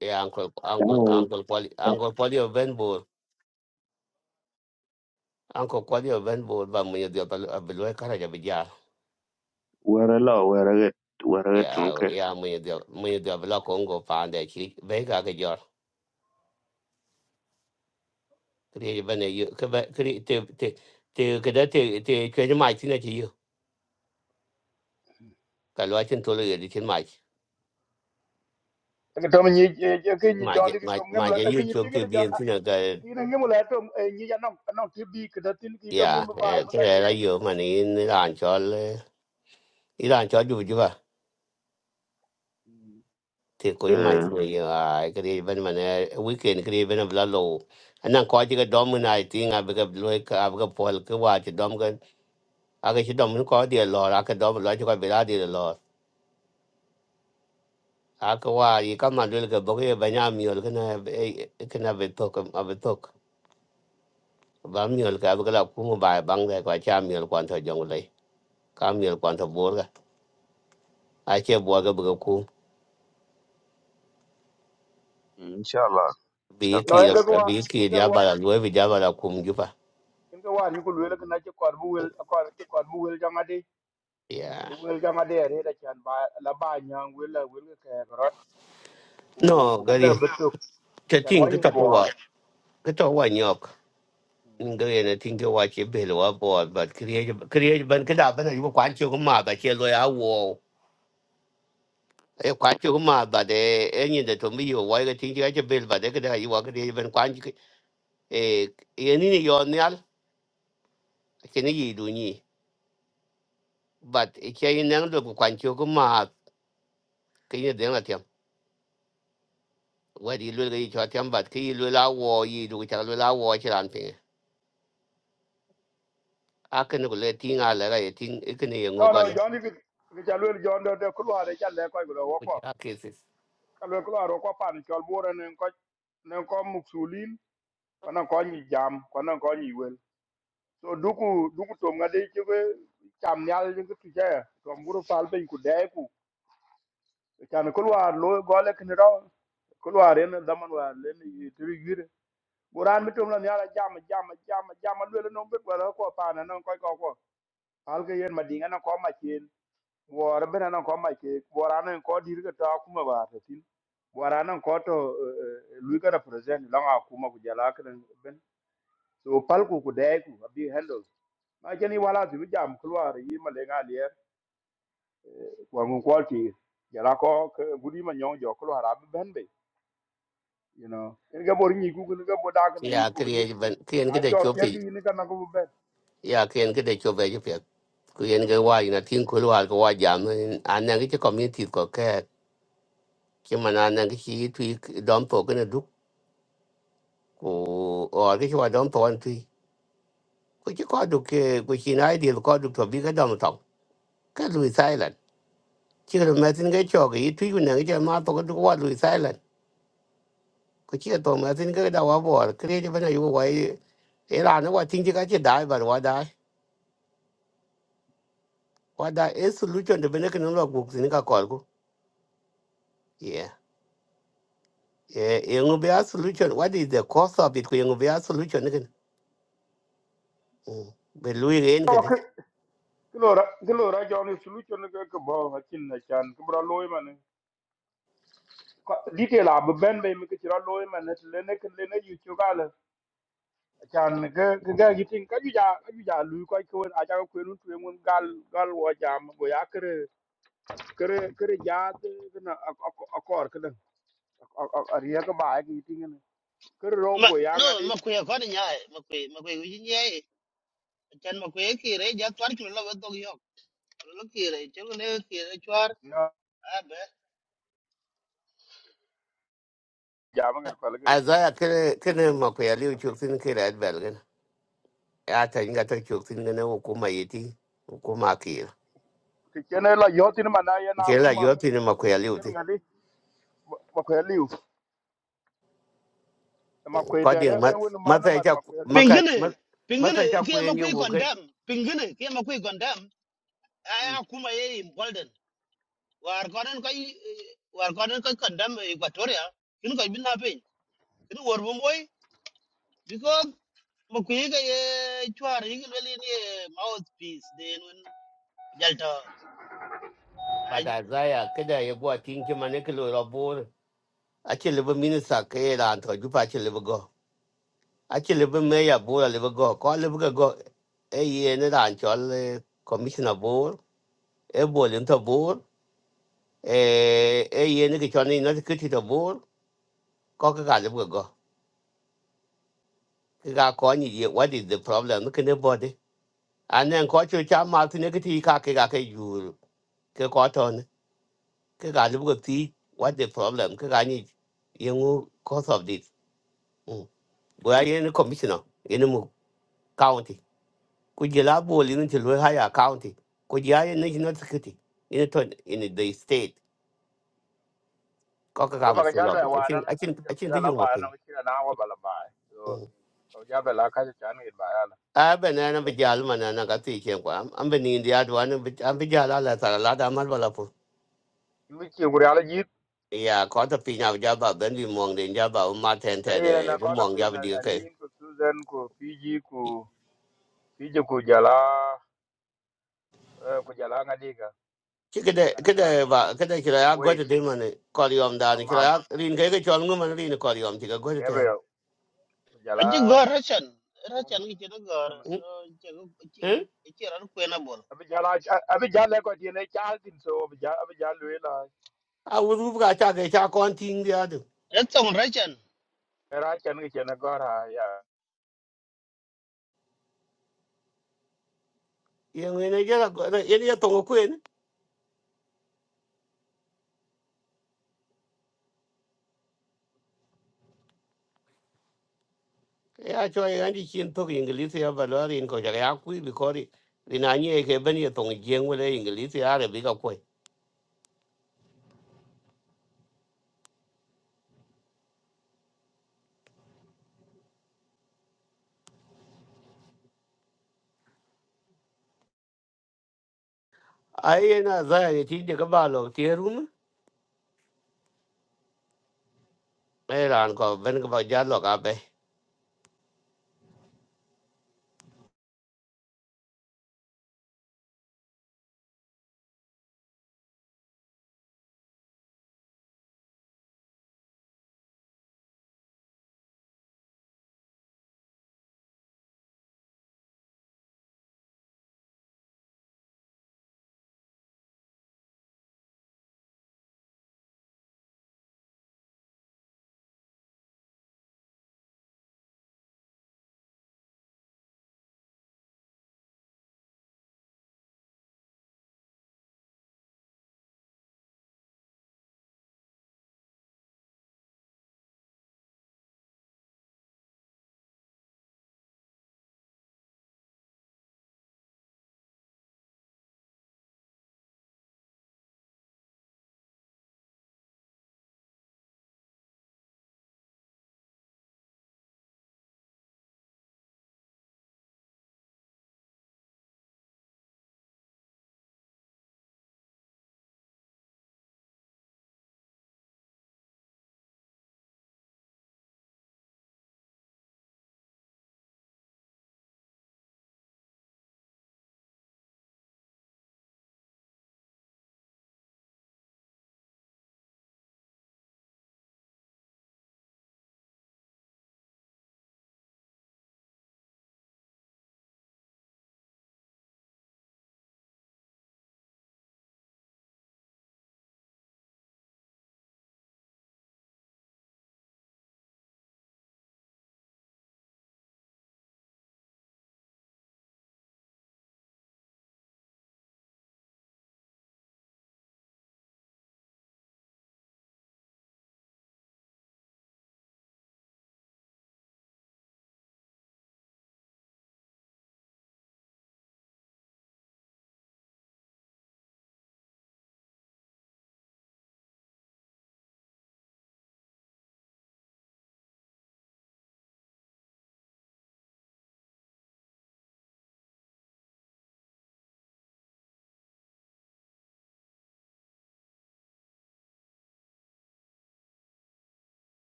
[SPEAKER 3] Yeah, uncle, uncle,
[SPEAKER 1] Chao-
[SPEAKER 3] uncle, poly, uncle, poly of Venbull. Uncle, poly of Venbull, but when you do a below carriage of a jar.
[SPEAKER 1] were lo were get were get
[SPEAKER 3] Yeah, yeah, when you do, when you do a block on go pound a cheek, bake a jar. Create when you, create, to, to, to, to, to, to, change my thing at you. Kalwachin tolo edition my,
[SPEAKER 13] ke to mi ni ke ni
[SPEAKER 3] my,
[SPEAKER 13] jon ni ke to
[SPEAKER 3] my,
[SPEAKER 13] ngem
[SPEAKER 3] my,
[SPEAKER 13] la ke
[SPEAKER 3] you
[SPEAKER 13] ni ti
[SPEAKER 3] chok to
[SPEAKER 13] ke
[SPEAKER 3] be
[SPEAKER 13] ja
[SPEAKER 3] in thing,
[SPEAKER 13] kine ngi mula tom ngi ya nong nong ti bi ke datin ki tom ngi
[SPEAKER 3] yeah,
[SPEAKER 13] ba
[SPEAKER 3] eh,
[SPEAKER 13] ba
[SPEAKER 3] kaya
[SPEAKER 13] ngadi le
[SPEAKER 3] rayo man in Iran chol, Iran chol, you, thì cuối mai
[SPEAKER 1] إيه
[SPEAKER 3] thì à cái đi bên mà nè weekend cái đi bên là lâu anh đang coi cái đom cái này thì ngay bây giờ lôi cái à bây giờ paul cái qua chỉ đom cái à cái chỉ đom nó có đi lò à cái đom lò chỉ có bị ra đi lò à cái qua gì cái mà lôi cái bốc cái bên nhà miêu cái này cái này bị thuốc à bị thuốc và miêu cái bây giờ là cũng một bài băng đây qua cha miêu quan thời giống lấy cá miêu quan thời bùa cái ai chơi bùa cái bây giờ cũng
[SPEAKER 1] إن شاء الله إن شاء
[SPEAKER 3] bị kỳ
[SPEAKER 13] no
[SPEAKER 1] الله
[SPEAKER 13] en
[SPEAKER 3] là
[SPEAKER 13] ko wa
[SPEAKER 3] bị kỳ
[SPEAKER 13] en
[SPEAKER 3] giá
[SPEAKER 13] ko wa
[SPEAKER 3] bà là lôi vì giá bà là cũng giúp à
[SPEAKER 13] en ko wa ri ko le ke na ci kor bu wel kor ci kor bu wel jangade
[SPEAKER 3] yeah
[SPEAKER 13] bu wel jangade re da chan ba la ba nyang wel la wel ke rot ku
[SPEAKER 3] no
[SPEAKER 13] ku
[SPEAKER 3] good.
[SPEAKER 13] kana betuk
[SPEAKER 3] The
[SPEAKER 13] chan wa
[SPEAKER 3] thing
[SPEAKER 13] ni
[SPEAKER 3] ka to
[SPEAKER 13] gor
[SPEAKER 3] wa ka to wa nyok nga ye na ting ka wa che be lo wa bo ba create, kriye ban ka da ban yu kwan che ko ma ba che lo ya wo e kwan che ko ma ba de e ni de to mi yo wa ga ting ka che be ba de ka da yu wa kriye ban kwan che e ye ni ni yo ni al che ni yi du ni but e che yin nang do kwan che ko ma ke ni de what you wa di lo ga yi cho tem ba ke yi lo la wo yi du cha lo la wo che ran pe a ke ni ko le ting a le ga ye ting e ke ni ye ngo
[SPEAKER 13] no
[SPEAKER 3] ga
[SPEAKER 13] no
[SPEAKER 3] le
[SPEAKER 13] joni ki ki cha wel jon do de ku wa de cha le ko go wo
[SPEAKER 3] ku
[SPEAKER 13] ko
[SPEAKER 3] ja ke
[SPEAKER 13] ka le ku wa ro ko pa ni chol bu ro ne ko ne ko muksulin ko na ko ni jam ko na ko ni wel so duku duku tom ngade chebe cham nyal jingu tuje tom buru pal pe ku dai ku chan kulwa lo gole kni ro kulwa ren daman wa len yitri yire buran mi tom la nyala jam jam jam jam lwele no be gwala ko pana non ko ko ko al ke yen madinga na ko ma chen wor be na ko ma ke boran ko dir ke ta kuma ba ta tin boran ko to eh, eh, lui ka represent la kuma ku jala kan so palku ku dai ku abi hello ma jeni wala su jam kluar yi ma le ngalier wa ngun kwalti jara ko ke gudi ma nyong jo kluar abi ben be you know en ga bor ni ku ni ga bodag na ni
[SPEAKER 3] ya
[SPEAKER 13] ku ni
[SPEAKER 3] kriye
[SPEAKER 13] ku
[SPEAKER 3] ben kien ki
[SPEAKER 13] na
[SPEAKER 3] de
[SPEAKER 13] cho ter
[SPEAKER 3] chopi
[SPEAKER 13] gi ni ga na ku ben
[SPEAKER 3] ya kien ki de chope ju pet ku yen ge wa ina tin ku wa ko wa jam an ne ki community ko ke ki man an ne ki tu dom po ke ne du ku or ki wa dom po an tu ku ki ko du ke ku chi na di ko du to bi ke dom to ke lu silent chi ro ma tin ge cho ge tu ku ne ge ma to ko du wa lu silent ku chi to ma tin ge da wa bo kriye ben ju wa e ra ne wa tin ji ka chi dai ba wa What a solution the benefit no log books in Kakolgo. Yeah. Yeah, you be a solution. What is the cost of it? You be a solution again. Mm. But Louis Rain get it.
[SPEAKER 13] klora klora jo ni sulu cho ni ga ko bo hakin na chan ku bra loy ma ne detail abi ben be mi ke ra loy man, ne le ne ke le ne yu chu gala. chan ga ga ga gitin ka ju ja ka ju ja lu ko ko a ja ko nu tu mun gal gal wo jam go ya kre kre kre ja de na akor ka dan a riya ka ba ga gitin ne kre ro
[SPEAKER 10] ma
[SPEAKER 13] go ya
[SPEAKER 10] no
[SPEAKER 13] ngadi
[SPEAKER 10] ma kwe kod nyae ma kwe ma kwe wi nyae chan ma kwe kire ja twar chulo lo to yo lo kire chulo le kire chwar
[SPEAKER 13] no
[SPEAKER 10] abe
[SPEAKER 13] ja ma ngar pal gan
[SPEAKER 3] As I can Makuya Liu Chilton Kira Belgan. At I got a Chilton and Okuma Yeti, Okuma Kir.
[SPEAKER 13] ti chene la yo tin ma na ya na
[SPEAKER 3] Jela,
[SPEAKER 13] kuma
[SPEAKER 3] you're
[SPEAKER 13] kan
[SPEAKER 3] in
[SPEAKER 13] kan
[SPEAKER 3] Makuya Liu.
[SPEAKER 13] kan ngadi ma ko liu ma ko te re
[SPEAKER 3] Coding
[SPEAKER 13] e won ma na ma
[SPEAKER 3] Matha
[SPEAKER 13] ma ko liu
[SPEAKER 3] Maka
[SPEAKER 10] pingine pingine
[SPEAKER 3] Matha
[SPEAKER 10] ke ma
[SPEAKER 3] Queen, you
[SPEAKER 10] kwe
[SPEAKER 3] will get.
[SPEAKER 10] kondam pingine ke ma kwe kondam aya kuma ye in golden war konen kai war konen kai kondam equatoria kin kai bina pe kin wor bo moy because ma kwe ga ye chwar yi le ni mouthpiece den jalta
[SPEAKER 3] But as I could I go a tinky manicolo or board. Actually, live a minister, Kayla, and Tojupa, actually, aci lebi me ya bor lebi go ko lebi ka go e yene ran chol eh, commissioner bor e bol into bor e e yene ki chon ino kiti to board, ko ka ka lebi go ki ka ko ni what is the problem ki ne body anen ko chu cha ma ti ne kiti ka ki ka ke jur ke ko to ne ki ka lebi ka what the problem ki ka ni yengu cause of this mm go ya yene commissioner yene mu county kujela bol in the County, kujaya national security in a ton in the state.
[SPEAKER 13] ba ba
[SPEAKER 3] Kokakamu
[SPEAKER 13] ga
[SPEAKER 3] for
[SPEAKER 13] jal ba
[SPEAKER 3] lobby. I
[SPEAKER 13] wa
[SPEAKER 3] think
[SPEAKER 13] ran
[SPEAKER 3] I
[SPEAKER 13] an
[SPEAKER 3] think I
[SPEAKER 13] jal
[SPEAKER 3] think
[SPEAKER 13] ga la
[SPEAKER 3] you
[SPEAKER 13] ba
[SPEAKER 3] must be.
[SPEAKER 13] na ki na wa ba la ba so ja ba la ka chan ga ba
[SPEAKER 3] I banana
[SPEAKER 13] ya
[SPEAKER 3] vijal manana gati chengwa. I'm been in the other one I'm vijala la salada malvalapo.
[SPEAKER 13] michi nguriala yit
[SPEAKER 3] Yeah, caught a pin of Java, Bendy Mong, the Java, Martin Ted,
[SPEAKER 13] eh na kota
[SPEAKER 3] Mong Java
[SPEAKER 13] penya
[SPEAKER 3] DK.
[SPEAKER 13] anin ku Susan ku Fiji ku Fiji ku jala eh, ku jala ngadiga
[SPEAKER 3] Kida
[SPEAKER 13] dan dan
[SPEAKER 3] kida ba kida kira ya gwada
[SPEAKER 13] wait
[SPEAKER 3] dai mana kwaliyom da ni kira
[SPEAKER 13] aman
[SPEAKER 3] ya rin kai ga chon ngum mana rin kwaliyom tiga gwada ten.
[SPEAKER 13] Gabriel ku jala
[SPEAKER 10] Aje gor rachan,
[SPEAKER 13] kum
[SPEAKER 10] rachan ki chena gor,
[SPEAKER 13] tamen
[SPEAKER 3] Hmm?
[SPEAKER 10] so chego chego chera ku ena bol.
[SPEAKER 13] abi jala abi jala ko tiene chaltin so abi jala abi jala wela
[SPEAKER 3] A wuru ga ta ga ta kon ting dia
[SPEAKER 10] Rachan rachan.
[SPEAKER 13] era chan ke chana gora
[SPEAKER 3] yang ina jala ko ina ya tongo kwen ya cho ya ndi chin to english ya balari ko ya ya ku bi ko ri ni e ke ya tongo jeng wala english ya re bi ka ko na za ya ti de ka ba lo ti ben ka ba ja lo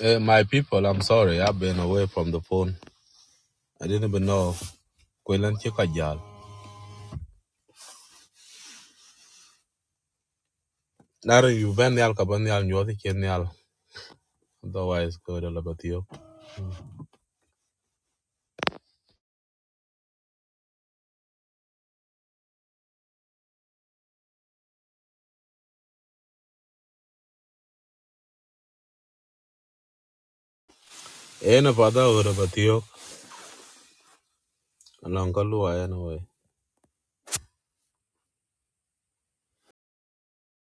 [SPEAKER 17] Eh, my people, I'm sorry. I've been away from the phone. I didn't even know. Kwelan chika jal. Naro you ben yal kaban yal nyodi chen yal. Otherwise, go to labatio. Eh, no pada go to labatio. Along kalu ay na